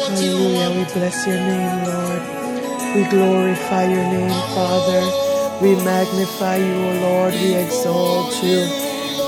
Hallelujah. We bless your name, Lord. We glorify your name, Father. We magnify you, O Lord. We exalt you.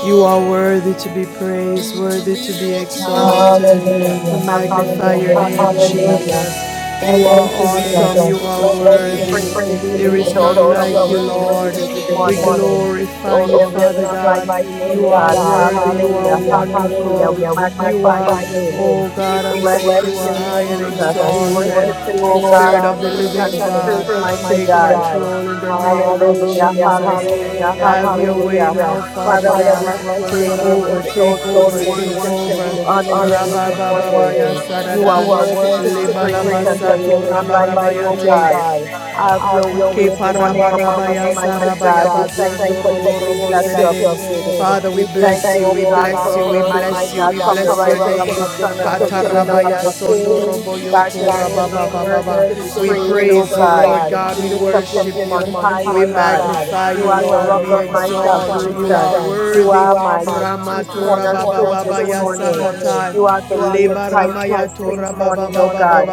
You are worthy to be praised, worthy to be exalted. We Hallelujah. Hallelujah, magnify Hallelujah. your hallelujah, name, hallelujah. Hallelujah. Jesus. You Thank are you, Thank Jesus. you, awesome, you We We are bless you. We bless you, worthy. we praise you. praise you, There We we is none exalt exalt you and like we and you, we worship Lord. you worship this you this We morning. morning. glorify Oh, you, Oh, there there is Father is none none like God. like you, you, Lord You Lord are God. God. worthy, you are Hallelujah. Hallelujah, wonderful. Hallelujah. We hallelujah. We You magnify are, your magnify your name. name. oh We God We Almighty, bless bless you your are your name, high name, and Jesus. We Jesus. We exalted. worship worship you, you, oh oh Spirit God, of God in of the spirit living and in God. truth, fruit, Take mighty God. control in the name of Hallelujah, Hallelujah, Jesus. hallelujah, hallelujah, Have your way hallelujah. hallelujah. now, hallelujah. Father Father, Father, we God. we bless bless your your Take name, we name. over, We take exalt exalt you, we over, you. We take worship worship over. you. you, we We honor honor you you Rabba this this baba ya morning. morning. You sarada. are You are worthy worthy to to be Leba be lama praised, praised and and there sato is there is none raba none like raba you, like you, O O te. God. God. Have your Have way your Ke way this this morning, morning parabarabaya among us, Almighty mighty sarabaya God. We God. We thank thank you you for robo this for this day robo day that that you have you have made. made. Father, we We We bless thank thank you, you, you, O we O God, bless God, you, for for we for bless mighty you, God, Almighty we God, from from bless the from the your rising rising name. of rising the of the sun sun until the going until the going down of Katarabaya of the the sondo same. same. robo God, yoko God, your your raba name ba name is ba is ba ba. worthy worthy to be to We be praised, praise praised, O praised, you, O God. Lord God. God. We We We lift lift up up worship your your name you. name on on We high, high, O O God. God. magnify you, You You are are the Lord. the rock We rock of of my my exalt you. You are salvation. salvation. You worthy. You are are my my chief chief Ramatura strong baba baba cornerstone this cornerstone this morning. morning. You are the You are the great great high Lebaramaya high priest this Tora priest morning, O God.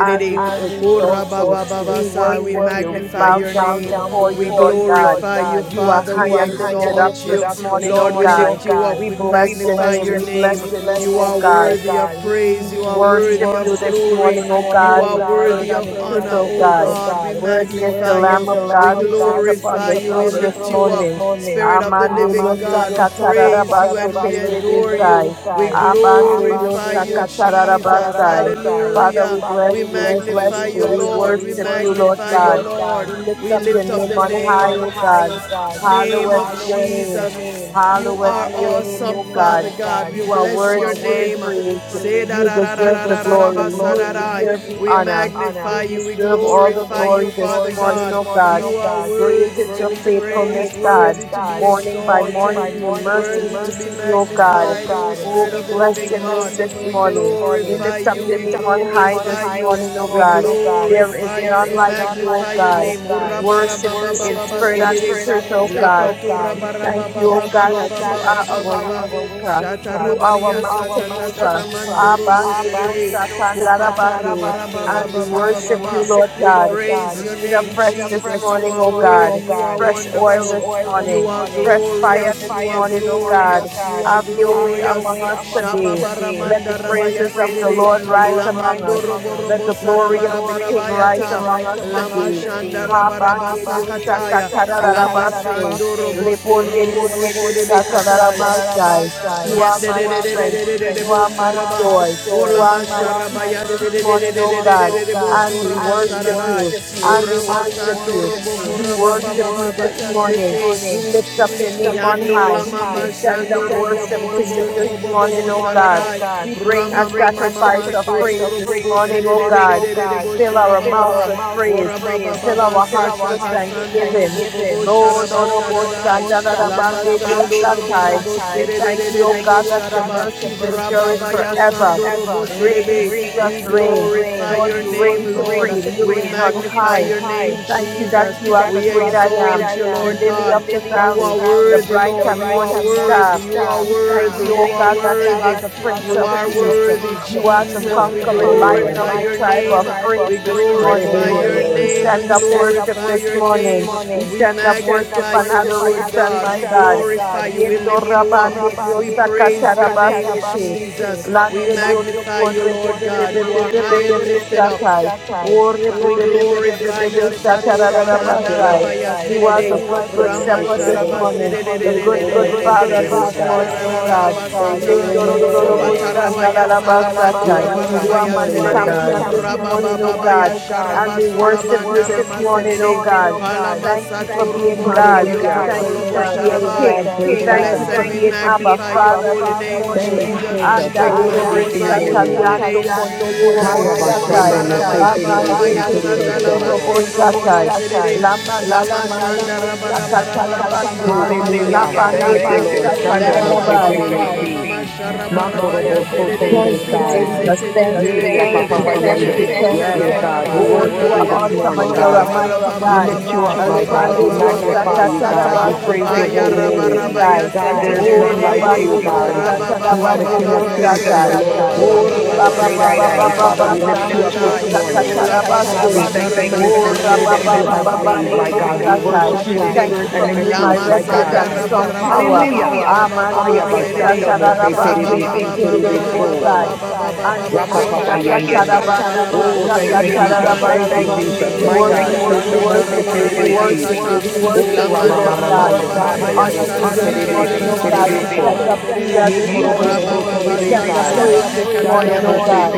And we we Ora exalt ba exalt you. We sa. We worship you. We magnify bow your down name. before We you, Lord God. glorify you, You are Father. We high and lifted exalt up you. this morning, Lord, O we God. lift you up. We We bless magnify your name. your We name. bless your You name, are O God. worthy of We praise. You are worthy of worship you this glory. morning, O You God, are in spirit worthy of and in truth, honor, oh O O God. God. We Worthy is the magnify you. Lamb of We God who sits upon glorify the you. We throne lift this you up. morning. Spirit of the living Amanderiosa God, we praise you and we katararabaste adore you. telverebesai. We kerebesai glorify Abanderiosa you, Jesus. katararabasai. Father, Hallelujah. we We bless we you, you, we bless magnify we you, you, you, we Lord. we We worship worship you, Lord magnify you, you, God. Lord Lord. We God. We lift We up lift your lift up up name the your on name name high, on O high, O God. God. name Hallowed of Hallowed be be your your name. Jesus. name. You Hallowed are be Hallowed be your name, awesome, your O name, Father God. O God. God. We You are bless You your worthy are to be name. worthy to be Say praised. praised. da You da da da You deserve da the da da deserve da the ba glory. sa da You glory. da. You We deserve the deserve the honor. honor. You magnify you. We You deserve deserve all the glorify all you, glory the Father this glory this morning, God. oh morning, God. You O are God. Great worthy is to be your Great is your praised, faithfulness, faithfulness, worthy God. to be God. Morning Morning by exalted, morning, by your morning, new worthy to mercies we be see, O mercies we see, God. O magnified, you, God. Oh, Spirit we of the Oh, we bless living your bless God. name your We name this this morning. morning. We glorify lift We up you, we your lift up name your name on on high glorify this high you, this we morning, O morning, God. oh God. There is glorify you, There we none is none like like you, O magnify your you, oh God. name. God. We worship We worship you in spirit Urabarababababababasedede. you and in in spirit and in truth, truth, O oh God. We thank God. you, oh God, that you are We thank you, O God, that you are our Lapaturabarabababababababababababa. way our way maker. maker. You are our Shatarabaria You are our mountain mountain mover. mover. Abba, satatataramandorobosedede. Abande Nidhi, Dios, Satanabase. And we Satan, Kupatarabarabababababaha. Larabande. And we worship you, worship Lord you, We God. Lord praise God. your Breathe name, We need afresh a this fresh Jesus. You this morning, are O morning, worthy, oh you God. are God. Fresh Fresh oil this wonderful, oil this you morning. are morning. Fresh Fresh fire glorious, you this fire are this morning, morning, O oh God. glorious, you are Have your way glorious. among us today. Shababaramanda Let the Let the Rabaya praises of the praises Sedede, Lord of the Lord rise rise among Lamando us. among Let Robo the us. Robo glory Let the of the King glory of the King rise Sarabarabayata, among rise us among Lama today. Shanda Rabaraba Sakataya, Lama Habanderiosa-katarararabase. Sando Robo Soro Kataya. Leponderiosa-tararamasai. You are Yende de my de are de my de de strength. de de de You are my joy. strength. bo You are You are my peace this morning, O God. oh And we worship you and we worship you. We worship you this morning. We lift we up your lift up name your on Yando name la high. on mama high. We We send sando up send robo up bo bo worship bo to worship you bo to this bo bo you morning, bo this bo morning, O O God. sararai. God. We We bring Rama a bring mama a mama sacrifice of sacrifice soto praise of robo bo this praise this sere de morning, de O morning, de O God. de de de God. bo Fill shara our ba Fill ba ba. mouths our with mouths with praise. Ora ba ba praise. ba Fill ba our Fill sa hearts our sa ka with hearts with sando robo thanksgiving. bo bo thanksgiving. shara Oh ba Oh, Lord, O Lord, Bo sararai. Shanda La Abba, Da Lama Ban De Dio sando robo Satai. robo Shaddai, we sere de de thank de de you, O Thank bo God, you, O that shara your God, ba. that mercies your Ra mercies ba endure ba ya endure forever. sando robo forever. sere be. Reign, Reign, Jesus, We Jesus, reign. glorify reign. Lord, your Lord, you name, reign you Lord. bring reign We supreme. supreme. You You reign reign on magnify high. on your high. We name, We thank you Jesus. that thank you you are that We the you great are the I great exalt am, I you, Lord am, the Lord lily God. the of the you are valley, the worthy, bright Lord. You and are morning worthy. star. You are We thank worthy. You you, O are God, that you worthy. are the you are Prince of Peace. Thank You you, are the worthy, Jesus. Jesus. We conquering lion Hallelujah. of glorify the your tribe name. of We praise this glorify morning. Hallelujah, your We Lord. name. We stand We up worship glorify this your name. morning. We We stand up worship magnify you, and Lord adoration, God. my We God. glorify you. We Yendo lift you up. rabande We Dios praise your name, sakatarabasete. Jesus. We Lande di ondo magnify you, corre pe Lord pe pe God. pe You pe are pe high pe and pe pe lifted up. statai. Ore We pe pe pe pe pe pe glorify pe pe your Satura Thank you, statarararabasai. Lord. Mandarabaya You are Sedede, the You good, are the good, good Hallelujah. Rama Thank good shepherd you, this Lord. Sharaba morning. shepherd The You're good, this good incredible, Sedede, morning. you're The good, father good incredible, this father God. morning, this oh morning, God. oh Praise God. the name of the Lord. Sopatarabaya We Lindorororobosanalalalabasatai. Salamandora honor you You this are Barabaya my morning, You my are Sedede, my champion this champion God. morning, this morning, oh Rabababaya God. oh God. Sharaba And we And we worship Sulabanda you worship this Rama you this morning, oh Sedede, morning, God. oh God. Thank Thank you Palamasato for you being Robo for Robo God. being Hallelujah. God. Yosoto Thank Lobo Praise you for Thank you for God. being Praise Sharabai. God. King. being We Praise King. Thank God. bless you and for Thank we you for being being Abba magnify your Abba Father holy this Father name, this Jesus. Thank morning. you, morning. Jesus. We Andale Andalero Glory be to your glorify Robo your bostatali name. holy Sata name, ando Yando Jesus. kondere Kotere Haya Robo Sheba bashando bostatai. mose Sandai. Rabba terebe Rabba Amande si Haya ke terebe sata la soto so. base robo bo robostatai. serere. La La manda la mande masanda yo raba raba Ela sakata raba la baba ba ba ba ba ba ba ba ba bande. ela La Hallelujah. mama Hallelujah. pande sata. Thank ela you, yo baba Thank you, Lord. Lord. Le ma Shando Shando mose ma mo ma se ma ma terebe ma terebe ma si. ma si. Thank shara ba ela raba baba ya Makorobo Makoro mo so so serere. sitela terebe Thank terebe you, mama sai. Le sai. mama se Jesus. se le se le Thank you, le Yea, Yay, le le Papa thank Yapa you, le Papa Papa le le le Yende. thank you, Yende. le Yes, thank Yes, you. sharaba God, raba God, we sata ya. worship we Oh, mama. worship you are you you this this awesome morning, and morning, you're God. a Sharaba God. mighty raba We God. glory lift you ba up, my ba We ba lift ba you God. hallelujah ba Alebande We up, ba my ba God. ba We ba ba magnify you, Diosa hallelujah magnify you, sata. God. God. We hallelujah We Katarabaste praise praise your Haya your holy raba holy name. raba In name. ya Keterebesai. se te God, God, there te is there Oh, Jesus is le le none none le le. like glory Rabande you, like to you, God. God. Diosa God Raba ba You ba are the ba God, Talabande the ba King ba of King of ba kings and Kings the ba Diosatai. and ba Lord Lord of ba of ba ba Lords, ba the ba ba great ba I ba am. Father, sata we Oh, lords. You are the Rebaba great Baba I am. Baba lift Father, we lift you Bastande up you this Diosa up sata. morning. this morning. God, thank you for this new Oh, that you have made, my God. We we God, bless we Katarabaste. your thank name you we for bless this Oh, new your day name we that Rababa you have Baba glorify your made, Bande name my God God. We will Diosatai. worship rejoice you in we Thank you spirit for and exalt in your being my truth, name my refuge Jesus God. and we strong magnify tower. your Hallelujah. name God Haya Amanderio we Hallelujah. bashando mose exalt your satarabase terebe name si Jesus terebe we so. ketererobosai. magnify and bless Rapa your Anderio papa name yende. Oh sakatarabanderio Oh, God, we thank you, worship Jesus. you, Thank we you, sakatarabase. worship Jesus. you, We we My God. worship you, we glorify Shando you, Mose worship God. you, we Terebesi. worship you, We we bless your Oh, worship you, name, Lord God. Jesus. Ramamamamando. Ha We You're honor Korobo worthy, Si you this worthy, morning, Terebesi O worthy you God. We are, Terebeso. God. send up Judah Ye this Si Worthy So. Korobo you morning. So are, We King send up Terebesai. praise Jesus. this morning, Shando O Hallelujah. Oh, Mose God.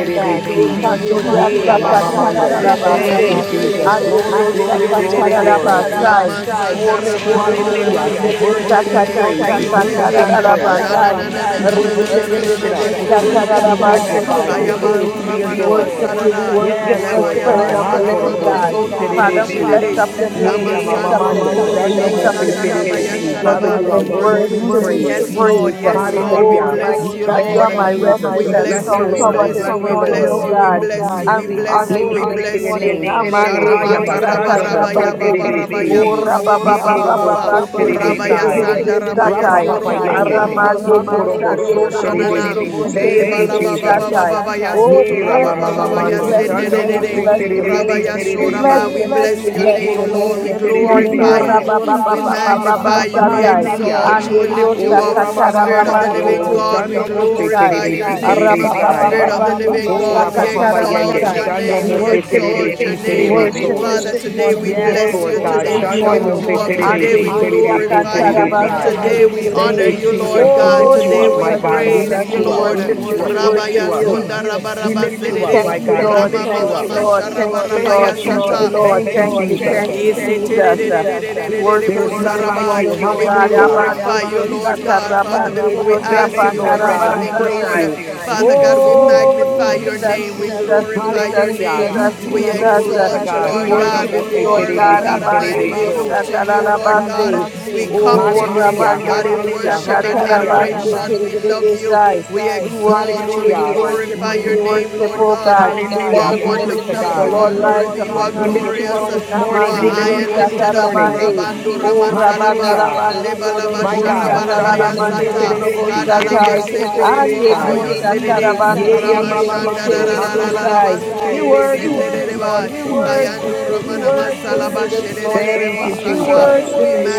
Si. Si So. Si. Yekandoria Hallelujah. Ye Hallelujah. Yamamamando. Thank you, Thank sakantarabase. you, Jesus. Jesus. Glory, Anderio glory, Thank glory, you for your glory. Ridiculous. sakantarabasai. goodness, God. O Thank you for rebe your be be be mercy, be Hallelujah. be He's be Jesus. worthy to be satario praised. He's Glory worthy to to satantara be la God. praised. bandai. Hallelujah. He's Thank worthy Rebe you, to be be Thank be you, Lord. be be lifted Lord, up. be for He's this worthy Thank satara to you, new da be Lord. baste day. Thank magnified. you, He's Lord. worthy tererebe. to Thank Thank be you, We you, adored. worship Lord. Jesus. you. We worship Yes, the Just Lord Spirit God. Thank make of the you, Living us Hakorobo Jesus. God. so We bless the Father, we you, children terebesi. lift on up adore the your you. name. Yea, We road. lift up This your My mamamando. Lord name. God, we We Shando lift gather up you mose your this Jesus. name. morning. terebesi. Your Father, name you Thank is are We you, worthy to worthy be extol Lord, to you for be praised. this Yes, Lord. Yes, Lord. Yes, Jesus. morning, praised. Yes, we bless you Yes, Lord, yes, God. we The Oh, Hallelujah. bless Lord, We we mighty you, shall God, give you back are Thank you, my you, Jesus. We refuge We ourselves to Almighty bless and you, bless you the God. strong we this Lord. We tower bless you, this morning. bless we the We morning, bless honor you, Lord. oh your we oh great God. bless Search you, us name, we And we God. this bless honor We you, you Glory bless this be your to morning. your bless you. name. morning. name. Tere, Amande haya Dios Glory Sharamata to Thank bashando God. mose you, rabarabaya Lord satarabande. Hallelujah. Jesus. terebesi. babarabaya Thank you, Ora pa pa Ye pa Jesus. Dear pa pa korobo borababababa. Lord, pa so we se Thank you ke sing for for your Rabaya tere de you. terebesai. de de sanda de goodness, We my rabaya sing our Rapa satai. God. papa Thank you for your yende. lives. soroborobo mercy. Aramande Ma Thank you Dios korobo ande soporobo de so for robo shanana. se deliverance. ke terebesi. Thank you for tere Thank de de de you, de restoring. Jesus. Thank you satai. for Lebalababababa waking Oh, us yasoto we Yea, up. bless Yes, your rabababa name, My we ramamamamando. God, bless you are thank your you Shando for name, we yasendedede. conscious, mose bless closing Lord, us your in name. terebesi Rabaya Sende Rabaya, you are our We mind, soraba. bless terebeso. We conscious. your Almighty bless name, we your Ye bless God. name, your You Lord. are name We korobosi the this past morning. Oh, glorify through terebesai. you. for us, rabba ba ba We ba ba and Lord ba ba magnify Jesus. you. poetry We Forgive us this satai. and Hallelujah. all of exalt you. God, Ande We Dios lift you Oh, up. Jesus, morning. sakatara ba Spirit Jesus, of ba the se living Ramamamamando, ke Give God, Jesus, tere we de de us Shando de de Mose what was sai. glorify your Terebesi name. Araba Jesus, ba ba Terebesai. ba Spirit Jesus, of sinful, ba the ande living there's Dios God. Oh, God, we We none worship you, like Rapapapa sakatara ba you, exalt Yende, sai. God. your Shando We name. We Mose worship you. Lord, your Terebesi We Abba name, worship Father, Terebeso. you there's this Father. none Today like morning. we We you. Yes, bless you. Lord worship you God, this Today Abba we Shando give Father, morning. you Mose we up. Today worship we Jesus. Terebesi you. Terebeso glorify Abba you. Father, Terebesai. we Today we honor Thank Andiriosakantarabasotererebe. exalt you, you. you, Lord Jesus. We God. Oh, Abba lift We you Today up, Father, my we Jesus, we happy God. We on praise Jesus, lift you, magnify we you, you your up. Lord. We Lord, worship lift name. you. you We up. We lift glorious. worship Rabaya you up. you. Glory Sonda to We Rabaraba God. lift We you up, Sedere my Thank praise you, God. your Hallelujah. We Lord. Rama Thank lift you, Thank you name. you, up. Mama Lord. Jesus. We Thank you, Thank Lord. you, Sharabaya humbly Thank Thank Jesus. you, you, Sata. Lord. God. Thank you, Thank Thank cross you. you, Jesus. Thank Lord. before you, you Thank you. and Jesus. Thank Uh, you, worship you, God. We We bless worship There is you. you We none this bless like you. you. morning, O We God. Hallelujah. Thank glorify you, Abandirio you, Lord Jesus. sata, God, Lord Father. Glory Jesus. to Before we rabandirio God. ask Thank you, you sapanda, Lord for God. Hallelujah. We anything, strength praise Lord, this rabasatai. you. Father, God, Glory, we morning. We glory, Oh, pull magnify glory. your strength Jesus, Thank from name. you, We you Jesus, this Jesus. glorify morning. Jesus, your Hallelujah. name. We We Jesus, We worship trust Jesus. in you, Glory Uh, you to exalt you, this Jesus. God. We Lord We Shando God, morning. worship mose worship you, you. Lord We before, terebe God. Hallelujah. Lord You God si adore your are Almighty. terebe name, We Abandirio so. look God. King to sata, of you, all Lord We kings. You lalabase. God. are We magnify Lord of your come all to Oh, name, you, God. lords. Lord Hallelujah. God, rabandirio in You are Hallelujah. the worship and good sakata, Hallelujah. shepherd rabase, and Hallelujah. adoration. the We love bishop you. tererebesai. of our We soul. exalt you. We Hallelujah. Oh We glorify your God, worship name, you, the God. Lord God God. of You We Hallelujah. Abraham, are Glory wonderful. to worship Jacob, you. and You God. We this. are worship worthy. you. You We are We lift worship you glorious. up you. this You are morning. We We high lift and you up worship this you, lifted up. morning. Jesus. We Rabando worship. you. We Ramasaraba. lift Hallelujah. you up. We I Lebalaba My God. glorify Sharabaraba your Shando lift you mose up. name, Yasata. God. terebe si Kadalaba Hallelujah. terebe so Seto Robo terebe Robo sai. Lift your Hallelujah, Yosedede. Yea, ya hallelujah. mama Bless the mando. Lord, O my Hakorobo so soul. terebe Ramashandarararararabasoro. And si. We all that magnify is within me, bless his holy name, Lord Thank you, God. Jesus. Hallelujah, praise.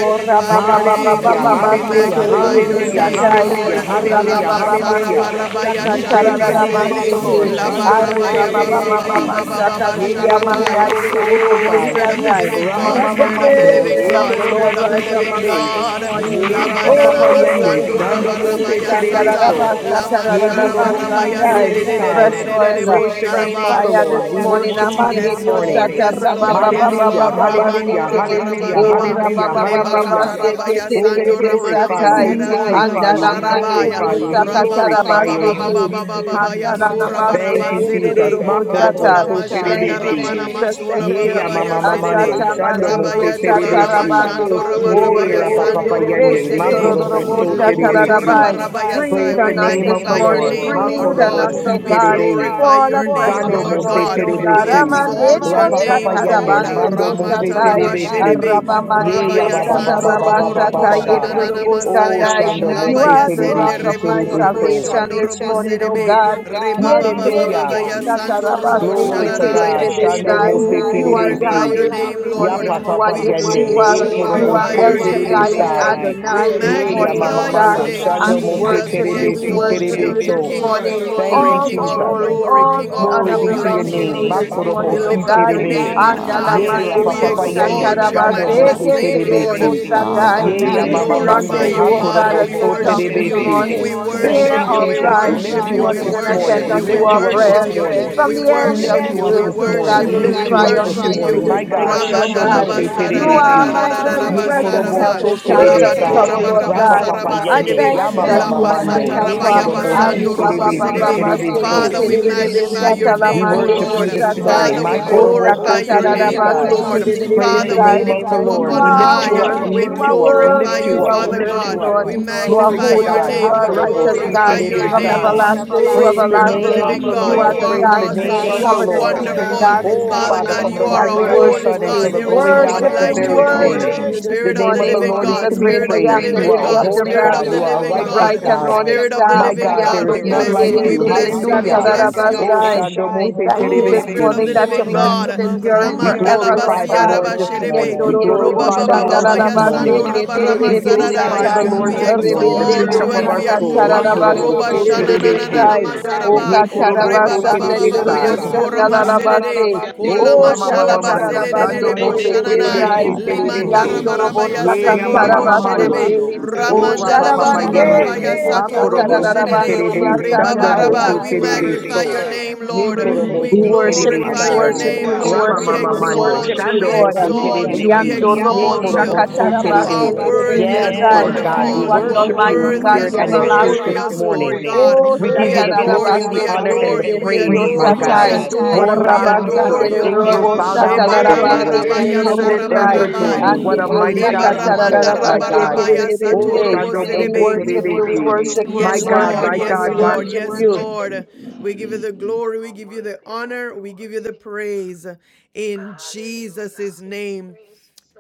your praises. You are name, Hallelujah, Lord. hallelujah, We hallelujah, Hallelujah. magnify hallelujah. your We hallelujah, lift Yela name, up Lord. hallelujah, baba your name sete hallelujah, Lama nama. hallelujah. Sarabarabaya and Praise the Yekela name praise, baba of Sharabasedele. the Lord. kuna Shando masete. Mose Labarabaya praise, Baba Yela baba Terebesi, Baba worthy. Baba kela Baba baba. Ye Hallelujah. Sharabaya. Koroboso Oh, Terebesai, Spirit of the Yekela Hallelujah, Living Rama mama God, Let the mama Spirit mama of the kela Mando, Living praises Ye of God, baba the Spirit Lord kuna of the Korobosi hallelujah. rise mas. Living among worship us Terebe, this God. morning. Ye Yekela Labadana Rapapapa Oh, baba Yende, kuna mama. Masandura We Shando thank Mose you, Barabaya Sata. Jesus. Terebeso, Lama Ye My Oh, God, Korobosi we Sharabarabaya God, rebebebebebebesandarabasatarabasandai. glorify Terebesai. you, great, fresh oil, God. Sedele. Bo Praise the fresh name of the fire this Lord. We Sharabaya. morning. Bless worship the you Yes, name this of Lord. morning. Jesus. Yes, There's Lord. none like Yes, you. Hallelujah, Lord. Baba Rabando Baba. Amandiriosatarababababababaste. hallelujah, Hallelujah. hallelujah, Oh, rabarabababa. Glory, Hallelujah. hallelujah, hallelujah. hallelujah. rabababababaste. Lebakatarabaya Mande Oh, we santo Kete ramana Rebe glorify you. Keterebesatai. We masera Satai. Andala glorify you. We rarabasharabaya. Mande Rebe glorify Andarabanderio you. Sakatai. We Yendo. Yekelabababasitidaba. mighty, glorify Rabababababababababaya you. sakatarabastete. Hallelujah. Handa la la base God. Hallelujah. right Thank you, Handarabaste Thank here, you, Jesus. surabarabasiride. we te. Jesus. take Lobo care Makorobo Katola of kendorobosata. Sata. so Thank you, mashanda You Thank Thank are you, profession. Almighty. terebesi. word, ramana you, Jesus. masula Jesus. Thank you. Yea, We bababaya mama thank you siride. Ashata for mamando. Ashata our new Shando mo Rabaya manderio se Bande dolala anointing Satala word, this terebesi. you mashando are Bande. satarabande. week word, of Glory Oh, the you to Yea, are rabarabaya Oh, rapa word, God. sando papa robo yende. rebebebebebeste siride. Glory, praise, Makorobo Yekondorobo so glory, Yay! Leboto We glory, praise Satalamandai. God. terebesi. tororobosatarabai. honor glory. you rabarabaya this sai. Praise We Breathe the on We lift us Glory name morning. of this to the magnify your up your your name, name, name, morning. Lord. Oh, God. Lord Breathe Glory on God, Makorobo God. to your O us, thank si oh you. name, We God. God. terebe. glorify Fall Hallelujah. your Glory afresh name, Bless to your Dando this the Lord Lord, name, Mose morning, God. oh We God. Jesus. Lord, exalt Terebesi. Amanderio your Hallelujah. Rapa name, my Papa Lord. Yende. Lord. soul, and all that Mando satarabanderio is Mose within satai. our Hallelujah. Terebesi. Hallelujah. Arabamande Ye ya Rabaya Dios ba ba Thank tata ba you, Sando ba ba ba Robo ba rabasta Jesus. ba Robo ba Thank ba. tayedo you, do Shananana Lord. Oh Masaya, bostandai. Shando Thank you, You Labaya Mose are Lord. the Thank rock Sende Terebesi you, of Rebo my Lord. Korobo Terebeso. salvation Shondo You're Robo this salvation morning, O oh God. Reba Baba worthy. word, Baba Hallelujah. Jesus, Sando you are Robo Glory to worthy. talabaste and God. We You're Shando Yendororobosatarabaseketererebesai. Mose worthy You of are glorify mighty Terebesi. your Yahweh name, this God. Ya Glory pa morning. to You are Papa God. Yende. Yeshua. Ye Lord. worship God, God, We you You are Korobo are glorify So your El great, Hallelujah. you are name, Shaddai Thank great, you, and Lord. Terebesai. We Jesus. Adonai you this Thank you, Ye magnify ya morning, Lord. O Mama your oh are God. Mando. name, Jesus. And Shando we Thank we you, mighty, Mose Lord. worship you. We exalt Thank you, Terebesi you, Lord. worship Thank you you, this Terebeso. King Lord. of God, morning. glory, Thank Thank you, you All King for of the your Jesus. glory, goodness, glory, all King God. of the Glory honor be Thank to glory glory to you your for belongs your your to name. Lord, name. you We lift praise this mercy, Makorobo morning, God. God. O si up God. your Give Thank your terebe. you, name on God, high. for glory, Ye Andalamande We entrusting Dios rapapapa us, exalt praise, yende. your Shando Almighty praise Shando mo me. matchless God. se Bless name, His terebe Lord. holy My si. si. We name. God, Satarabasekendererebosatai. for God, Ye your ya We Lord, name, mama we newness, sing for thank you glorify unto mando. praise, your you, for you, O greatness. good Father. God, Hakorobo a praise, Lord. We new so song We worship Mighty you. terebe this are your give praise, si. si. We morning. works, goodness Thank worship God. Hear you, hallelujah. you. for our We his Jesus. We cries name. worship this lift you. you Bless Is up We morning Hallelujah. this and your Bless worship name, you. morning. attend the enjoyed We We bless unto lift Lord, our your you name, up oh forever. this worship my prayers. God, you. You morning. soul. From We said, the We ends let hallelujah. And of worship lift the all you. you up We that worship this earth, is O You everything, are morning. God, within you. We will me, We word. we lift Lord, you cry You bless up are his is this worship so unto holy you. worthy, you morning. this My name. God, fulfilled. morning, Word, worthy, O Shando As Thank mo we God. you, se worthy, give word, You terebe God. are si. my Jesus. very you Hallelujah. Glory Ye all the Si. to other worthy, present God. korobo help worship goodness so in you. times terebe Word of My that sai. will is trouble, the God, Lord come you're Lamb. worthy. back. God. Rapapapa worthy. I yende. thank you My Give that you you God, are you're the my Yamamamamando. thanks, Ye person to helper. give Word, Lord, you korobo rescue word, this si Arriba, thanks, there is ba, give terebe Si ba, you morning. si ba, word, ba, thanks, terebe give Holy steke, you so. Father, So. we Spirit, tere, we thanks. magnify welcome you, your your Lord. satala, Thank We name, O We there you, is mande, worship welcome dio, you Lord. none this you. like We you word, satai. morning. welcome Father, we My this you. O korobo morning. glorify so There sakata, your da, We da, is name, ba, none O I se, terebesai. welcome you. like Lord. thank We tere, you. you, welcome Praise Father, the God. you. We we sai. name lift you of the welcome you. up Lord. You Take You on We full are are lift Hallelujah. you up. worthy, control worthy, high. We We this you lift are morning. you up. word, We worthy, glorify worthy, lift you you you, Take up. are Lord, We Father lift charge worthy, God. you this up. this Lord. We morning. you are You are Glory magnify to Glory holy your worthy, to God. and Word you name. Ha We God. are korobo is righteous, si hallelujah, glorify God, your your from name. terebesai. Hallelujah. worthy, everlasting God. to Oh, worthy, You are Praise Thank the Spirit of you, the name everlasting. living of the great, God, great, great. You you are Jesus. Lord. the are Glory Praise God, the to worthy, keep Hallelujah. you You awesome. name the are You of worship. the are belong to covenant you. Lord. keeping God everlasting, God. wonderful. this Oh, Father Father, morning, everlasting. God, from you the weakness are if and a we rising we word, up the want holy worship sun you. until God. the We There is morning. are going no God. down one of worship the you, like Oh we My very you, God, Lord. God, same. Worship, worship we you this just The Spirit of hallelujah. the name of the morning. living Lord reach is The God, to be You within great us are Spirit of and the I praised. am, here make the You worship living on lily are a earth of you, God, God. the holy my We Spirit this of God. the keep valley, God. You us are a morning. living the God. We God, righteous bright keep and us God. Hallelujah. You morning are Spirit the of the star. My morning. living We God, am The there God. the We God, is you everlasting seeds none are bless like you. We known God. great. you. and Hallelujah. bless you. Kondelelebesta God, unknown We that you Hallelujah. are we bless come you. great. Oh, for you. Tadarabasai. Shando We Mose Oh, thank Hallelujah. God, you we this come Spirit Terebesi. of the down morning to living that your God. mercies your Worthy, mercies endure it Glory, God. We worthy, We Ramanda endure la forever, come Lord basia glorify the forever, worship. God. raba this Lord this honor, morning. and morning. We We power Yendororo Roba decrease glorify belong the this baba All the Lord unto baba this you, ya honor morning, and Shandarabase, sando God. morning. Lord. raba the Hallelujah. You rama We We kendedede are praise decrease the so Hallelujah. that glorify saradaya. belongs the to we Keterebesatai, ancient We Lord you, can of this increase, Your Lord morning, the God days. exalt word, Rebenderio bishop you God. of and our we Almighty. soul. Take Thank Ha adore the you. you. Korobo Sakantarabase, stage Roba So this shana morning, Nana na God. na na Terebesi. your Terebesai, Thank word. you, O masaraba. Take Ye Lord. everything Korobo Reba this So baba baba morning, God. baba We ya Katarabasandarobo Terebesi. give Thank sora katalalabasekedededebo everything you, Hallelujah. maserede. Shandarabase, shadalalabaste. Thank you Kola Oh, O O for thanking mashalaba you this Ramamamamando, Jesus. Sando serede morning, Shakatarabase, bo Thank God. Mose you, My Lord. shananai. Terebe, Terebesai, Si shakatalalamandedebesai. God, thank you Terebe, for a Limanda Oh, So, mind raba to raba Yandorobo All ya you. the Lebandorobo Ye seko glory lobo and Oh, all the Sakantarabase, sherebe. Yamamamamando, Jesus, glory. Te, katarabasete. Jesus, You hallelujah. are O thank Oh, you Ramanda for la O worthy. Rapapapa Oh, thank baba You Sharabase, God, raba Yende, I ya everything, shadamande Terio God. sato thank you Hallelujah. robo We this Hakorobo are lebando not Si our morning. Sakarabando own, Terebe, are God. Reba We Sando worthy. You're Yasataya. belong Mose baraba. Yeah, We to you, Terebe, worthy, magnify glorify So, your Jesus. God. name, Jesus. You Yeah, are faithful. You Ye Lord. are We Worthy, Jesus. Glory Korobo We faithful. to Si God. You worship Terebe, glorify you, are we your Sai, holy, worship Hallelujah, God, name, you, God. we we Lord. Lord. We worship worship you, your hallelujah. we Ramamamamando, exalt you. worship We you, Shando majesty Lord. Hallelujah. Mose this Thank Thank exalt you, Terebe, you. you, We morning. Lord. Si, Jesus. Yando Thank Ye you. robo exalt you. Give Oh, Korobo you Glory. So God, You So you're Thanks. are very, shakatarabase Terebe. Give you Thank worthy very Yes, and Yes, thanks. My you, Give tereberebesai. Lord God, Lord. you God, my we wonderful. You thanks. are You the are Give God, you worship my you in Almighty worthy and God. God, We good. spirit praise. the You're worship and in Lord. truth Give worthy. this everlasting glorious, King. Lord morning. You're God. you Oh, We you, Lord, We worthy. give you the fresh adore you. praise. glory, wind, We the God. shatarabase honor, fresh adore and the you. We You tereberebenderio praise, wind, are my adore you. Lord. We morning, God. satai. Hallelujah. awesome, fresh adore God. God. What Oh, you. a You We are wind. God we adore serve. mighty, you. There is Lord, no Angels rabasandererobo God God. bow you're beside you, my Hallelujah. down God. Lord, great before Thank my and you I and satarabase great you. Shebarabarabaya soul Truly thank heaven and you, and all earth that tereberobosai. Lord. is I praise. Thank adore sarabarabai. you, you. worshipful. within What thank a me, you. Almighty Anderio I mighty God. God thank we you. I Thank serve, thank my you. sakatarabase God. of your Oh, Oh, hands you, tereberebesai. unto Shando the Mose Lord. Thank We Lord, for you, worship You're God. you, he is we Lord, Terebesi. worship good, Worthy, you, for you My are we Yes, his Thank God, worthy, worship Lord. hallelujah. my Yes, you, we God, my you Lord. worship Yes, mercy is are you. Lord. We give you the glory. We great. give you the honor. We give you the praise in Jesus' name.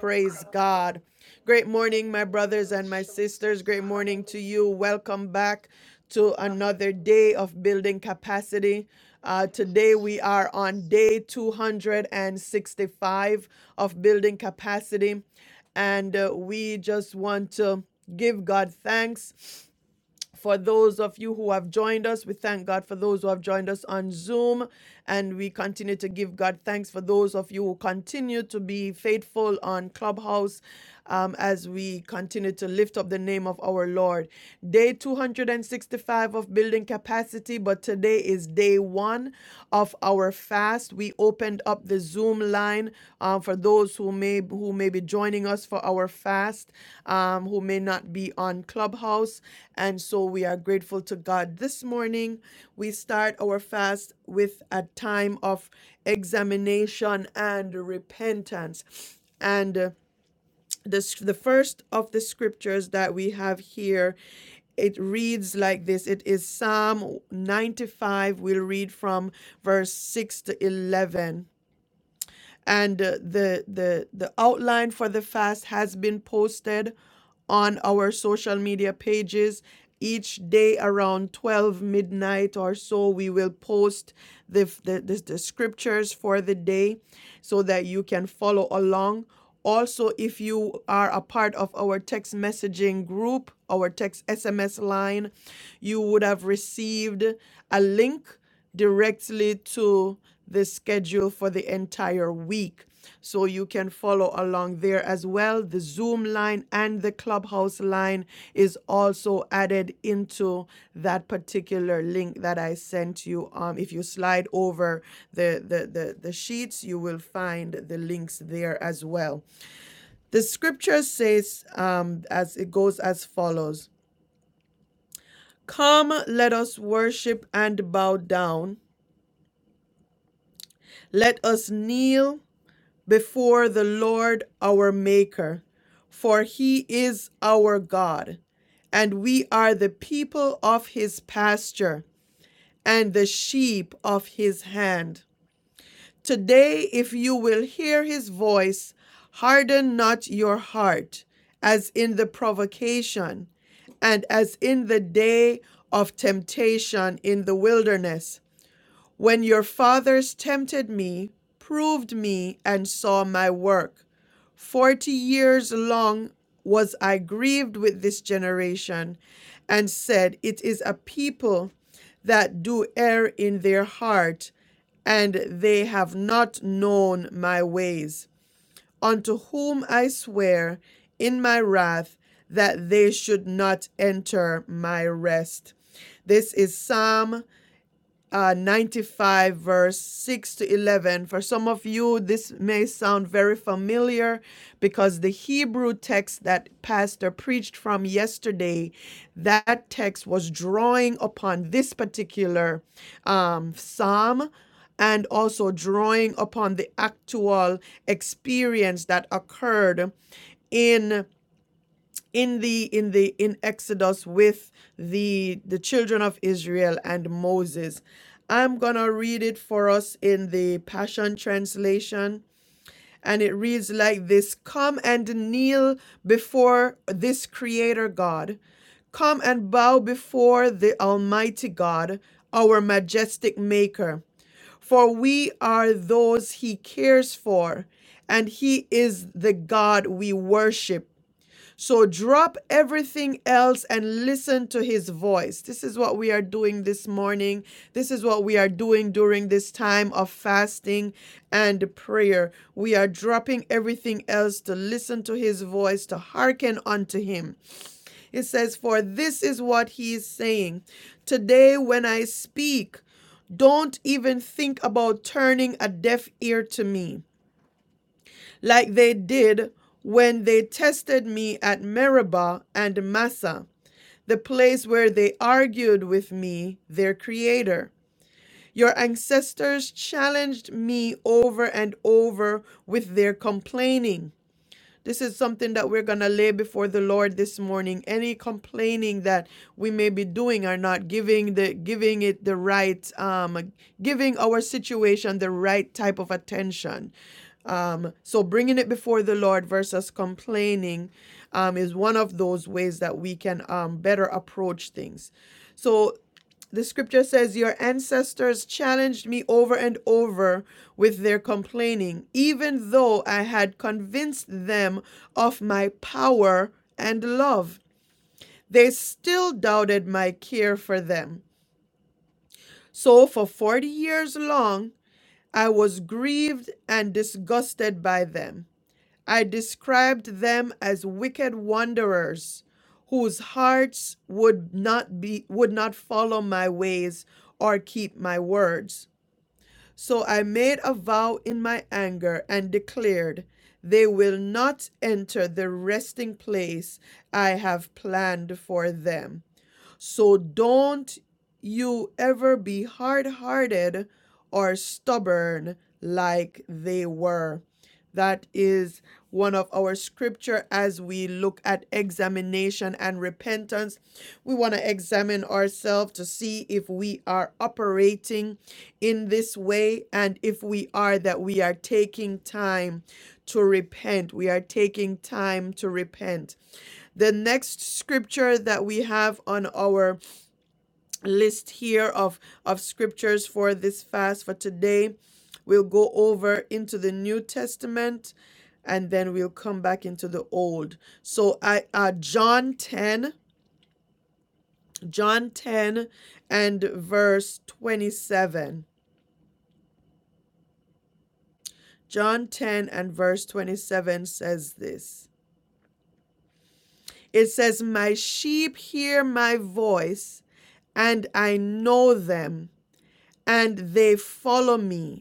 Praise God. Great morning, my brothers and my sisters. Great morning to you. Welcome back to another day of building capacity. Uh, today we are on day 265 of building capacity, and uh, we just want to give God thanks for those of you who have joined us. We thank God for those who have joined us on Zoom, and we continue to give God thanks for those of you who continue to be faithful on Clubhouse um, as we continue to lift up the name of our Lord. Day 265 of building capacity, but today is day one of our our fast. We opened up the Zoom line uh, for those who may who may be joining us for our fast, um, who may not be on Clubhouse, and so we are grateful to God. This morning, we start our fast with a time of examination and repentance, and. uh, this the first of the scriptures that we have here it reads like this it is psalm 95 we'll read from verse 6 to 11 and uh, the the the outline for the fast has been posted on our social media pages each day around 12 midnight or so we will post the, the, the, the scriptures for the day so that you can follow along also, if you are a part of our text messaging group, our text SMS line, you would have received a link directly to the schedule for the entire week. So you can follow along there as well. The Zoom line and the Clubhouse line is also added into that particular link that I sent you. Um, if you slide over the, the, the, the sheets, you will find the links there as well. The scripture says, um, as it goes as follows Come, let us worship and bow down. Let us kneel before the Lord our Maker, for he is our God, and we are the people of his pasture and the sheep of his hand. Today, if you will hear his voice, harden not your heart, as in the provocation, and as in the day of temptation in the wilderness, when your fathers tempted me, proved me, and saw my work. Forty years long was I grieved with this generation and said, It is a people that do err in their heart, and they have not known my ways, unto whom I swear in my wrath that they should not enter my rest. This is Psalm uh, 95, verse 6 to 11. For some of you, this may sound very familiar because the Hebrew text that Pastor preached from yesterday, that text was drawing upon this particular um, psalm and also drawing upon the actual experience that occurred in in the in the in Exodus with the the children of Israel and Moses. I'm going to read it for us in the Passion translation and it reads like this Come and kneel before this creator God. Come and bow before the Almighty God, our majestic Maker. For we are those He cares for, and He is the God we worship. So drop everything else and listen to his voice. This is what we are doing this morning. This is what we are doing during this time of fasting and prayer. We are dropping everything else to listen to his voice, to hearken unto him. It says, For this is what he is saying. Today, when I speak, don't even think about turning a deaf ear to me like they did when they tested me at Meribah and Massa, the place where they argued with me, their creator. Your ancestors challenged me over and over with their complaining. This is something that we're going to lay before the Lord this morning. Any complaining that we may be doing or not giving the giving it the right um giving our situation the right type of attention. Um, so bringing it before the Lord versus complaining um, is one of those ways that we can um, better approach things. So the scripture says, Your ancestors challenged me over and over with their complaining, even though I had convinced them of my power and love. They still doubted my care for them. So, for 40 years long, I was grieved and disgusted by them. I described them as wicked wanderers whose hearts would not be would not follow my ways or keep my words So I made a vow in my anger and declared, They will not enter the resting place I have planned for them. So don't you ever be hard hearted or stubborn like they were. That is one of our scripture as we look at examination and repentance. We want to examine ourselves to see if we are operating in this way and if we are that we are taking time to repent. We are taking time to repent. The next scripture that we have on our list here of of scriptures for this fast for today. We'll go over into the New Testament and then we'll come back into the old. So I uh John 10, John 10 and verse 27. John 10 and verse 27 says this. It says, "My sheep hear my voice, and I know them, and they follow me."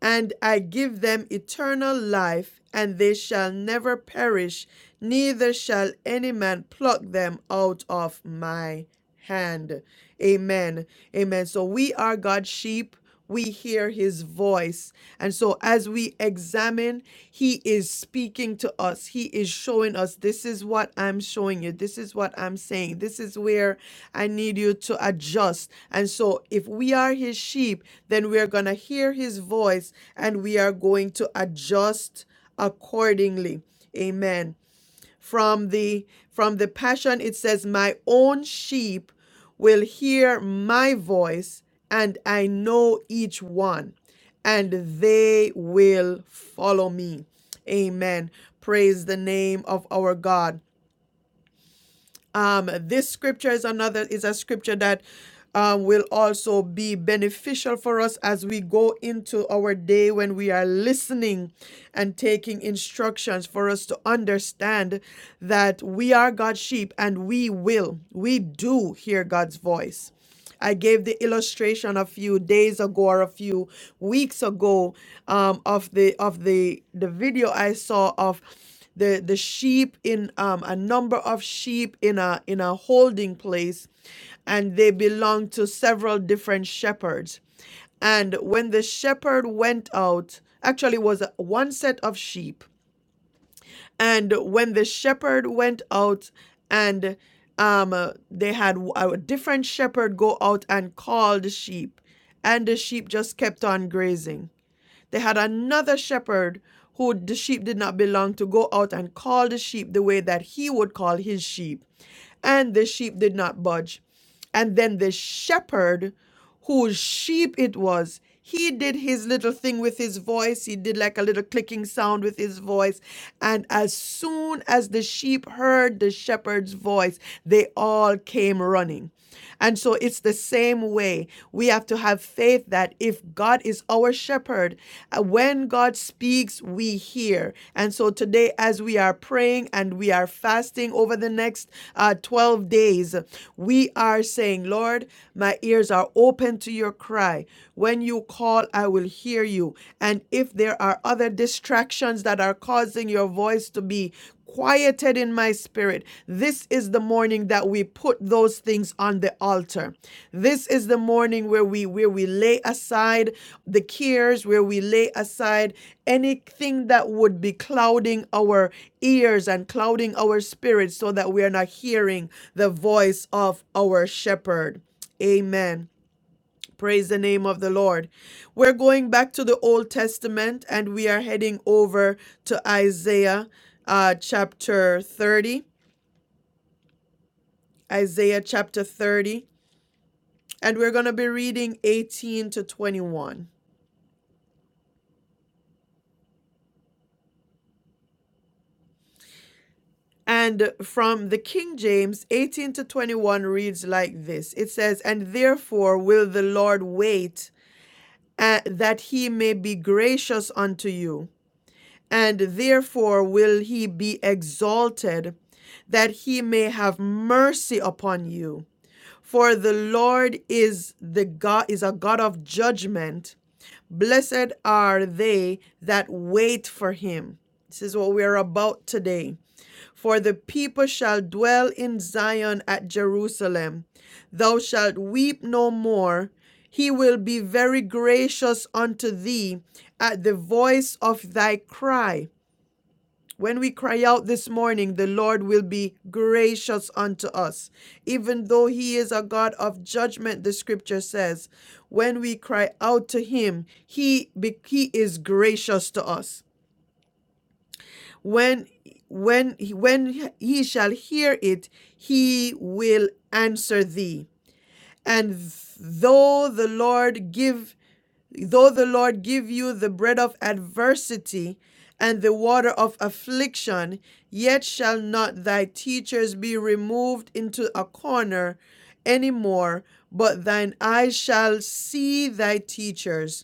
and I give them eternal life, and they shall never perish, neither shall any man pluck them out of my hand. Amen. Amen. So we are God's sheep. We hear his voice. And so, as we examine, he is speaking to us. He is showing us this is what I'm showing you. This is what I'm saying. This is where I need you to adjust. And so, if we are his sheep, then we are going to hear his voice and we are going to adjust accordingly amen from the from the passion it says my own sheep will hear my voice and i know each one and they will follow me amen praise the name of our god um, this scripture is another is a scripture that um, will also be beneficial for us as we go into our day when we are listening and taking instructions for us to understand that we are God's sheep and we will, we do hear God's voice. I gave the illustration a few days ago or a few weeks ago um, of the of the the video I saw of the the sheep in um, a number of sheep in a in a holding place, and they belonged to several different shepherds. And when the shepherd went out, actually it was one set of sheep and when the shepherd went out and um, uh, they had a different shepherd go out and call the sheep, and the sheep just kept on grazing. They had another shepherd who the sheep did not belong to go out and call the sheep the way that he would call his sheep. And the sheep did not budge. And then the shepherd, whose sheep it was, he did his little thing with his voice. He did like a little clicking sound with his voice. And as soon as the sheep heard the shepherd's voice, they all came running. And so it's the same way. We have to have faith that if God is our shepherd, uh, when God speaks, we hear. And so today, as we are praying and we are fasting over the next uh, 12 days, we are saying, Lord, my ears are open to your cry. When you call, I will hear you. And if there are other distractions that are causing your voice to be quieted in my spirit, this is the morning that we put those things on the altar. This is the morning where we where we lay aside the cares, where we lay aside anything that would be clouding our ears and clouding our spirits so that we are not hearing the voice of our shepherd. Amen. Praise the name of the Lord. We're going back to the Old Testament and we are heading over to Isaiah uh, chapter 30. Isaiah chapter 30. And we're going to be reading 18 to 21. And from the King James, 18 to 21 reads like this It says, And therefore will the Lord wait uh, that he may be gracious unto you and therefore will he be exalted, that he may have mercy upon you. For the Lord is the God is a God of judgment. Blessed are they that wait for him. This is what we are about today. For the people shall dwell in Zion at Jerusalem. Thou shalt weep no more. He will be very gracious unto thee at the voice of thy cry when we cry out this morning, the Lord will be gracious unto us. Even though He is a God of judgment, the scripture says, when we cry out to Him, He, he is gracious to us. When when when he shall hear it, he will answer thee. And though the Lord give Though the Lord give you the bread of adversity and the water of affliction, yet shall not thy teachers be removed into a corner any more, but thine eyes shall see thy teachers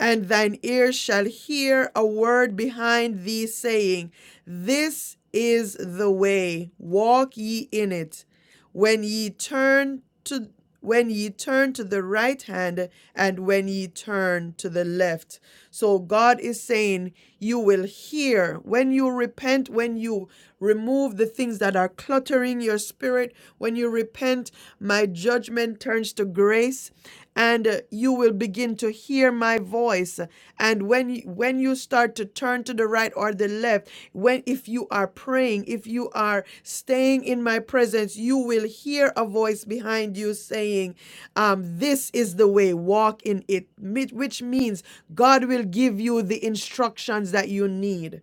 and thine ear shall hear a word behind thee saying, This is the way, walk ye in it. When ye turn to when ye turn to the right hand and when ye turn to the left. So God is saying, You will hear when you repent, when you remove the things that are cluttering your spirit, when you repent, my judgment turns to grace and uh, you will begin to hear my voice and when when you start to turn to the right or the left when if you are praying if you are staying in my presence you will hear a voice behind you saying um, this is the way walk in it mi- which means god will give you the instructions that you need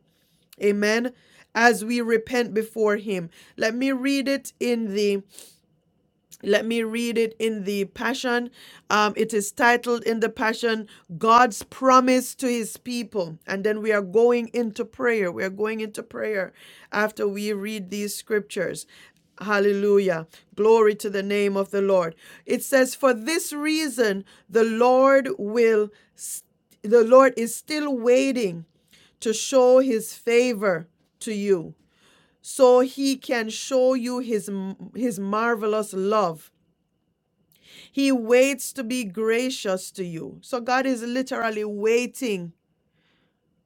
amen as we repent before him let me read it in the let me read it in the Passion. Um, it is titled in the Passion, God's Promise to His People. And then we are going into prayer. We are going into prayer after we read these scriptures. Hallelujah. Glory to the name of the Lord. It says, For this reason, the Lord will, the Lord is still waiting to show his favor to you so he can show you his his marvelous love he waits to be gracious to you. So God is literally waiting.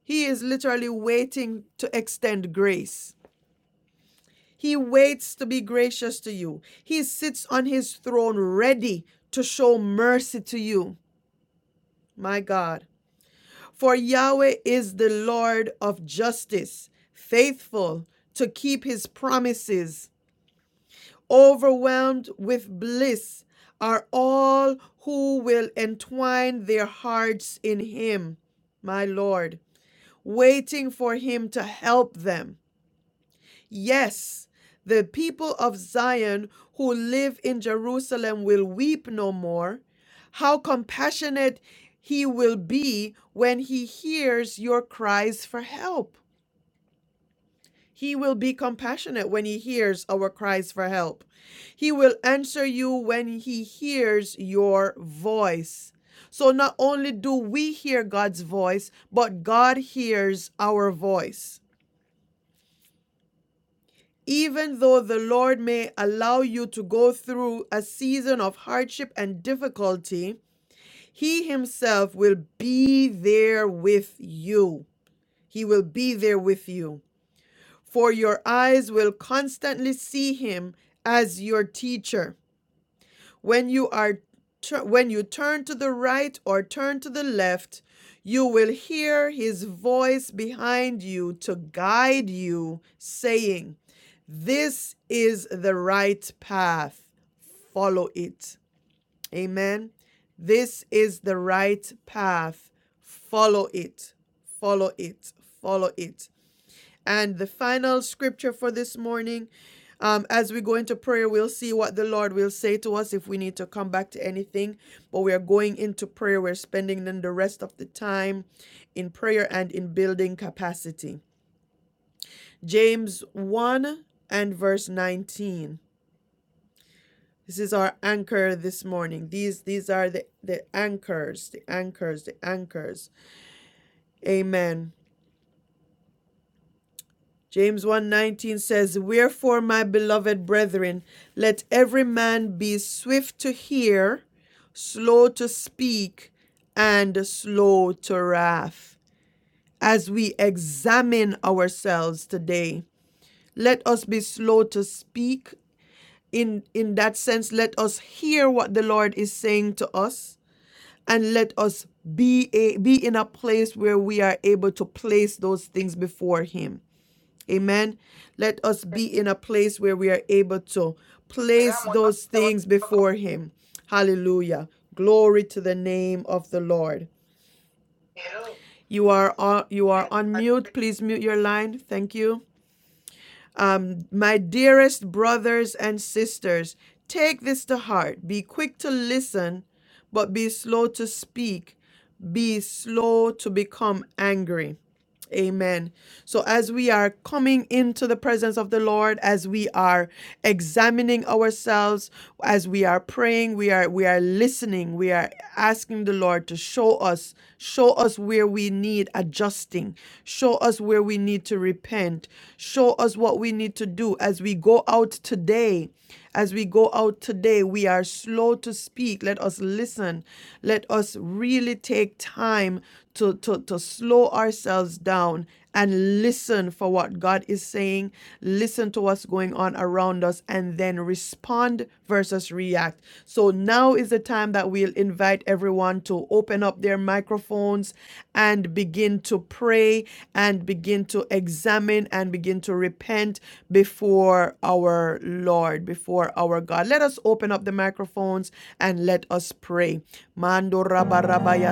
He is literally waiting to extend grace. He waits to be gracious to you. He sits on his throne ready to show mercy to you. My God. For Yahweh is the Lord of justice, faithful to keep his promises. Overwhelmed with bliss are all who will entwine their hearts in Him, my Lord, waiting for Him to help them. Yes, the people of Zion who live in Jerusalem will weep no more. How compassionate He will be when He hears your cries for help. He will be compassionate when he hears our cries for help. He will answer you when he hears your voice. So not only do we hear God's voice, but God hears our voice. Even though the Lord may allow you to go through a season of hardship and difficulty, He Himself will be there with you. He will be there with you. for your eyes will constantly see him as your teacher. When you are when you turn to the right or turn to the left, you will hear his voice behind you to guide you, saying, "This is the right path. Follow it." Amen. This is the right path. Follow it. Follow it. Follow it. And the final scripture for this morning, um, as we go into prayer, we'll see what the Lord will say to us if we need to come back to anything. But we are going into prayer. We're spending then the rest of the time in prayer and in building capacity. James 1 and verse 19. This is our anchor this morning. These these are the, the anchors, the anchors, the anchors. Amen. James one nineteen says, "Wherefore, my beloved brethren, let every man be swift to hear, slow to speak, and slow to wrath." As we examine ourselves today, let us be slow to speak in in that sense let us hear what the Lord is saying to us and let us be a, be in a place where we are able to place those things before him Amen. Let us be in a place where we are able to place those things before Him. Hallelujah. Glory to the name of the Lord. You are on, you are on mute. Please mute your line. Thank you. Um, my dearest brothers and sisters, take this to heart. Be quick to listen, but be slow to speak. Be slow to become angry. Amen. So, as we are coming into the presence of the Lord, as we are examining ourselves, as we are praying, we are we are listening, we are asking the Lord to show us, show us where we need adjusting, show us where we need to repent, show us what we need to do as we go out today. As we go out today, we are slow to speak. Let us listen. Let us really take time to, to, to slow ourselves down and listen for what God is saying, listen to what's going on around us, and then respond versus react. So now is the time that we'll invite everyone to open up their microphones and begin to pray and begin to examine and begin to repent before our Lord, before our God. Let us open up the microphones and let us pray. Mando raba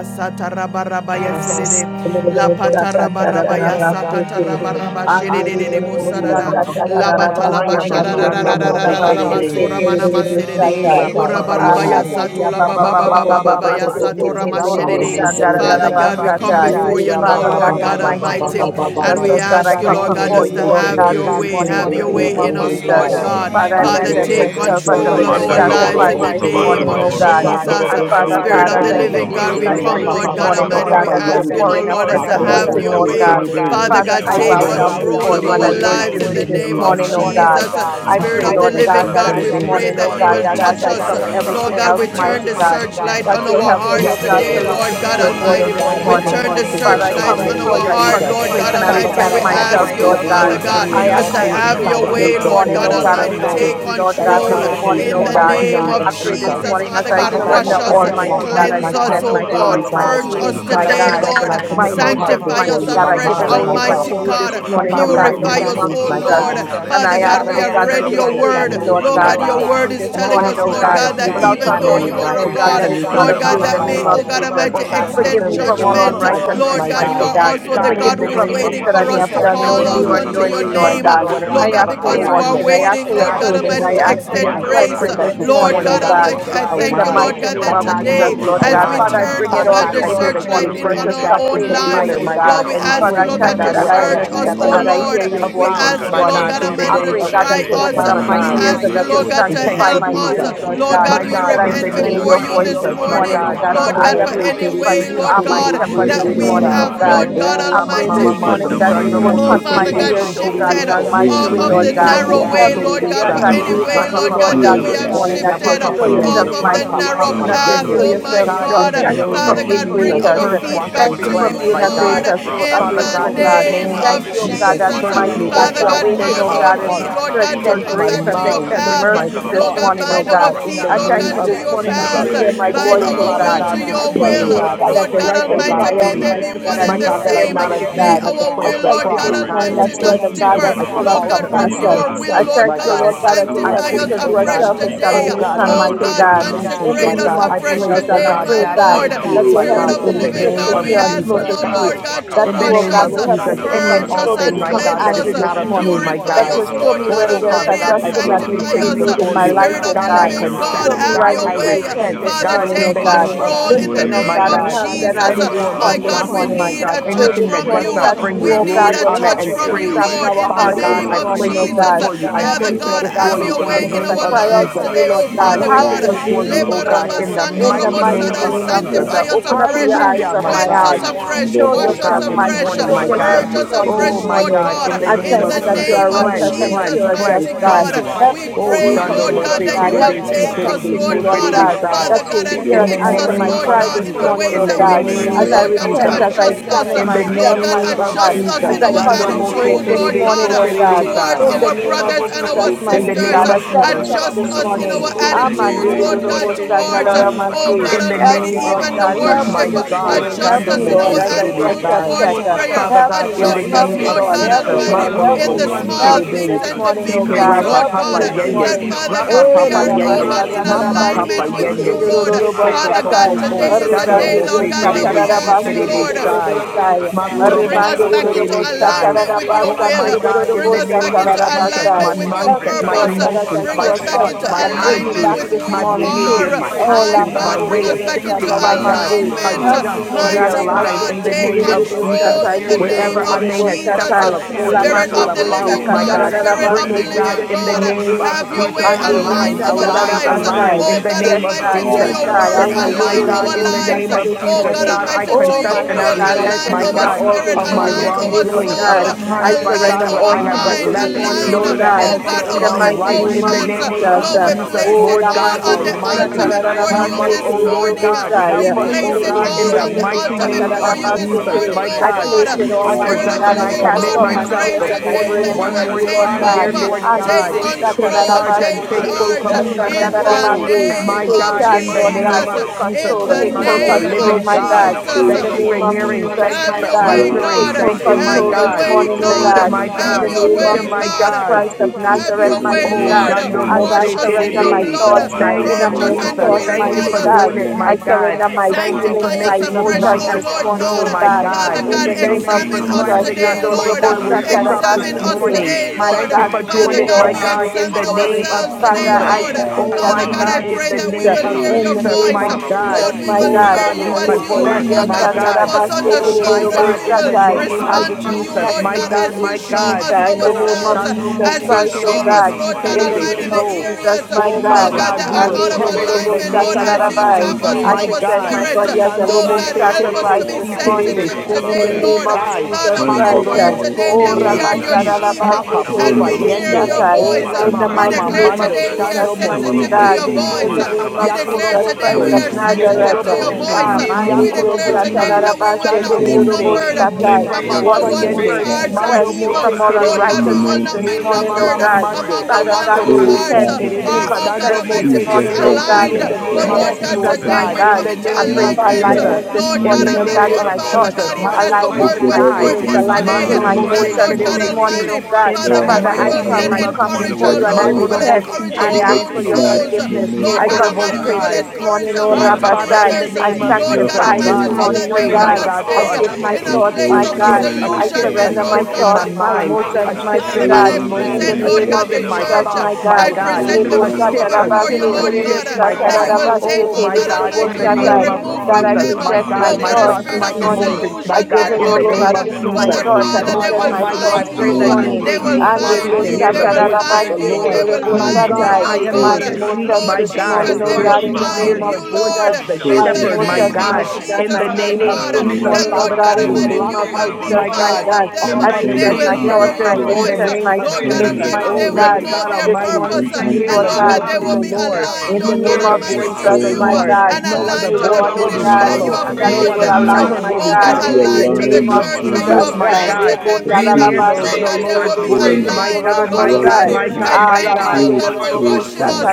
sata raba Bas. sedede. Andere La bosta katara dara patarabarabaya baste te. sakatarabaraba Andere shedede yoro bosta bosarada. Hallelujah. katara La dara basta batalaba Haya ba ngariye sangara Mose shararararararara baste Terebe. te basura tere manama dere sedede. bosta Ye tai. Rapa Papa Orabarabaya Yende. Akateria satola baba Mako baba po baba po po po babababababaya baste Thank po Yes, te po. satora tere God, dere we Shando thank you. mashedede. bosta Mose you, ngara Terebe. dara Father Jesus. God, We basta we come tai. worship before you, Ye you now, God. Rapa Father God, Papa Lord in the God Papa We mighty Papa name Almighty, bless of Papa your Papa. Jesus, and name, we oh God. God, As ask I we you, come come Lord Mando God, this before us mo you, se to Lord morning, have God, terebe God. your this si way, morning have in terebe the your si Oh, name way of in God, I terebe us, come Jesus. Lord with sai. a God. Father, I Father, repentant Ye heart, take present korobo God. si myself control as a of terebe our living Manda shando lives mo in the sacrifice kaboroko se this name of terebe. morning, oh oh Jesus. God. sabahavarete, Ma And korobo Father so Spirit God, of as shikalaboroko the I so terebe. living My Thank you, God, decrease, God, we I I come, O wa kamanakata, pray pa Lord this pa pa God pa renda morning, Almighty. pa oh pa God, We Lord. pa oh that barakasha ask you're Worship, that you now, yende. pouring a Lord, fresh Ma feel as to tolobohosho, like have korobo anointing, your renda se oh praise, way. God. terebe. Father bakaravarese, Father, God, I you, praise, take Shando bow God. ikadosh mo down se control of before our Lord. you I and I terebe si lives in worship rikalaverekete, the in the you this name name thank of of morning, you, oh makato oh Jesus. God. Jesus. for I Ha manavarasa, my Spirit of pray, the Lord korobo living God, si that God, this we ikalaverete, terebe. pray morning, that oh you God, I want to walk. I want to be will oh that ikaladosho, as touch I us. drop like rakata Lord everything God, we else, turn you. mighty the manahavarese, God, searchlight that on our you'll help hearts me, Yes, oh Hallelujah. rikalamanavoroso, God, today, to Lord. oh Lord listen to God shandala your Search me, voice O Almighty. this God, We know my turn morning. barakaraverekete, the heart Father, today I in searchlight the come on Zadavaloho name our before of you, I heart, Koto, Jesus. Lord God consecrate and I Father Almighty. Mikate, and God, repent We I ask ask myself, that you you, Ikalabodosho, Lord would God. Father remove God, any I and as Shashahida, ask all to that things you have your search inside me of way, this me, Lord. Mandarabakara, both Lord morning, oh known God and oh God, and Almighty. forgive unknown, Take me, Zikalaberehesi, Lord that God, is Praise, control this not Lord. of you morning, in in the oh the Zikalamonoto, oh mighty God. name name of of I Jesus. pray this Randabarakata, Jesus. morning Father as I God, Father Ikate, God, wash I surrender, us, present and I Almighty God. Praise, commit Vihalabokoto, I cleanse us, myself present oh God. my you, Mandavala before you, thoughts, my Purge God. Halaboroko us feelings, Thank you. God, my I today, God, Thank Seveleheshe, present and Lord. I my commit my heart Sanctify emotions, Shikalamonodoho before us mighty you, God. mighty my I afresh, give it mind, all my over Samalabarakata, thoughts, Almighty to you this God. Randavala my oh morning, oh body, God, my in the Purify Kalaboroho us, name in of oh emotions, Shoko, my Jesus. Lord. God. And Father I God, Vikalehende, ask, we Father, oh this have is God, a that read oh day your you'll of suit word. Vikarabodosho, me, Lord Lord examination, my God, God. your God. Suit word me is Mandabarasa, this And I telling praise, praise, morning, ask, us, Tikala Lord oh oh God, God. that God, oh you that Bedehese, would Without even out though Ikala examine Lord. you me, anything, God. are oh a Praise, Lord. Praise, Lord. Praise, God, Bodokoto, God, Lord. that Examine is me oh from not Lord the of Randa God, you crown in of that the my may, you name Balahaka, oh of head, God Jesus. Rabaka Almighty, oh God, to Shata, the extend Forgive me very from Likala soles all of judgment. my feet, Vendehese, unrighteousness, Lord God, my you mighty Lika are God. God. also Viende the God, God. Biri in Forgive who me the is from name of things waiting that I for Kalabokoto, may us Jesus, to have I done Renda pray call that out knowingly you or would Balahaka unto fix, your unknowingly, Lord my Lamanaka, name. God. Lord God, Renda whatever's I Lord God. out ask of for Balahaka because your you are alignment. washing. Dese, I ask waiting, for your Lord God, Ikala God in the purging. Almighty, I name to Bokoto, of ask extend for your Jesus, Manda I grace. pray cleansing that Varaka, this this El Lord morning, morning, oh God oh God, Elion God. that Almighty, you I would In thank the you, Makaravarese, Lord align, mighty God, Shida name that that of God, I you Jesus, today, will Valokoto, Lord as God. we oh realign. Father, I want turn, Radavarakata, bring oh it Father all God, God, the Zinda to I you pray this that Valahaka you searchlight Praise, morning would in to on bring be me versus our Ravarete, back own into complaining, Lord. lives, order, Ikato, mighty my God. Praise, Lord, God, we any ask Oh Father, you, Makavaraka, place, I my Lord my thank God, you God, to God, praise, that oh praise, praise, where Zikala I am I search your have Bereketi, us, oh stepped speaker and out that I Lord. hear your Ikatoho, We no, voice this ask abound, you, my Lord Vakadados morning. God, God in the Kliva I Almighty, please, to name pray, of God, try that Halaverete, you'll Jesus, us. that don't open We up Father we my God. Sandala ears need ask and it you, that have you'll Lord Rakarados is God, to We to Kliva God thank sanctify you, help my do Halaboro us. ears, this Lord Jesus. Hallelujah. to in Lord Koto, a God, God, My oh guide wicked we us renda way God, that I in Praise, and in may repent the Varaka that hear name order before your man. of Lord. you Shata, our voice this this Jesus, my steps morning. morning, Levarahana oh God, in God. His For Lord Manakala I Shando will. God, for Mose am your Praise, any Verete, sheep way, Terebe and you Si Lord are my Holy Be God, Rikalaboro Terebe So shepherd humble This Spirit that this Koto, of Terebe we the before morning, Sai. morning, have, oh Ikala you, God. righteous Lord oh Father, Verete, God Oh, I Rama God. pray we Almighty. Mama this lift up Mando, morning your Humble that to living you Shando will name, God. Oh, you Mose touch Mandavarakata, mighty my Father Terebe today, God, God, ears, Si shift oh God, Terebe shifted in that Jesus. Igalamorokoto, So. you're almighty off the My way, Vikase, of Lord Ye the one God, if who God. I Korobo narrow say So Help way, washes, Ikatokosho, me God, Lord Terebe today but God, as I'm for Sai. I too Lord, any cleanses, wait high, way, on Rapa mighty you, Dandalarakata, Lord Papa Lord God, that God, God, we Yende. this have morning, purifies, to Barakarese, Oh, that bring you'll Yapa shifted me Papa show and off yourself Mikalaranda Yende. down, of mighty the refreshes Mapa mighty Morokolo, narrow God. and Papa and that you'll path, Varavarata, show Yende. My oh restores. my God, yourself help God, us to strong. in Ikate, the be God. Thank This you name for of Father justice being God, Ikalaborosho, morning, in bring Jesus, oh gracious. our purge, feet God, Almighty wash, in Shashahida, back the Thank and you to God. for you, name cleanse, being of my a Manakavedesi, Oh God. Lord, God, gracious, Jesus, help in a me Father to Christ the of God, Rambarata, graceful in hate the God. Jesus, name sin, name of Lord of Thank you, oh we Ikalavedesi, God, Jesus, Jesus. that Jesus. speak, search dear My mighty me, God, oh Lord Mandadorosho, God, Father you are help God, God. me, God, Search Lord waiting, cause and oh God, to our our God, let Father, hearts. and no feet, Vidavanahata, Lord to God, sin to extend Search we Kalamorosha, come my grace back and to to speak, your blind mind. me, extend and Search Shikate, path. God. my thank My mercies you, this Lord God, thoughts, we God, wash morning, Mikalabokoto, want us my oh bind to our God. God, in feet, the I God, Lord thank name Randarasha, you Mighty God, even to of this your morning God, that you path. Jesus. wherever hear Lord, I my we Ikalaverekesi, go, Bind voice, come Oh, God, help oh our before Father me to God. will to God, Valaborosho, you this walk I your this holy thank Randa will. morning, you, morning. O and God, God, I right that Lord the place, God Valakalaboroko, oh righteous We Almighty, God, cry may out, things in they repent, the be mighty Lavarakalavarekele, God, one my and my Hine and you the name God, that God, of are hear, same. not your of mighty May Varakalavarakaso, you God. sins at of the our foot I Jesus. of Shida will, the thank Lord vala you God cross. kala this Almighty. We God, morning I that redeshe. Almighty, repent, you not are place O differ. the these Shida God God, things Lord that's at vala the full for of the manoko God, Hallelujah. altar of to from vala compassion. your Jesus community. will, I varata. Christ, Lord God, thank my you, Sara Lord God. God, vala that We kala you'll I help sanctify me place, us repent, to O do oh a redekese. afresh Lord God, God, for today. oh the nothing Bikato God, Hallelujah. self-examination, mana Oh community. mighty We God, unstable God, varakata. Thank emotions, in the my consecrate repent, us name God. of Ekate I afresh place, Jesus. oh And today, I my God, pray, ekashataya. bad God, Lord. Manda we that attitudes, my you'll vorosha. help Spirit me God, of repent, to O the in be living the Lord swift Rinda name to God, of we hear God, and ask slow for you our vareketi. Jesus. to now, speak. God, Lord Father. Ikato God, to That in you, the wash O makavarata. name us, God, of My will help me Jesus, to God, Sandala any become and purge for us all slow varakala to and thing, all my monoko become your God, cleanse to. that us, is angry this not of Rinda you, morning. community, my purify That vareskli God. us, you'll vahala that show Lord me God where Oh, there varakata. is Father Almighty, God, Mighty I adjustment and Shivala place that God needs these will sanctify to be hana things us. made kala lead in before my and you. life, Spirit vedese. guide of O the God, and I God. Minna living direct, vala O God, confess. Show me have where Lord I God, borosho your I need to way. God, repent repent. shashahida. this in Father, God, morning, Manda take in O the vala God. name of hato control the in the Listen, Jesus, kovane oh morning, vela my name God, of O and God, vete. help Jesus. then God. I Minna will any vala form My of hala We respond this God, we gossip, want morning. my monokoto. need to God, a I pray touch Have anything this your from that way, does morning you. Holy us that not you, Ghost. bring you we oh Have your need God, glory, way, a will Holy honor, help touch me and Ghost. to from Have you, your praise. way. examine Lord, our in the Father hearts Manda God, this name I of valaha morning, place oh it kalamu Jesus. God. before you. I Help Father sakarete me, place it Lord God, si God, before have this you your in the morning way in as kalamanaka I name our of cry out lives to Jesus. you, today, sakataya Lord oh I God. My Father manaka place Have God. it your vete God, i way before my you, this oh Lord, God, kalavadosh morning in the re Lebarabasando in the mighty kalavana glory mighty name robosada. of name to of Jesus. Jesus. kalavarakata Sanctify God, us Open up all afresh, the e eyes Hallelujah, of my my cleanse heart. us sina God. And afresh, thus Show monokoto Oh wash this us yourself God, this mighty. morning, re afresh, morning, Father Show my God, we God. yourself purge bakarasa us look to strong this afresh, Oh thee my Lord morning. God, God, in for the I your name in thank of the you that guidance you akashendavere Jesus, name are of and cleanse, righteous and that cleanse, you Jesus, direction. are cleanse, mighty just you. God. God. Venda cleansing. vavo Help We me koto to Oh We wait pray, on manahana Shando Lord pray, you, God, Lord Mose dear that manakala God. you will Lord Help Terebe me Si to God, redekete. take that trust us, we Terebe in Lord you, So may Vinda Lord Thank God, seek God Terebe valaha Sai. Father that kolomodo God, you'll to and hear koto. In and go the fix out answer us, my in name Lord of Rekasha cry God, this Father, in the Jesus, morning, ways in kalamana oh the that but we God, we need you, name kalaverese as I i rest of Lord God, in to repent, Jesus, the as kalamonoto. I adjust God of examine in peace. the Shasha us, myself, Lord ira God, name mighty manaka of God, adjust This you. us vese as Jesus, in I our i morning, Shando O kalavodo direct Mose consecrate attitude, God, this koto. Lord we Terebe you, God, morning, So oh Lord, Vanda Terebe God, valaha towards Sai. repeat in the hallelujah. our kalamane name of brothers Oh kalavanda and God, our Jesus, We I thank In voloso. the come mighty to sisters. you, name God, I of one self Jesus, Sabalabalaka God check la Adjust the this honda us know in morning. our because boroko there's Holy no attitudes, Spirit, sabalekete one Lord the that God, manda living kolo is towards, God. borohu not oh Amandedodobosandalaramaste. in God Purge in the Help sakabarakata Almighty, name me, all of Lord even of the God. Jesus, Help sin rabakoshara me worship. my and this God, us, morning. constructed the Help Adjust Shando us me, ikaraverese in Mose Oh Lord, our glory of as I ikala do Terebe a attitude monoto self Sai. towards check. God. manda Help I prayer. balaha Father God, kala me, in This lift Adjust Lord. the us, Help name me, manekete morning, of Lord Lord. God with Help Jesus, me, ikala God, Lord. Almighty, baraha you Help in kolo Makorobo, the me. realize borosha small Help that me things this Siterebe, and the you shikate morning, big oh Pepe ikala things, God. need Rapa Lord Help monoso me God. Papa this Yende, That, morning. shashahira repentance. Father Rapa God, we Eh, Papa You manakavesi are, oh need Yende, ikala of God, rarabasanda, in moto your Mapa rarabaste, alignment randa Papa mercy with this you, Yende, balakasa Lord. morning. Ye tekererororo Koko Father ah God, Koko bastatai. Ko, today kashanda is Almighty a Sando la God, day, Lord Arribanderio Mose in God, the sata, that name we Terebe, Bikala of ask no like rarabaste, you, Jesus Siterebe Lord Ah, Christ, Sai, ah, tererebestai. we Kashinda to Bili bring Makorobo us So back Elavano Arribanderororo into Terebe bostata, Sai. Bohusaka, alignment with your Avana Oh rarabasta, will. my Hanna God, in Bohusa, Bring the us back name of into Bakati, Jesus, my alignment with Ikato, your Help mindset, me, my Lord, like purpose. Rikadadosh, that as I emotions, Bring Makala do my us a to back Virezi, self God thoughts, into check my and like in the bring me name of alignment back attitude, with this who Manavalakata, my you morning Ikala too. are. behavior, Jesus. my Oh, Vendehisi, oh My la actions, my God, mande, bring Christ. way us of back into thinking, rorosanda, my Lord, God, mande. we alignment. Help come me, Ah, adjust, Lord, Holy before Ghost Mighty you realign today, God, alabaste, fire, in the take Holy name Lord, tekererororo Ghost of Jesus. fire, control that bostatai, in the Holy you Ghost name Wherever of I can- yendorororo may fire, have Jesus. stepped out bostatai. that of you Makashehira course, La help Spirit stepped mande, Manikala us out of the of riosta, bounds, through living Monoto, my God, katara, God, Spirit mercy Rikala of bring the me rarabaste. and Breathe back living this Virekisi, in the God, Ikala morning, name breathe. of have Manakata, your pray Jesus. way. in the Anderio Manavoro Align Align, our name Koso of align, lives. Manahala align Satarabasai. Jehovah. in Oh Verese, the God Yes, name of God, Ikala Almighty, to yes, Father Jesus. your God. God, we word. always, I'm Oh Benda look to my Align Anderio you God, our this in Varahasa, the name Robosata morning of lives. this Oh Jesus. Sikate, God that morning. God, I Almighty, Mikato, to Oh, confess your In and my that I mighty will. Ikala name, God, I I Align there's repent, Verese, align my our no surrender God, harm all Bakala this to spirit, of be my Morosha, morning align with to our you, our Lord Ikaga wrongdoings, God of soul, God. the Dalavu, times, I Almighty. my align surrender God, Rekela where our all I You're to have God. the you went mind, this Varakata, true left, Yes, and morning, Ikala align, oh Lord, knowing living that God, I oh have- God. should Verekesi, God, have in right the our gone Lavaro mighty You're right the Oso, name in of the emotions. merciful name Mandavala Jesus. of Lord, Hasa we Uh, God, Jesus. place Oh, it Lord Kavarekete, all God on the God Ramandirio of Oh, altar Almighty, grace Ravakashata, before you and help us, Satarabasai, this love. oh Monavorosha, Lord morning. Lika God. This Robosai. We Help Verese, us, morning, oh place Ikala it oh God, in all Dosho, the God, on we the Lenda mighty altar name stand Valahala before of you on this Monokola, to Jesus, Venda morning, my oh I God. God. Verekete, place it, And I Father Almighty Spirit of present God, the God. Mandavalaha and I we I living ask cast commit God, oh, all we Kolamonoto, my in you, myself pray cares and my before today you Eh, that burdens you bless one to will us more you, Kashanda take Lord I in will the time, God. dear over, Lavaraka. blood Lord of take God. Andurios Jesus, Minda Take varès, control, charge and the take Satarabasque, take blood sanda Mindavares, full, charge Tererebas, Oh, in Sandakohuso, complete in Jesus of the control. Tandarabande. right Mindavalaka, Jesus My name Take of before you, God, Christ charge, in of Lord. the Lord God. name Nazareth. of Jesus. Take Ikalaboroko, In Jesus, control. the Take the Father Son full of Oh, the God, name as we control, Sasahira, of living my seek God. your God. In face Mandavalaka Thank the you Jesus. this for name of Laboroko, hearing. morning, so Jesus, Thank you Have my for your we God. Ilavana way, ask Take answering. God. and we full Thank you, pray Halamanakata, my Have control not your Your this God. way, face morning, oh Nandavaroko, Thank away God. you, so God. from my us, In Have the God. your mighty name Kasandavalaka Thank of you, God, way, my Lehiste, God. Jesus God. but Christ of take your Have Nazareth, your servant way, mighty Oh, away in God. Lord. E Shando As Mose anger. I Wash us in surrender your Kasondavohusha, my Oh Terebe. blood. God, thoughts, we my Thank you, Purge Mandavala repent us innermost of and Jesus. your thoughts, Akolaboroko, Thank you purify sins mighty for this Lamanaka God. doing us. it, I my Lehiste, morning. God. surrender my Oh Thank Ikalavana you feelings, for Sanctify us my God, making Hosoko, us afresh, white emotions O as Almighty, this Lord morning, God. snow, oh Mandavalakata, my God. we God. Father Ikabe, In God, the stand Thank name Ikabe, against you of and for examine us Jesus. renew us cleansing Ikalabohusa, us, today, Yendo Oh, my Lord. robo God, with dear, this creating our us, up Sandaka, O this mind, Examine Lord us oh satarabasete. God, God, morning. today, I My Lord. Thank you our God, for we mind, give doing Father Manaverese. your it it, God, all my we heart, to God, God, you in this examine the lift name morning. of ourselves Makasoto, heart, up O our Father, today, Lord Jesus. mind, I Lord. oh Ika, decree God God, Oh, that my Father you God, may I God, Almighty, in Tavarahasa, pray the that increase we and uh, name will of Ika hear those in your the Venete, in Jesus, God, name voice. my Ika of one sync with God. Jesus, Lord, we your my will Labomokoto, Oh, morning God. will. hear God, you we as our you, Momokoto Oh, heart, confess, Lebonderia oh my my Kashanda God, God, morning, tap Venese, God. us on Sandarabase not the us, Oh, of my those shoulders. Mandakabara purge, God, in We in Hoso will the sync Tererebosatai. with name morning, I of your Korabarata, respond to wash will, you, decrease Jesus, that Lord my you God, Ika, may as God, you my show my increase God, God. us uh, be in the in Oh, kabosh. name thoroughly the ourselves, of this Shando name Jesus Mose as morning, of you Christ, oh show Mandabala Terebe, us, God. Jesus Si Lord akalabare God In Christ oh God, the of Terebe, Almighty, name kelebere the of Jesus. So. kese. Jesus, areas, my this Oh, my God, Lord God. morning, this God, Shikalabara that God, are we Holy boroho time, out of repent Spirit, in the alignment, we korobarakata. oh Lord, be God, name as in the of you proud to Alenodorobosatarabai. Landabala tap be Jesus. us name, of I in My kalaboho our the present God, my morning, spirit. O body shakabarete. as a Shando Oh Jesus, living God, Mose Be God, remove help kalabara us to Terebe, sacrifice all be God, this Si hosoto. you morning Terebe, sensitive spirit, are Be So God, in the today, kalabare Terebe, God. name Lord. of morning, kete. Sai. Jesus Father, God, we Cleanse us Christ. wash Mandarabo from declare Hakorobo, all So today and Oh, that we Terebe, are your unrighteousness. Si. Shashahira. sheep again, Rabasarabase, Mapa, Mandabala and Papa, we Cleanse us, halabo hear O Yende. your Lord Terebesatai. Oh, voice. again, God, In Rama, the from Lord, We oh Mandakalabare Mama, mighty God, bitterness. declare name of Mando, today kelehesa. we are Jesus, Shando mighty Mose sensitive Sidabalo cleanse to us God. your Terebe, from oh In Si. the God, hatred, have voice. name Mandakala We of declare karaboho Jesus Yakorobo, today Christ Holy we So. of are cleanse shakarete. us, Spirit. from Nazareth. sensitive to Yekorobo, Shadaho your In the pride mighty Si. voice. Ah, and name shamarata. of We Manderio declare Jesus. Yakorobo, Thank unforgiveness, you, today Si. that we Satarabase, will Jesus. Hallelujah. Chando not be cleanse us Mose, Lord, numbered from Thank Ye bad Terebesatai. you, praise rapa among thoughts, the O Wash papa you, Yeshua. me, ones Lord praise whose Yende, purge me, God, hearts are Mando cleanse you, me Holy You're evil. the from Mose all Spirit, apple Lord of my in God, the we Terebesi, eye. unrighteousness will name not this of be mighty, Ye morning, oh Jesus numbered You are Yamamama the God. Christ. bright Mando, among the oh morning Father ones God, God, we whose star. O hallelujah. hearts Hakorobosi repent. are, Father We You Terebe, God, are the oh God chando confess beginning this and Almighty, ease the Mose Lord, the morning, end. you are oh hurt, O God, misaligned. in Terebesi. the Lord You are the name But our of God, prayer, Lord Yes, author from God, and the the Jesus, Lord my today God, pain. we finisher Lord. in God. come the into Everywhere I of name pray all of for Mighty faith. alignment. with Jesus, alignment God, this in the Lord all, in God morning, the name oh Almighty, Father, of and You God, name Almighty. are in And of the my door Jesus, Father to thoughts Jesus, God, even Lord, as salvation. the voice, alignment lift with word up the my went voice of You Hakorobosai, are forth feelings, everything in mighty God, alignment yesterday, with God, your Mando the my hands voice of that this Mose everlasting emotions Lord the this God Father, morning. morning, Terebesi, Spirit, Almighty, oh God, God. Prince in of Father the and Lord God, Father, Peace, we name, I mighty will God be come, an name I of Almighty, come you before Jesus, Wonderful are you encourager, and I Lord. We oh Counselor. will able. God, every repent. Makorobosi encourage I our ask own for Mighty your Terebesi, Yikasato. silence God, souls. in the forgiveness. Ye name our Lord I of God eyes, Manda Almighty, Lord, we consecrate Jesus. will is Korobosai. this barakasa. encourage morning, dear the oh God, hearts Father. of Ikala the Father, Rabbasai. in the others, I reverekesi. name We of Lord Mihila bless God of Jesus, your sanctify the this Almighty, vorosha. God, Holy name so I morning, this that oh they pray, Shana Spirit, will my God. morning. not God, balakala for oh I stay a God, give my in shift, a rodokoso. We thoughts, a place my praise of your Bikala God. shift, name a this I shift, verekesi a disillusionment, surrender morning, Lord my shift mighty in thoughts, my ikamonosa. Jesus. God, my mind, hallelujah, a emotions, Makadas shift The mighty oh in Father klima my God, God. I Holy God, In God the emotions, present, haramelete. a and the Lord name God, shift of the hallelujah. righteous in Shina my Jesus, church. God, valahala thoughts, my my I God. the rokoto. God, present Holy the a Makada One oh of people shift, God, a before you, move shift, varakasa. Lebo-sata-da-ba-se-te, Israel, O away, a te Lord lebo oh Lord God, shift, my You God, sata that God, da from are a God. you and the will those, rock, take, Son. Oh, oh my God, God our God, lebo in my Almighty, the fortress, you And our will God, sata name Lord of remove God, deliverer, we God, I from Jesus, them, look our my to present God, you the our my oh God, as my things God, a strength, in thoughts God thoughts, whom spirit this we this my of that shall are morning. morning. trust, going emotions, I my give our God, disillusionment, on, it that in the all Lord direct, buckler, over. Mighty name God. I of give and God, the you But my we horn Jesus. that, Lord. of thoughts. our praise I Give Father, us you. they God present will salvation, your my and our Almighty, In I high thoughts find the this you. pray tower. that name God, this of morning. They your day you will would And Jesus cause me word, find to Makashatamalehe Christ you. hear your, They of the will voice Nazareth, of kalaberese your the find you. name, They Lord. ikata, will God. My Lord find you, God, God, I oh ikata, Hallelujah. am my God. your gracious, ikata, sheep, emotions my Lord this God. Your Jesus, morning, ikata, oh they Your gracious voice, take us, will God, in the sheep mighty Father. find name hears of you, the God. makabohosha, voice Lord, Jesus. of the My in My Take the bikalarende name, us, shepherd, my name emotions, berese Father of God, God. mighty God, in Jesus, my the leorogosa, Father, my name of feelings God. Oh this praise my That, Jesus. nanahalabana morning, oh Lord God, Father God, God God, in the we the Holy cleanse kalaberese, Almighty, name block us, you of Spirit. out, will be God. Jesus, my God, my God, found of God. hear sanabaloholarodoso, all from I my them. other They any present name, will my bikata, evil thoughts, hear your my distractions on thought, in the voice. Holy emotions, mahalaberese, name my of Lord Spirit. God turn feelings, Jesus. your shashahida, Almighty, Have they mighty Oh, Father mercy will God, ring Lord the know on God their this Almighty, halaboso, morning purpose. from to my we you, hear And Lord the Lord God. unholy God. God, voice they of the will be thinking. Lord. Hallelujah. aligned, In the oh We God name hear Glory makatash of the to This Almighty, voice in of Jesus, the you my kalibahalabeshi, Lord. Almighty God, and No to God, other aligned you, to God, the voice Shikala Lord, your will oh mana we word, ministry God, that you Lord follow. have baraka, and God that praise No they called will other them lana God. to. Almighty, align, shepherd baloho my will Oh we we God, Hallelujah. God, follow be kolaborosho, in the in aligned the to de name name aligned the with of kala of church your that Lord, you Jesus, have Jesus. will, barakata, my uh, praise, ikala God. planted them for vedesi, praise, We in. you, hear the, shana purity, Nebundalalabaste, Lord praise, the God, you, they God, monosa Lord's will be tererebeste, voice. praise, holiness, hamanata, My aligned, oh God, God my asa, God, tererorobosta, Almighty. my glorify righteousness, I God, your my thank name you, this God. Lord truth, God, for morning. manda O alamandelororobosta, washing balakata, us, God,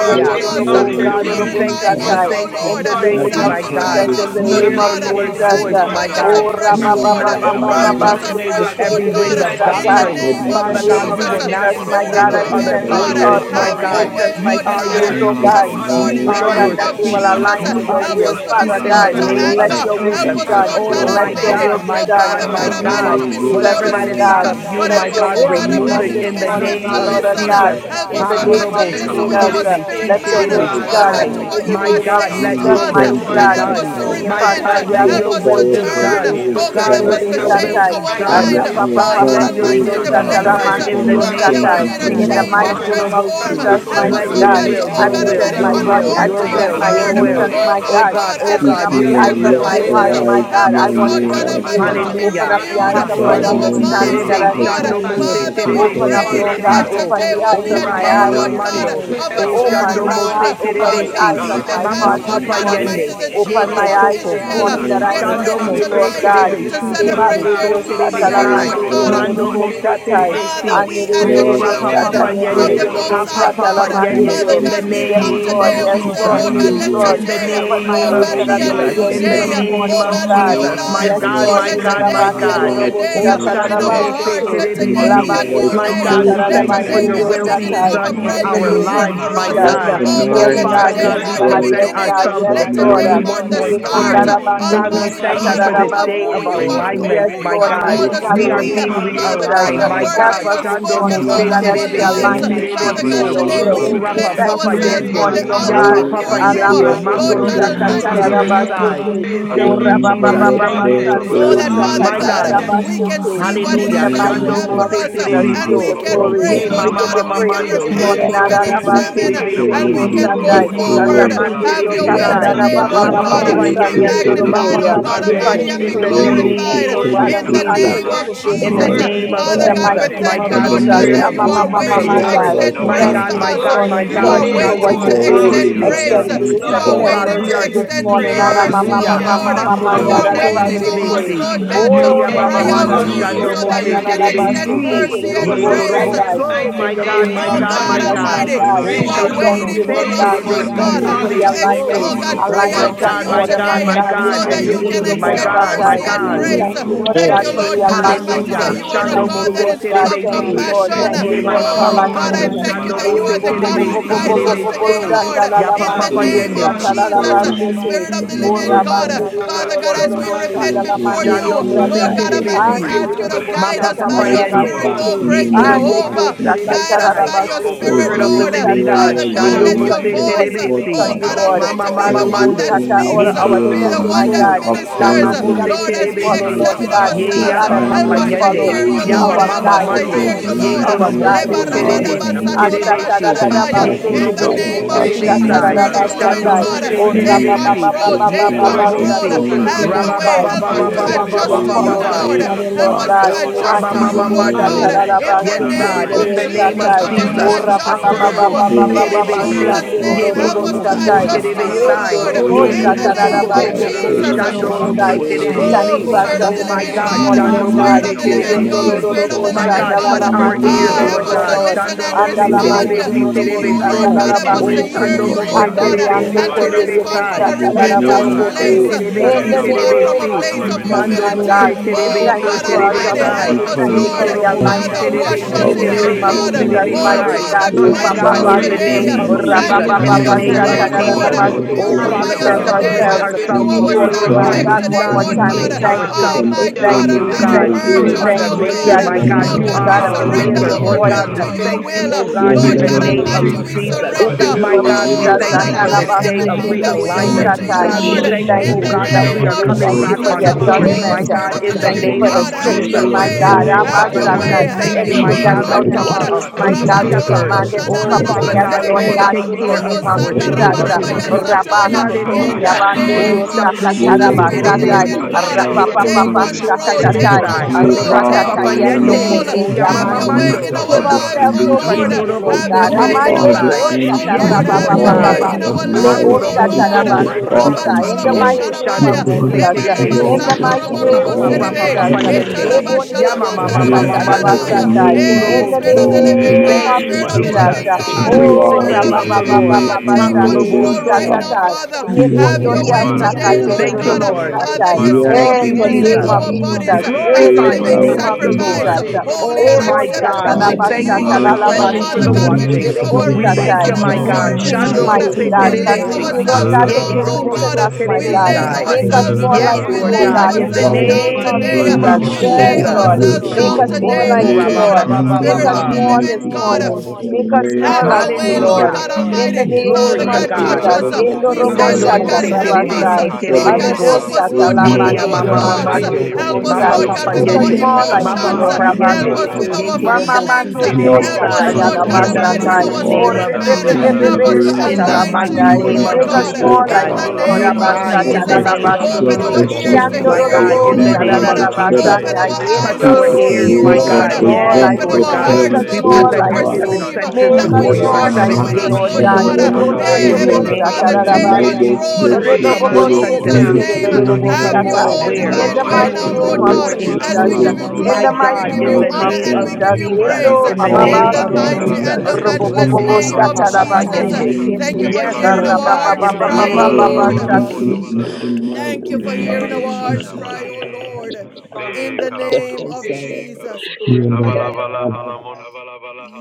God, this we us, exalt Oh your inda morning, God, name we this baleki, Heavenly thank tererorobosta, purifying you. morning. We us, Father, tai. mikala oh thank you. In Lord, We the boroso, God, thank as name you, God, of we manda my come God. Jesus, sanctifying God, balakata, in us, the We before God, of Lord hear name the the of the ikati, enemy God. Lord's Lord's this Jesus. ikati, voice, Son, uh, morning, Sanctify my us every day. God. mikala Oh, afresh, Father We Search rabba, will that. ba, Lord. ba, not, this ba, God, oh ba, my morning, Ilavana God, Purge be Lord, us my swayed with God, afresh, kalaredesi, Lord every be in God, the wind of mighty in kalavana name nothing in the of doctrine. kaso, hidden name of in Jesus. the she Father name God, about of we Jesus. God, kalavade us, will take not Jesus, full be kilimana my Spirit of swayed God, the I with control hoshara, nothing this living not other present my God, morning, aware voices, thoughts, nandavala Holy my my of have kalarede your God. God. Spirit. way, Oh, emotions, Lead kesi, my We Lord and are God. feelings, your binda direct oh and this sheep. our Yes, God, heart, kalaborosha, Lord, to We in morning you, the are Lord, heart is and name your this that of rekates they i will sheep. morning, Jesus, align to Holy We kaladoso, your vindicated are help Spirit. will, your us to be sheep Father Help mandavala in in the us slow God. the to have to kata, a name name Let of of anger. your mindful, will Help O sikabe be Jesus. i us, God, Jesus of done. Lord what you God Oh Christ Let my of say your kalamonokoto, Almighty. will about God, us, Nazareth. be my Oh, renda done. Father God, In Lord my God That the valaka God, in name Almighty, God. of to you be the will, name slow Jesus, sahalamorosha, Whatever to of O my that is speak, Lord not God. of God, you, but Let God. my help us, your e God, oh will God be remove lead done it Almighty, us to varakadosh, this in be the God, I'm morning, in swift the name to our of putting Lord way them our of listen. down, Jesus. God. kadosh, Help oh In us, the oh God. righteousness name God, ikati, to of Hakorobo Let and us listen so with Jesus, holiness. our ikalavana, uh, terebe, navigate, si spirit let your oh man. will My terebe, be God, Oh done. around God, sai. to God, Andalabalakusa, In what the you this My are name of God, Ika saying let to we Jesus, your us, will repent, mighty O Vahamonosa, be and point. God. help Lord us done. to Oh God. My God, repent. God, let We Almighty, are Help your us to will help be us, sorrowful, turn. done. O Shashahida, Lord Oh God, God, God, help God, us let to that your Father, will change be our right for done. mind. to what your we have Oh God, sight. God done, let Almighty. your O Almighty, in Help Rita will the us be to God, that done places, turn, Kalabodo uh, in the oh become Kosa a Lord God, God, name that sense of we to Arapapapapanduriyosatalamanduriyosatai. need Kalabada, into to your In the Jesus. change you and alone, mighty mercy. name Lord, Rekala of because transform. We Makorobosi. you Jesus, alone sotumane Help repent, is us, mighty Let our oh O your kenavis. God, God, Lord to, faith. will, oh I your God will, present God You Almighty, my your alone is Ukra body, will, our conform I Almighty, your to your for God. present will, You ikala my alone your is word. not our endevis. will. emotions, Lord, Oh my our Isala Oh my God. God, God, borosha. oh as Savior. Keeping Open God, up You living the his your alone eyes is Bahanda of will, our lips my his way sacrifices, heart, uh, maker. or will. okutu. my eyes God. help You I us, beyond alone want is Lord Ikate to your our God see Almighty, you. to deliverer. lifestyle. ikatalao. be Open You Hallelujah. up alone, the My renewed eyes of oh in my God, God, Hakorobo Ikatamolo our you si remind understanding kota Father. minds, that us oh terebe, I may that God. halaba. your Oh shando see God, this you. mose people Father, we can terebe morning, Open Kalamuhu si up, Lord, pray we perfect are oh terebe God, that asking peace. so. sakaladeki. open you today this the will eyes be O of a Your morning my rama day, Mina eyes mama Lord this mind is God, mando, morning. to liki of stayed a help o us, tamohu. on Open shando my you. morning, turnaround. mose heart, open Father. terebe Lord the Kamohu God, si. eyes And To of this kala even help my us, as, Mapa heart Lord this morning Di papa God morning, mane is morning. Almighty, yende, the to ye Open us, ko children my of ko eyes ikalaboroko. ko this in the Israel uh, ko. morning that name I Nakala get may of Lord, hena Shando ready see have you, mane Jesus mose Lord mercy tonight kalavende upon uh, God. terebe this to hesi Christ si of la morning, terebe celebrate Nazareth. God. their so Lebanderio kashata new But terebe Satala year, direct Oh sai. Lord my Manderio onaborosho heart, God, God. Mando we Robo this thank mose manikate you. Satai, morning, terebe Holy si. Father, we The ikalaborosho as Anderio Spirit. the Ye Lord Robo rapa Help us, God, children Satai, you papa are manavanakata of Lord, the yende, help Menderio us, fortified Most us Robo hapa High God, manaboloko Satala papa God, sorere and yende. Father Manderio. In kesi the God, strengthened we present. worthy. I Yes, come minavano name Lord, today of Help and God, we yes, thank us, kolomono to you, say, hola do Lord, Lord, Jesus. Lord yes, God, your Lord. let vanakata your will. Lord. In the today, presence, Open my May oh name sinavanaka God. of ears I God, that be I a may zikite Jesus. new hear Almighty decrease In you so the Hallelujah, that this day, God, you may morning, name ikalaboso oh O of God, in God. our Jesus. increase, create manavanakata My your Lord lives, Yes, God. in God, us face, Lord, Lord, my let Exceed your a God, my today be clean a God. Labanderio living new heart, Robo day Oh, Esaka, God. mighty Satala Help in us, Shando God our Mose hearts, Rabasete, Esaka, let and today me. Manda be renew Terebesi. a our new Bohosha right Lord, Labanderio My Tell day, God, me spirit we Kabarata Satala let thank within us, you this help us, for today your be Lemerese, is Rabanderio and the Lord, will the beginning being connect way. Satai, of a done Pomokoto, in come them, walk brand in by the in new your our the name Holy year of lives, name for us of my God. Spirit, us. Jesus. Dahlamanasa, Let God. the Lord. I Oh God, Thank Oh, Yes, let Oh, you. I mind God, Baskaliberese, Father God, in the of today yes, God, mighty we Thank mark the name you. God, Christ Ikalabondo yes, present beginning. of God, Hosha, Jesus. ourselves yes, Let God, before Lord. in today you the dominate Vendaberesh, Thank one mark you, the more our Lord glory God, and for start, time. the being, Ikalabarakata, the God, Lord. word. we Almighty Oh, Almighty thank Andala you God, God. for this Thank God, you. of day Morokoso, who in of the Rekondarabanderiosatararabasete. you name have Jesus, Rikate alignment, Yes, who my you Lord, have Hallelujah. God. mighty called this Thank us Vihikalamoto, God, you, We in Lord, to the are Lord be. name morning, being of God. O Rakatia, Father worship, Jesus, God, realigned, uh, the my God, words help that God. you us Manavarakata, have this Lord Shando spoken morning, Mose we oh over hallelujah. God, as our we extend Almighty, Esavalahamoroso, our I lives. Terebesi align hands this thank you to for Father morning you to God, Lord, Ikalabanda in Terebeso. your our today worship, teaching. will. we Oh, God. Thank We you Rapa for place you Balakalabenese, thank Papa you this praise ourselves leading, on Yende, Father God. the Lord morning, oh God, God. altar God. Yapa hold Sundabo, Hallelujah. Papa before you. Yende, unto Lord, us, your my Alamandirio Lord word, God May Makorobo God, I God, and be your keep Almighty, word, Soterebe us. your Asandavale led by God, Sai. you, sakatarabastete. praise, I Lord your Oh, Thank will God, you, word, and a never is Jesus. only rende let Thank vehe you, exalted. go, you. kalabara. so rabababababastandirio Jesus. that, Father Hallelujah. My A Almighty God, God. God. Save we can my abro see heart, In what the it In Lord Hallelujah. is the belek. that you mighty Chando name have God. name of for of Mose us Renda Jesus, vala Terebe we Save ha and give Jesus we you So. can Christ glory. kolaboroto. pray, Ye of We Lord Mama give Nazareth. Manda God, you and Mama vala my we praise ha can this Mando. savala Mighty repent, Ye repent, morning. heka we de can Korobo Lord. Si merese. Arabastete, examine, Linda Terebe vala and Si. ha we na Oh Lord, oh can go Sandai. Ye monokoto. Korobo forward. So Vikala Lord, Have Rabandirio vende Terebe your he way Sai. thank today, rakata. Lord you. Rapa Mana God. Have Papa your mohosa. Be Yende. way, Sandala have magnified, Mapa katarababababastandai. O your Papa God Lord, We manakate. way, worship, Yende. Almighty, and be In have consecrate, the Vikala your we worship, way, have repent, vorokoso. glorified oh name worship, God, of and in we Vikala your the ask way. Jesus for name handala. your worship, of in Nakala Jesus. forgiveness the worship, uh, Glory, Jesus. name mohoso. of in Father the glory, God, God, we Jesus. mighty Rikate name My thank mihi of you, in give glory God, the Lord we to your God, Jesus. hear praise. kalaboto. name that the you of voice are name. of the waiting praise. to Jesus Shahira. Lord. Glory, Amamamamamandai. Christ Manda extend of My glory. vala Hallelujah. Thank grace to God, you Nazareth, this my hakata. God, Glory my May us. I morning. to You your Vikila hear God. Thank wash are you name, us your for what Shando with waiting Lord. to Mose manokoto. you're your voice. doing. holy Hallelujah. This extend Fire. Terebe is water, grace. Extend Si. grace, You Renda mighty Lord, you Oh are God, extend are God, waiting to kashata. we worthy. are mercy this his in extend the I sheep. Ya. morning. Praise. name mercy, of oh Hallelujah. Hallelujah. only Vindabala Jesus be Lord. You Lord, we led Hakorobo are Christ Arabare. of by thank So you waiting this you, Nazareth, Terebe on morning. Lord Anamamamamamamandadadabasete. us, Si. God, Ya. Lord Bless not God, your Ye my Oh, ya of to Monoko name. way, to the cry out Lord, mando. to we living Lord, Rabasandai. Mahakarane. you but God. Shando so that glorify you Mose your your can name. We Terebe way, extend give Ya. Si. you mercy Lift and up Ye your glory Manavakala great and Korobo Lord Borosha. grace. honor. and So. In My the God. mighty name. God, name May my Oh Ikalamaneke of We I God, Lord, God Moho my your Jesus, praise my God. you, God. O malakata Almighty, Oh decrease you great so Lord and We that are God. Shando above you thank waiting you, your Manavaroko may for Lord Mose name, us, God. We Terebe in Lord Lord. Samanakara increase the Si in thank God, my you for name the life, Terebe to Hallelujah. Berekete. of ex- Lord. alignment So. oh God, Jesus Yes, Ikalamaroko Oh cry so. my Help alignment out Christ Lord. to and of God, you us, Lord, my order, Nazareth. May my God, today my you God. to so God. always have that Eh. And be Mighty the you Holy we, can number my Spirit. God, extend one. God, my as mercy Yekundididodobosatai. Virahakoto. and we God. We May lift grace. I thank you, your Lord always Thank Help us, God, you, put voice you for Lord to oh Leka God God, in first, Almighty, realignment. thee your Bashata. that Hallelujah. this you Lord. presence are a Shando Thank this God you, morning, that Mose Malamonoto. Lord is morning, full God. The of Thank Holy you, Terebesi. Lord Father, Lord. Spirit. Rendabarese. compassion. Lord, God, Thank you, Ye we Help Lord, ask mama be us, for you mama Oh led Lord. Vikalaborosho. by God, mando. I alignment. return you, that thank you Shando you Lord that you have Eh, Hallelujah. are Mose God. bo- the Maratata. bo- God bo- made bo- Thank who Terebesi bo- from you, bo- guides the bo- Holy us Lord bo- Likalamanakala bo- today, Spirit. Terebeso. God. Lord. shanda la Ya la Rodokoto. In Sorry God, the to papa put manderio please right name Eh. Yes, yende. and of God, here, Lord to sata but la, God. la go Jesus, worship, to Kashandavarasa. basete. Thank Spirit of you, the faithfulness, O living O worship Lord. God, God, rabanderio God, Father lo lo Father lo lo God, and as lo the we bo Kashatai. hallelujah, repent shanda spirit la with before the you, Manda manderio Shando joy sata. Mose Lord of God Thank your hallelujah, you, yeah, Almighty, we Terebesi. ask Lord. you Anderio to lo salvation. bo Rikabadesh, Ma guide us sata la, by papa la hallelujah, your la Mighty yende. Spirit, God, God, oh Likabarosho, basete. in Ye great the we name know God, of Anderio koroboso Jehovah. sata Jesus, Guide ta us God, la Terebesai. bo by Yes, your bo shandalalamandidiosatalabasete. this Oh, rabandidiololololobosandalamandiriosatai. Andididodobosatalabasete. Andidiosakatarabasete, Jehovah Lord Spirit, Spirit one, it's of every the Rapha, Lord. living didodobosatai. God, area Father We God, God, where Shando let wait Jehovah we we your on Mose you, fall Nisi, know Lord. voice, We short, wait Terebesi, oh on you, God, part Father, God of Lord. Jehovah Almighty, Mama be every Mama the Gabor, this. thought, one every that Mando, Alebosata, area speaks, order Ye our where Coco every be you steps, the Coco one my Ah, that need Co, God. thought, of La Jehovah ministers. Rapha, Shando mandi that God, cleansing. Mose we Lord, may as and we follow, Terebesi, Lord Mighty examine your God. God, Lead this Ye Ikatamanabosha God, ourselves, God Yapa and our we Papa morning help Kareta, will we us life, to follow. Yende, God, hear pray you, Be thee Lord. Yama our Mandamana oh Help God, Mama Hallelujah, our us guide to that this life, your Mando, hear you, morning. Be Ye grant, Halavodohosa God, our O we Korobo hallelujah, guide pray, Lord So this God, this God hallelujah, Lord. Jehovah morning. In Terebesi Jireh, Almighty, morning, Asata Terebesi, oh hallelujah. God, Ashtate, we Ye pray, compassion, Mika the Korobo God, Father name So of God, Bohosa, grace, God, we Jesus, and I'm Terebesi, Spirit of moving Sana pray, the mercy. on. Holy Living Shando Manahala God, Spirit, Grant Mose O Rendevere ra God, take we newness, Terebesi, Kilehese, control, O Ye take God, Lord, Korobo Minavaro and control. Si, oh God, that Koramana you Have cleansing. your Rabba way. Halavandaha, Baba Help Baba us Lord, Make to El Baba Lead us and we Baba adjust will walk Elion to Baba you, holy, follow that this Baba Lord. O Shashahida, morning, Lord Help us all God, God. Shemila to Oh, for adjust And Rabba to in God. you, the Mama Hanamonokoto, Lord name God. Mando. of Hallelujah. In Bikala Yes, the Manahala God, name of Jesus in the Every Redese, name Christ Jesus, of of help Lord, us every Sarabala Jesus. to O Nazareth, ra adjust to God, turn, every Hakorobo you. Halamonokoto, si thank In Baba terebe Baba you, turn, Spirit si. Jesus' Halaho of Ye name, the help us korobo Korabarasa, to living so Bala God. adjust to terebe you, Father. I'm Halalala sai. Lord. going Oh Oh, God, Ye every In Yendorobosa the thank koko part you, Kasamerekete, of our mighty name koko of tararabase faith and God, Lord. koko the ko show faith Rindera of shando Jesus. yourself our mo tererorobosai. se Jesus, mighty to We confidence. terebe Karabohosata, and thank Oh, work. you si. Oh for Jesus, I'm going strong. God, Spirit of to this Oh the get my adjustment Living things Jesus, this is We done. God, Jesus. God, E morning, God. O shando Thank mo Spirit God. need se of Rika the your I'm going Hallelujah. Living terebe Momoko, to God, Help get si. mighty us, my Spirit of oh the life you, Lord. God. My Thank Yendorobosa God, together. every We Living God, God. touch you, turn, our I'm Lord. need ears, going Ah, Father, your help Lord us andalalamanderiororo, Ah, to God. to Lord. Father. listen Kasanda Shando and get my life together. I'm going to mo se Boroko. Without respond terebe si to you, we you, terebe can Andalamanderiobosa Lord do so. God. the get Help Rekanta, us to Oh, andalalabase nothing enemy. Thank hear te. Rekanta, in shando you, you, or mo of se Lord Lord. God, Rekanta, terebe Oh ourselves. God, Thank my so and life to help us together. terebe to Mandakos, I'm going to get my life together. respond So I'm sai. from going to get my be Andariandokonderibosa a this diligent. Ye Rinda Oh life repentant morning, together. tararabase korobo God, help si place, te. Valakata, us oh I'm going to get my life together. I'm terebe to to In God, si be Eka the we diligent respond terebe Vahana in from name a si. of the place Monokala pursuit of come Vinda Jesus, of person, home you, Lord. Mando oh my to Vedese, Thank humility. God. God, you. Bose you, we Manda Terebe Oh, Oh thank Lord. So you God, God Voloko for for Oh Terebe Tovala Almighty, Hala God, adjustment. Sai. righteousness we help We Vana and us, thank you Ye come, Vanata, Lord. for holiness, going Father, Korobo Yeah, Sida Si Keep Lord. Vala realignment. Father, with Hala on wash Terebe That the us Si In sorrow in the Monokola your desire name Terebe going, Vinda for of hear and So blood. Hese, your Jesus, Terebe repentance. Oh, Manda mighty voice Sai. Almighty. Father, God, again. Kadosh, God, Ye give My Oh us cleanse Papa, the God, us Ikala Papa, God in grace, the Mande Yeah, ye. give us name hear Kete, and of my today. your the Jesus, Lord. Lord, in the voice, Sanctify Shashahida, us name of Direct Lord. take today, us, Manda our Lord. Jesus. Lord. hearts, O Volokoto, Orapapapapasatadadadabasete. Oh, We Hallelujah. Lord Purify Father Vida us God, present God. Vala we Hala Open today place Lord, our ourselves as we ears Vedese, to do ourselves and our here my before and before you, our self my Ah, check eyes. God you. God. today, One Kashota God, more Lord we Thank Boros, time, See we God. place Almighty, thank God. you. you, Oh, Hallelujah. ourselves We my before thank God conform you. it you, We Help to Almighty, us Ah, God. to your thank thank you. follow We purge you, you, You Kasanda will. us, are thank the oh you. Vedese, Lord. We God. maker, Take are Almighty. I my your Jesus. our God. Thank Oh, You people, God, are minds, we God, Hallelujah. you, I and our we Follow you, Ah, hear surrender maker. your Almighty thank our Manora Lord Holy you, voice. I God, will God, Deva to we Spirit. your thank thank you, you, will. I Hakarabos, Mm, oh Oh, God, conform guide in it Lord the God to thank name your of Almighty, Ah, you. will. we Oh, Jesus. God. in Kasidabele the surrender, Take name My your of oh God, God, we guide Helarodoka Oh, to get my will, Jesus, us, God thank you life Malaka. I for Father, direct this Almighty, together. day of Analabaseke everything conform surrender, and I that we Terebo Hallelujah. are realignment. it to surrender to you, Satai, But your God, we Lord, Lord will. we thank all. you, thank God, in oh you, defeated the let we God, it that thank their be Venava we name you, Father, are we of that coming thank our you back evil for Jesus. Yes, on the Karadoposa. emotions following course, and all. adjustment. Oh, my Spirit God, of We the in the Rekat thank you living conform name Thank for the of God, into God, your have your Oholamodosa. shifting, Jesus. my will, Lord. Yeah, way. God. O Oh, Oh Lord Have God, Father in your Dikatos. you, God, God, the Abasatai. way. we Ginger, thank name Have my you, in Father, your the my Anything way, thank that's God, Lord. Vendavala that Lord out name of you God, God. and of are a I place, of pray my good Akapakatos the that God, you we way Jesus God Rabatolo Kalevede. shepherd. Christ wants command it it of to to Boshana be on Oh, a come Holy Nazareth. Father I heart God, together, for the Manamosa Lord and Spirit, forgive Lord you Maserebeya. God, Amen. take you, in Malahata. the care of Lobo name to get of our Sanda Oh, that. sheep, Jesus. God, of his Dikaritis. sanctify rabarabaya us sheep. Lord. the And in in Rabastotori the Hallelujah. Jesus' I I Spirit Rekatatatamane pray name, Oh, abanderio name that of forgive you, Sando Karabosa. Mose and we sakatara my Jesus, Holy look to Spirit Lord. of the she you, Spirit. basatai Living Terebesi. can Lord God, Let there see be Ye God a Rekatatatamane that take rapapapapa Korobo God Kalabede. is Almighty. So control, one You take sitting shakatatai who Terebesi. in are the You throne, control, Rapa are God. take the Papa repatatatai Rekatatatamane Oh Yendo and God, Rapapapapashakatatai. I control. Yende. remedy. Karaboko. let Oh, see there be him Have in Yamama the your control Arepatatayendokonderia left, way You in he we Mando. our a are give comes the lives, ourselves oh over this, Ye Lord. to solution. you, Lord. Rekatatatale by Lord Korobo oh Have like So God, God. your let that, way You in are Amande our the God, Terebesi. Varaka, Dios, he lives, oh is answer Yes, Diminako, Lord. to just Have Lord your God. way Thank all tatarababababa. in you, oh of Mikata, our God, Ha lives, life's Lord. Lebo oh let Korobo Afurokus, Lord. Thank So. issues you, satarabande Dios. or our Brekata, In the God. Rabatolobo Kasonda obedience, concerns. Oh, mighty name Bohosha. of Shando Sharabaya, Mose Jesus. in ah. all Hey, the oh Lebalaba Lord, In Terebesi. God, the Sando Holy mighty let Robo Spirit, and I our our do name oh it, of is. Oh, it's God Rapa in Serebe, God, Jesus. hey, and this Papa set our of Yende. let our obedience, Ketalaba sweet, Father, Lebonde oh God, let our Yama Dios, Shalamanda Mama Father we Raba God, Mama I obedience, do hey, exalt Mando. it, oh your Kasonda and takatarabasatai. I name Thank just Bohosha. In Hey, this Yekorobo the do Spirit of the it, So. yeah, morning, yeah. Living Father, name God, of Thank mighty Hey, it you, Spirit will of God. the be Jesus. the Jesus. Living ah. Madavarasa. Yeah, truth, God, God, and You Praise it the Oh, are Spirit the name of the of the Living living Lord. true God. Hey, rabababababa, Take and the shande Hakorobo Kalabosha truth Dios, living control Kare. right So. God. now, tatatai. Father. This Have between your you, Yepondoria way the morning, Lord. today, there O enemy is of Lord Marahoshaka, Thank you, God. every God, good and the Lord. unborn, no Father, sakatererorobosatai. the yes, we Lord, ask Thank righteous we you, give In in Marahoshaka. the God. thee, present name Jesus. Thank of you, our Father, make We bodies Jesus. no as In a hands Hey, the voice, glorify In the the living God. purify name name us raised, of of name the of Lord in Mararoshaka. of us. sacrifice, Lord. Jesus. the ah. Jesus, Lord God. of holy Oh and Christ my hallelujah. belongs acceptable God, As we God, Thank we to unto you, in thank the you. you for the one worship, name we of Christ Oh, bow cleansing, God. for Father Abahosha. the Rebosatalabasatalalabaseke, God, down Jesus here here, which Hallelujah. washing. is Christ, but of our the before We you, Nazareth, voice Ye thank for you, Mama reasonable my you We Thank Mama are our God. decrease, service, God, Shando know you, Lord. maker, Katabesh. mose us, Lord. the mighty for God. We voice you Father lay are Thank terebesi. God. Continue, Sanda Lord Father, ourselves da God, God, da to you, Lord. Thank you, Ye da down, da Lord. the oh Know increase Lord. voice in God. us, korobosto us, Korobosha. my We Father God. lay God. terebesai. God, Make For Renda us you da ourselves are da da more the da like Yes, down. the da We voice you, we Lord O lay of Everything are God, God, the in Kavareke. in the the ourselves about us, down name people as our of of your name Savior, today. Jesus. of praying, We Andaboro pasture, my Yes, lay Lord. the God, We Jesus. Lord. you're are the ourselves kosobarakata. voice sheep Make of down one us under who more today, like your Oh, oh you, care, rabba, created. Lord. Eda ba, Lord. ba, Lord rada ba, ba, Make Spirit the God. I us of Now, ba. the koromosha more this living mighty thank karete. you. I Lord morning. God, in thank the God. Make us you. Shida name Shepherd. more Have Yes, like your of karabo you, Thank you, Lord. Thank way, you, Lord. Hallelujah. Lord Lord. Jesus Hallelujah. horomono God Thank you, Lord. Thank you, Lord. Thank you, kata. In Christ, Almighty. the Thank of you. May Glory I Father Have name to of the God, never Renda way, have God. touch bara us. Jesus. my Nazareth, heart the be harabo Yendo We have silence robo say, the hardened. Chando of Lord way, mo Love sakavarete. God, se me. oh God. Be help God, terebe us. always rabasai. si looking in Set Lord to us terebe Shakata the name God, Alebo so. help receive apart, us, sata of Jesus. Lord maharabosha. la God, you. Ye with ya our Almighty Lord, mandelio God, have mama to God. la the thoughts. hear Ikalavere way, you, mamando. kili Help rihi the us, Lord way, Cleanse Mapa Lord this God, to God, kaladosh. papa with the be Make our Yes, us way, yende. Almighty more led oh by like Vinamana you, Mapa God, God. emotions. you, Lord papa in the oh halamana Help Lord, yende. name Lord us, of with Abastete. our Ye our God. kalavedete. Jesus. heart korobo feelings. si Wamamande morning. Dios Help terebe Help Ikamamama us, sai. Lord, us, O Lord Thank you, our God katabolo In God, the mind, to Almighty, koso. in Lord. tatayalabastatai. mighty this our Thank walk O you name spirit, of for Vena your man. God. in Jesus. halamana the Help rebebebebebe us Turn to faithfulness, our ways In Lord the heart, that kalaredekete. align God. to mighty please you, satalamandai. turn name to our Lord of Make you, mind, us God, Vikalabobo Jesus, O more oh in like the God. koso God. you, like God. Lord name of malakata. Thank you, Realign Holy in Help the Jesus. us Lord. Yandara to name Spirit, of Vikalamana Thank Open shed you, Abastatalabastete. our Jesus. the ears things Shift, to halavoroko. Lord. my that Lord, hear God, so you, Yandorobo in the Lord Lekala Lord easily name God. of manaha God, beset Jesus. us. vene Open sararabastanda our in my eyes sekila Touch eyes days to Keep our us yendo. manakata. God, Thank see ears, you you, my away Make of Lord. us from God. Hallelujah, Gandala more boro Yes, like Open koto Lord presumptuous our you. God. vehele Make hearts, us things, hallelujah. grace We Lord Thank verese. you God, like more O to worship, for present like our another God, that, you. seven Shika perceive morning, tomo senses Lord, God, Make that and hoko us before which let for you, to you your this worship our are more them is like mahala this not seven the showing you, us, gates morning, presence. have manasa. Lord Lord God. way. before God. you, oh What Shaka dominion Yebonde God, Hey, can I praise, in vohola Thank the Dios over you, make? us. Heavenly name Lord, manakala of Father, for Hear the your your take Jesus. praise, redekete. raising Robo tatarabande. of voice, the We control O shake will man. sun to praise, your Hear Banda become the in vala more rebobobo your pillow ground Jesus' on the sensitive. hakoto. hallelujah. Yeah, the sekende voice, de name. We same, Lord will Bikate Lord. God. become Have more your hikala robostatai. own Help boho us, aware. Manda In kala the divine Thank Lord, you, We way mighty help will Lord, kata now, you manakata. name Lord become have of us, Lord, more God, Mighty blessed in reke Shila us as we Jesus. God, this vahala tune. give you help torombo. us In My the vorosha. morning, glory, mighty we Lord, God, give in Ekala you the name of Mighty honor, name breath and of we of God, verekete. give Jesus. you to life. Jesus, Randa praise Yendo it's in the in kashata. all name bababa the of about Lord, sondo. I mighty Ekala you, Jesus. and the thank mighty Father. you vedehese. God, for matchless our praise Robobobobo Oh, name of Rapa Makato Papa shatalaba patience and your hukuro Jesus. give this sete thank Yende. mosha. you, name Thank you tete. this morning. for Lord Vekala Yes, hearing God, our Lord morning. verese. God, hearts Thank in you the for We God Shara cry, thank you, O vala hearing hala name Rabababababababa and name glorify thank Lord. delivering your rodokoto. you, us, Lord. name, Thank you mighty for of Thank God. hearing our you, thank you, Hey, hearts shada Jesus. cry, manasa. oh Lord, God, in Be the Step name by of praise, side, kalavodokoto. I Jesus. Savalavala halamon.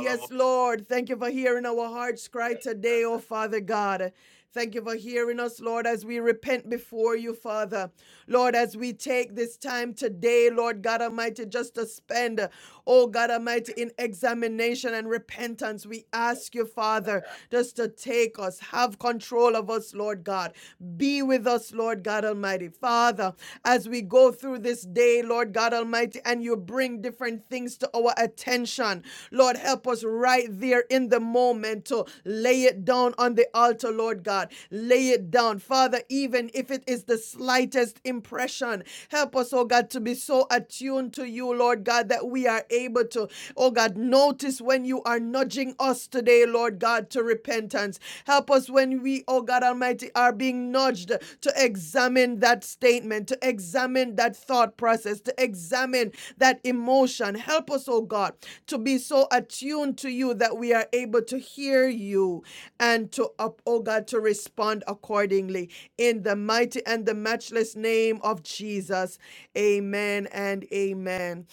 Yes, Lord. Thank you for hearing our hearts cry today, oh Father God. Thank you for hearing us, Lord, as we repent before you, Father. Lord, as we take this time today, Lord God Almighty, just to spend, oh God Almighty, in examination and repentance, we ask you, Father, just to take us, have control of us, Lord God. Be with us, Lord God Almighty. Father, as we go through this day, Lord God Almighty, and you bring different things to our attention, Lord, help us right there in the moment to lay it down on the altar, Lord God. Lay it down. Father, even if it is the slightest impression, help us, oh God, to be so attuned to you, Lord. Lord God, that we are able to, oh God, notice when you are nudging us today, Lord God, to repentance. Help us when we, oh God Almighty, are being nudged to examine that statement, to examine that thought process, to examine that emotion. Help us, oh God, to be so attuned to you that we are able to hear you and to, oh God, to respond accordingly. In the mighty and the matchless name of Jesus, amen and amen.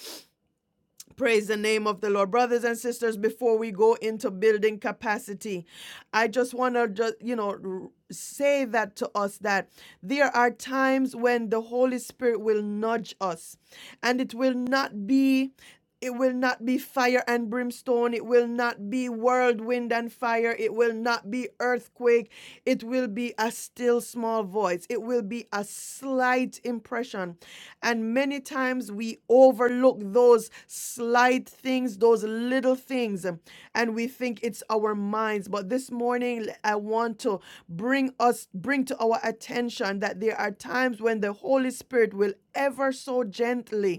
Praise the name of the Lord. Brothers and sisters, before we go into building capacity, I just want to just, you know, say that to us that there are times when the Holy Spirit will nudge us and it will not be it will not be fire and brimstone. It will not be whirlwind and fire. It will not be earthquake. It will be a still small voice. It will be a slight impression. And many times we overlook those slight things, those little things, um, and we think it's our minds. But this morning, l- I want to bring us, bring to our attention that there are times when the Holy Spirit will ever so gently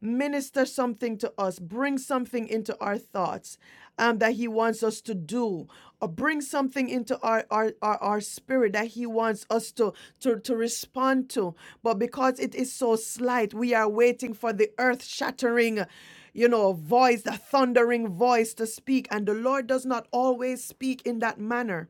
minister something to us, bring something into our thoughts um, that He wants us to do, or bring something into our, our, our, our spirit that He wants us to, to, to respond to. But because it is so slight, we are waiting for the earth shattering, you know, voice, the thundering voice to speak. And the Lord does not always speak in that manner.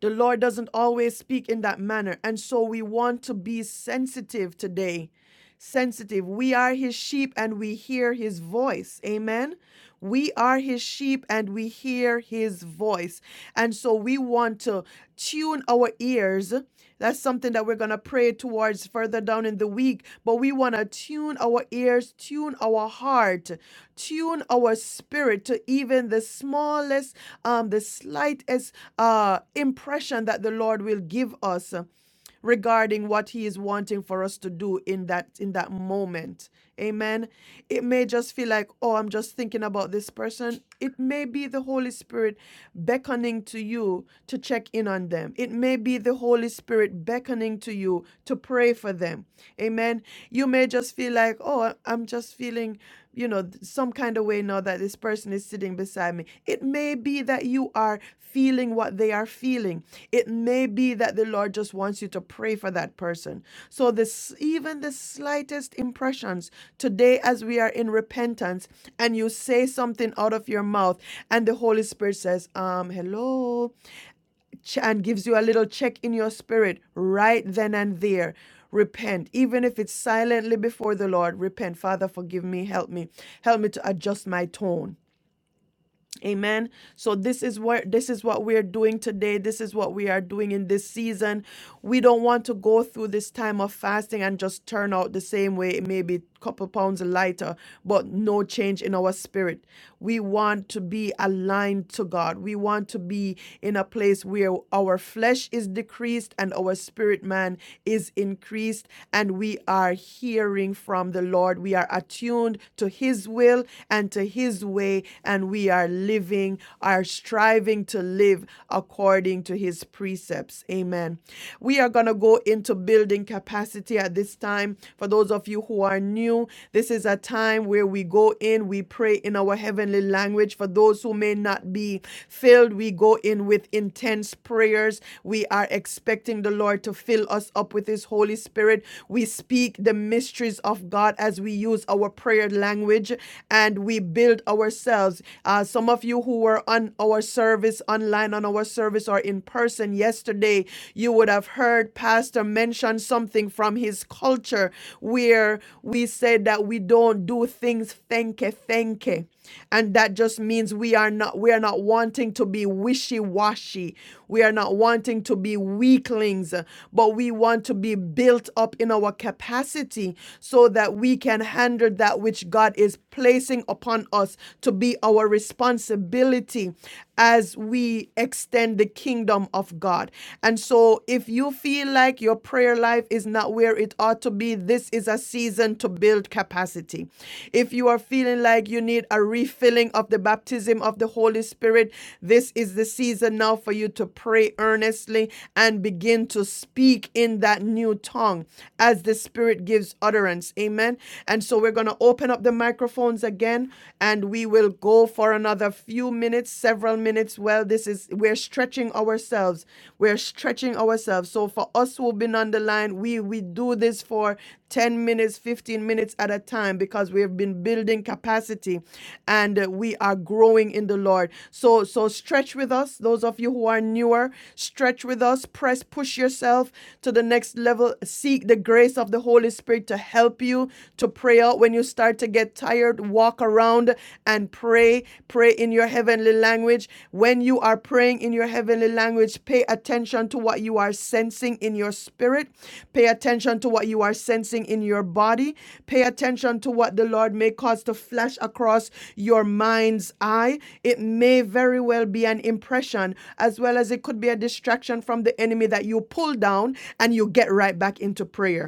The Lord doesn't always speak in that manner. And so we want to be sensitive today. Sensitive. We are his sheep and we hear his voice. Amen. We are his sheep and we hear his voice. And so we want to tune our ears that's something that we're going to pray towards further down in the week. But we want to tune our ears, tune our heart, tune our spirit to even the smallest, um, the slightest uh, impression that the Lord will give us regarding what he is wanting for us to do in that in that moment amen it may just feel like oh i'm just thinking about this person it may be the holy spirit beckoning to you to check in on them it may be the holy spirit beckoning to you to pray for them amen you may just feel like oh i'm just feeling you know, some kind of way now that this person is sitting beside me. It may be that you are feeling what they are feeling. It may be that the Lord just wants you to pray for that person. So this even the slightest impressions today as we are in repentance and you say something out of your mouth and the Holy Spirit says, um, hello ch- and gives you a little check in your spirit right then and there. Repent, even if it's silently before the Lord. Repent, Father, forgive me, help me, help me to adjust my tone. Amen. So this is what this is what we are doing today. This is what we are doing in this season. We don't want to go through this time of fasting and just turn out the same way, maybe a couple pounds lighter, but no change in our spirit. We want to be aligned to God. We want to be in a place where our flesh is decreased and our spirit man is increased and we are hearing from the Lord. We are attuned to his will and to his way way, and we are living, are striving to live according to his precepts. Amen. We are going to go into building capacity at this time. For those of you who are new, this is a time where we go in, we pray in our heavenly language. For those who may not be filled, we go in with intense prayers. We are expecting the Lord to fill us up with his Holy Spirit. We speak the mysteries of God as we use our prayer language and and we build ourselves. Uh, some of you who were on our service online, on our service, or in person yesterday, you would have heard Pastor mention something from his culture where we said that we don't do things thanke thanke and that just means we are not we are not wanting to be wishy-washy we are not wanting to be weaklings but we want to be built up in our capacity so that we can handle that which which God is placing upon us to be our responsibility as we extend the kingdom of God. And so, if you feel like your prayer life is not where it ought to be, this is a season to build capacity. If you are feeling like you need a refilling of the baptism of the Holy Spirit, this is the season now for you to pray earnestly and begin to speak in that new tongue as the Spirit gives utterance. Amen. And so we're going to open up the microphones again and we will go for another few minutes, several minutes. Well, this is, we're stretching ourselves. We're stretching ourselves. So for us who've been on the line, we, we do this for 10 minutes, 15 minutes at a time because we have been building capacity and uh, we are growing in the Lord. So, so stretch with us. Those of you who are newer, stretch with us, press, push yourself to the next level. Seek the grace of the Holy Spirit to to help you to pray out when you start to get tired. Walk around and pray. Pray in your heavenly language. When you are praying in your heavenly language, pay attention to what you are sensing in your spirit. Pay attention to what you are sensing in your body. Pay attention to what the Lord may cause to flash across your mind's eye. It may very well be an impression, as well as it could be a distraction from the enemy that you pull down and you get right back into prayer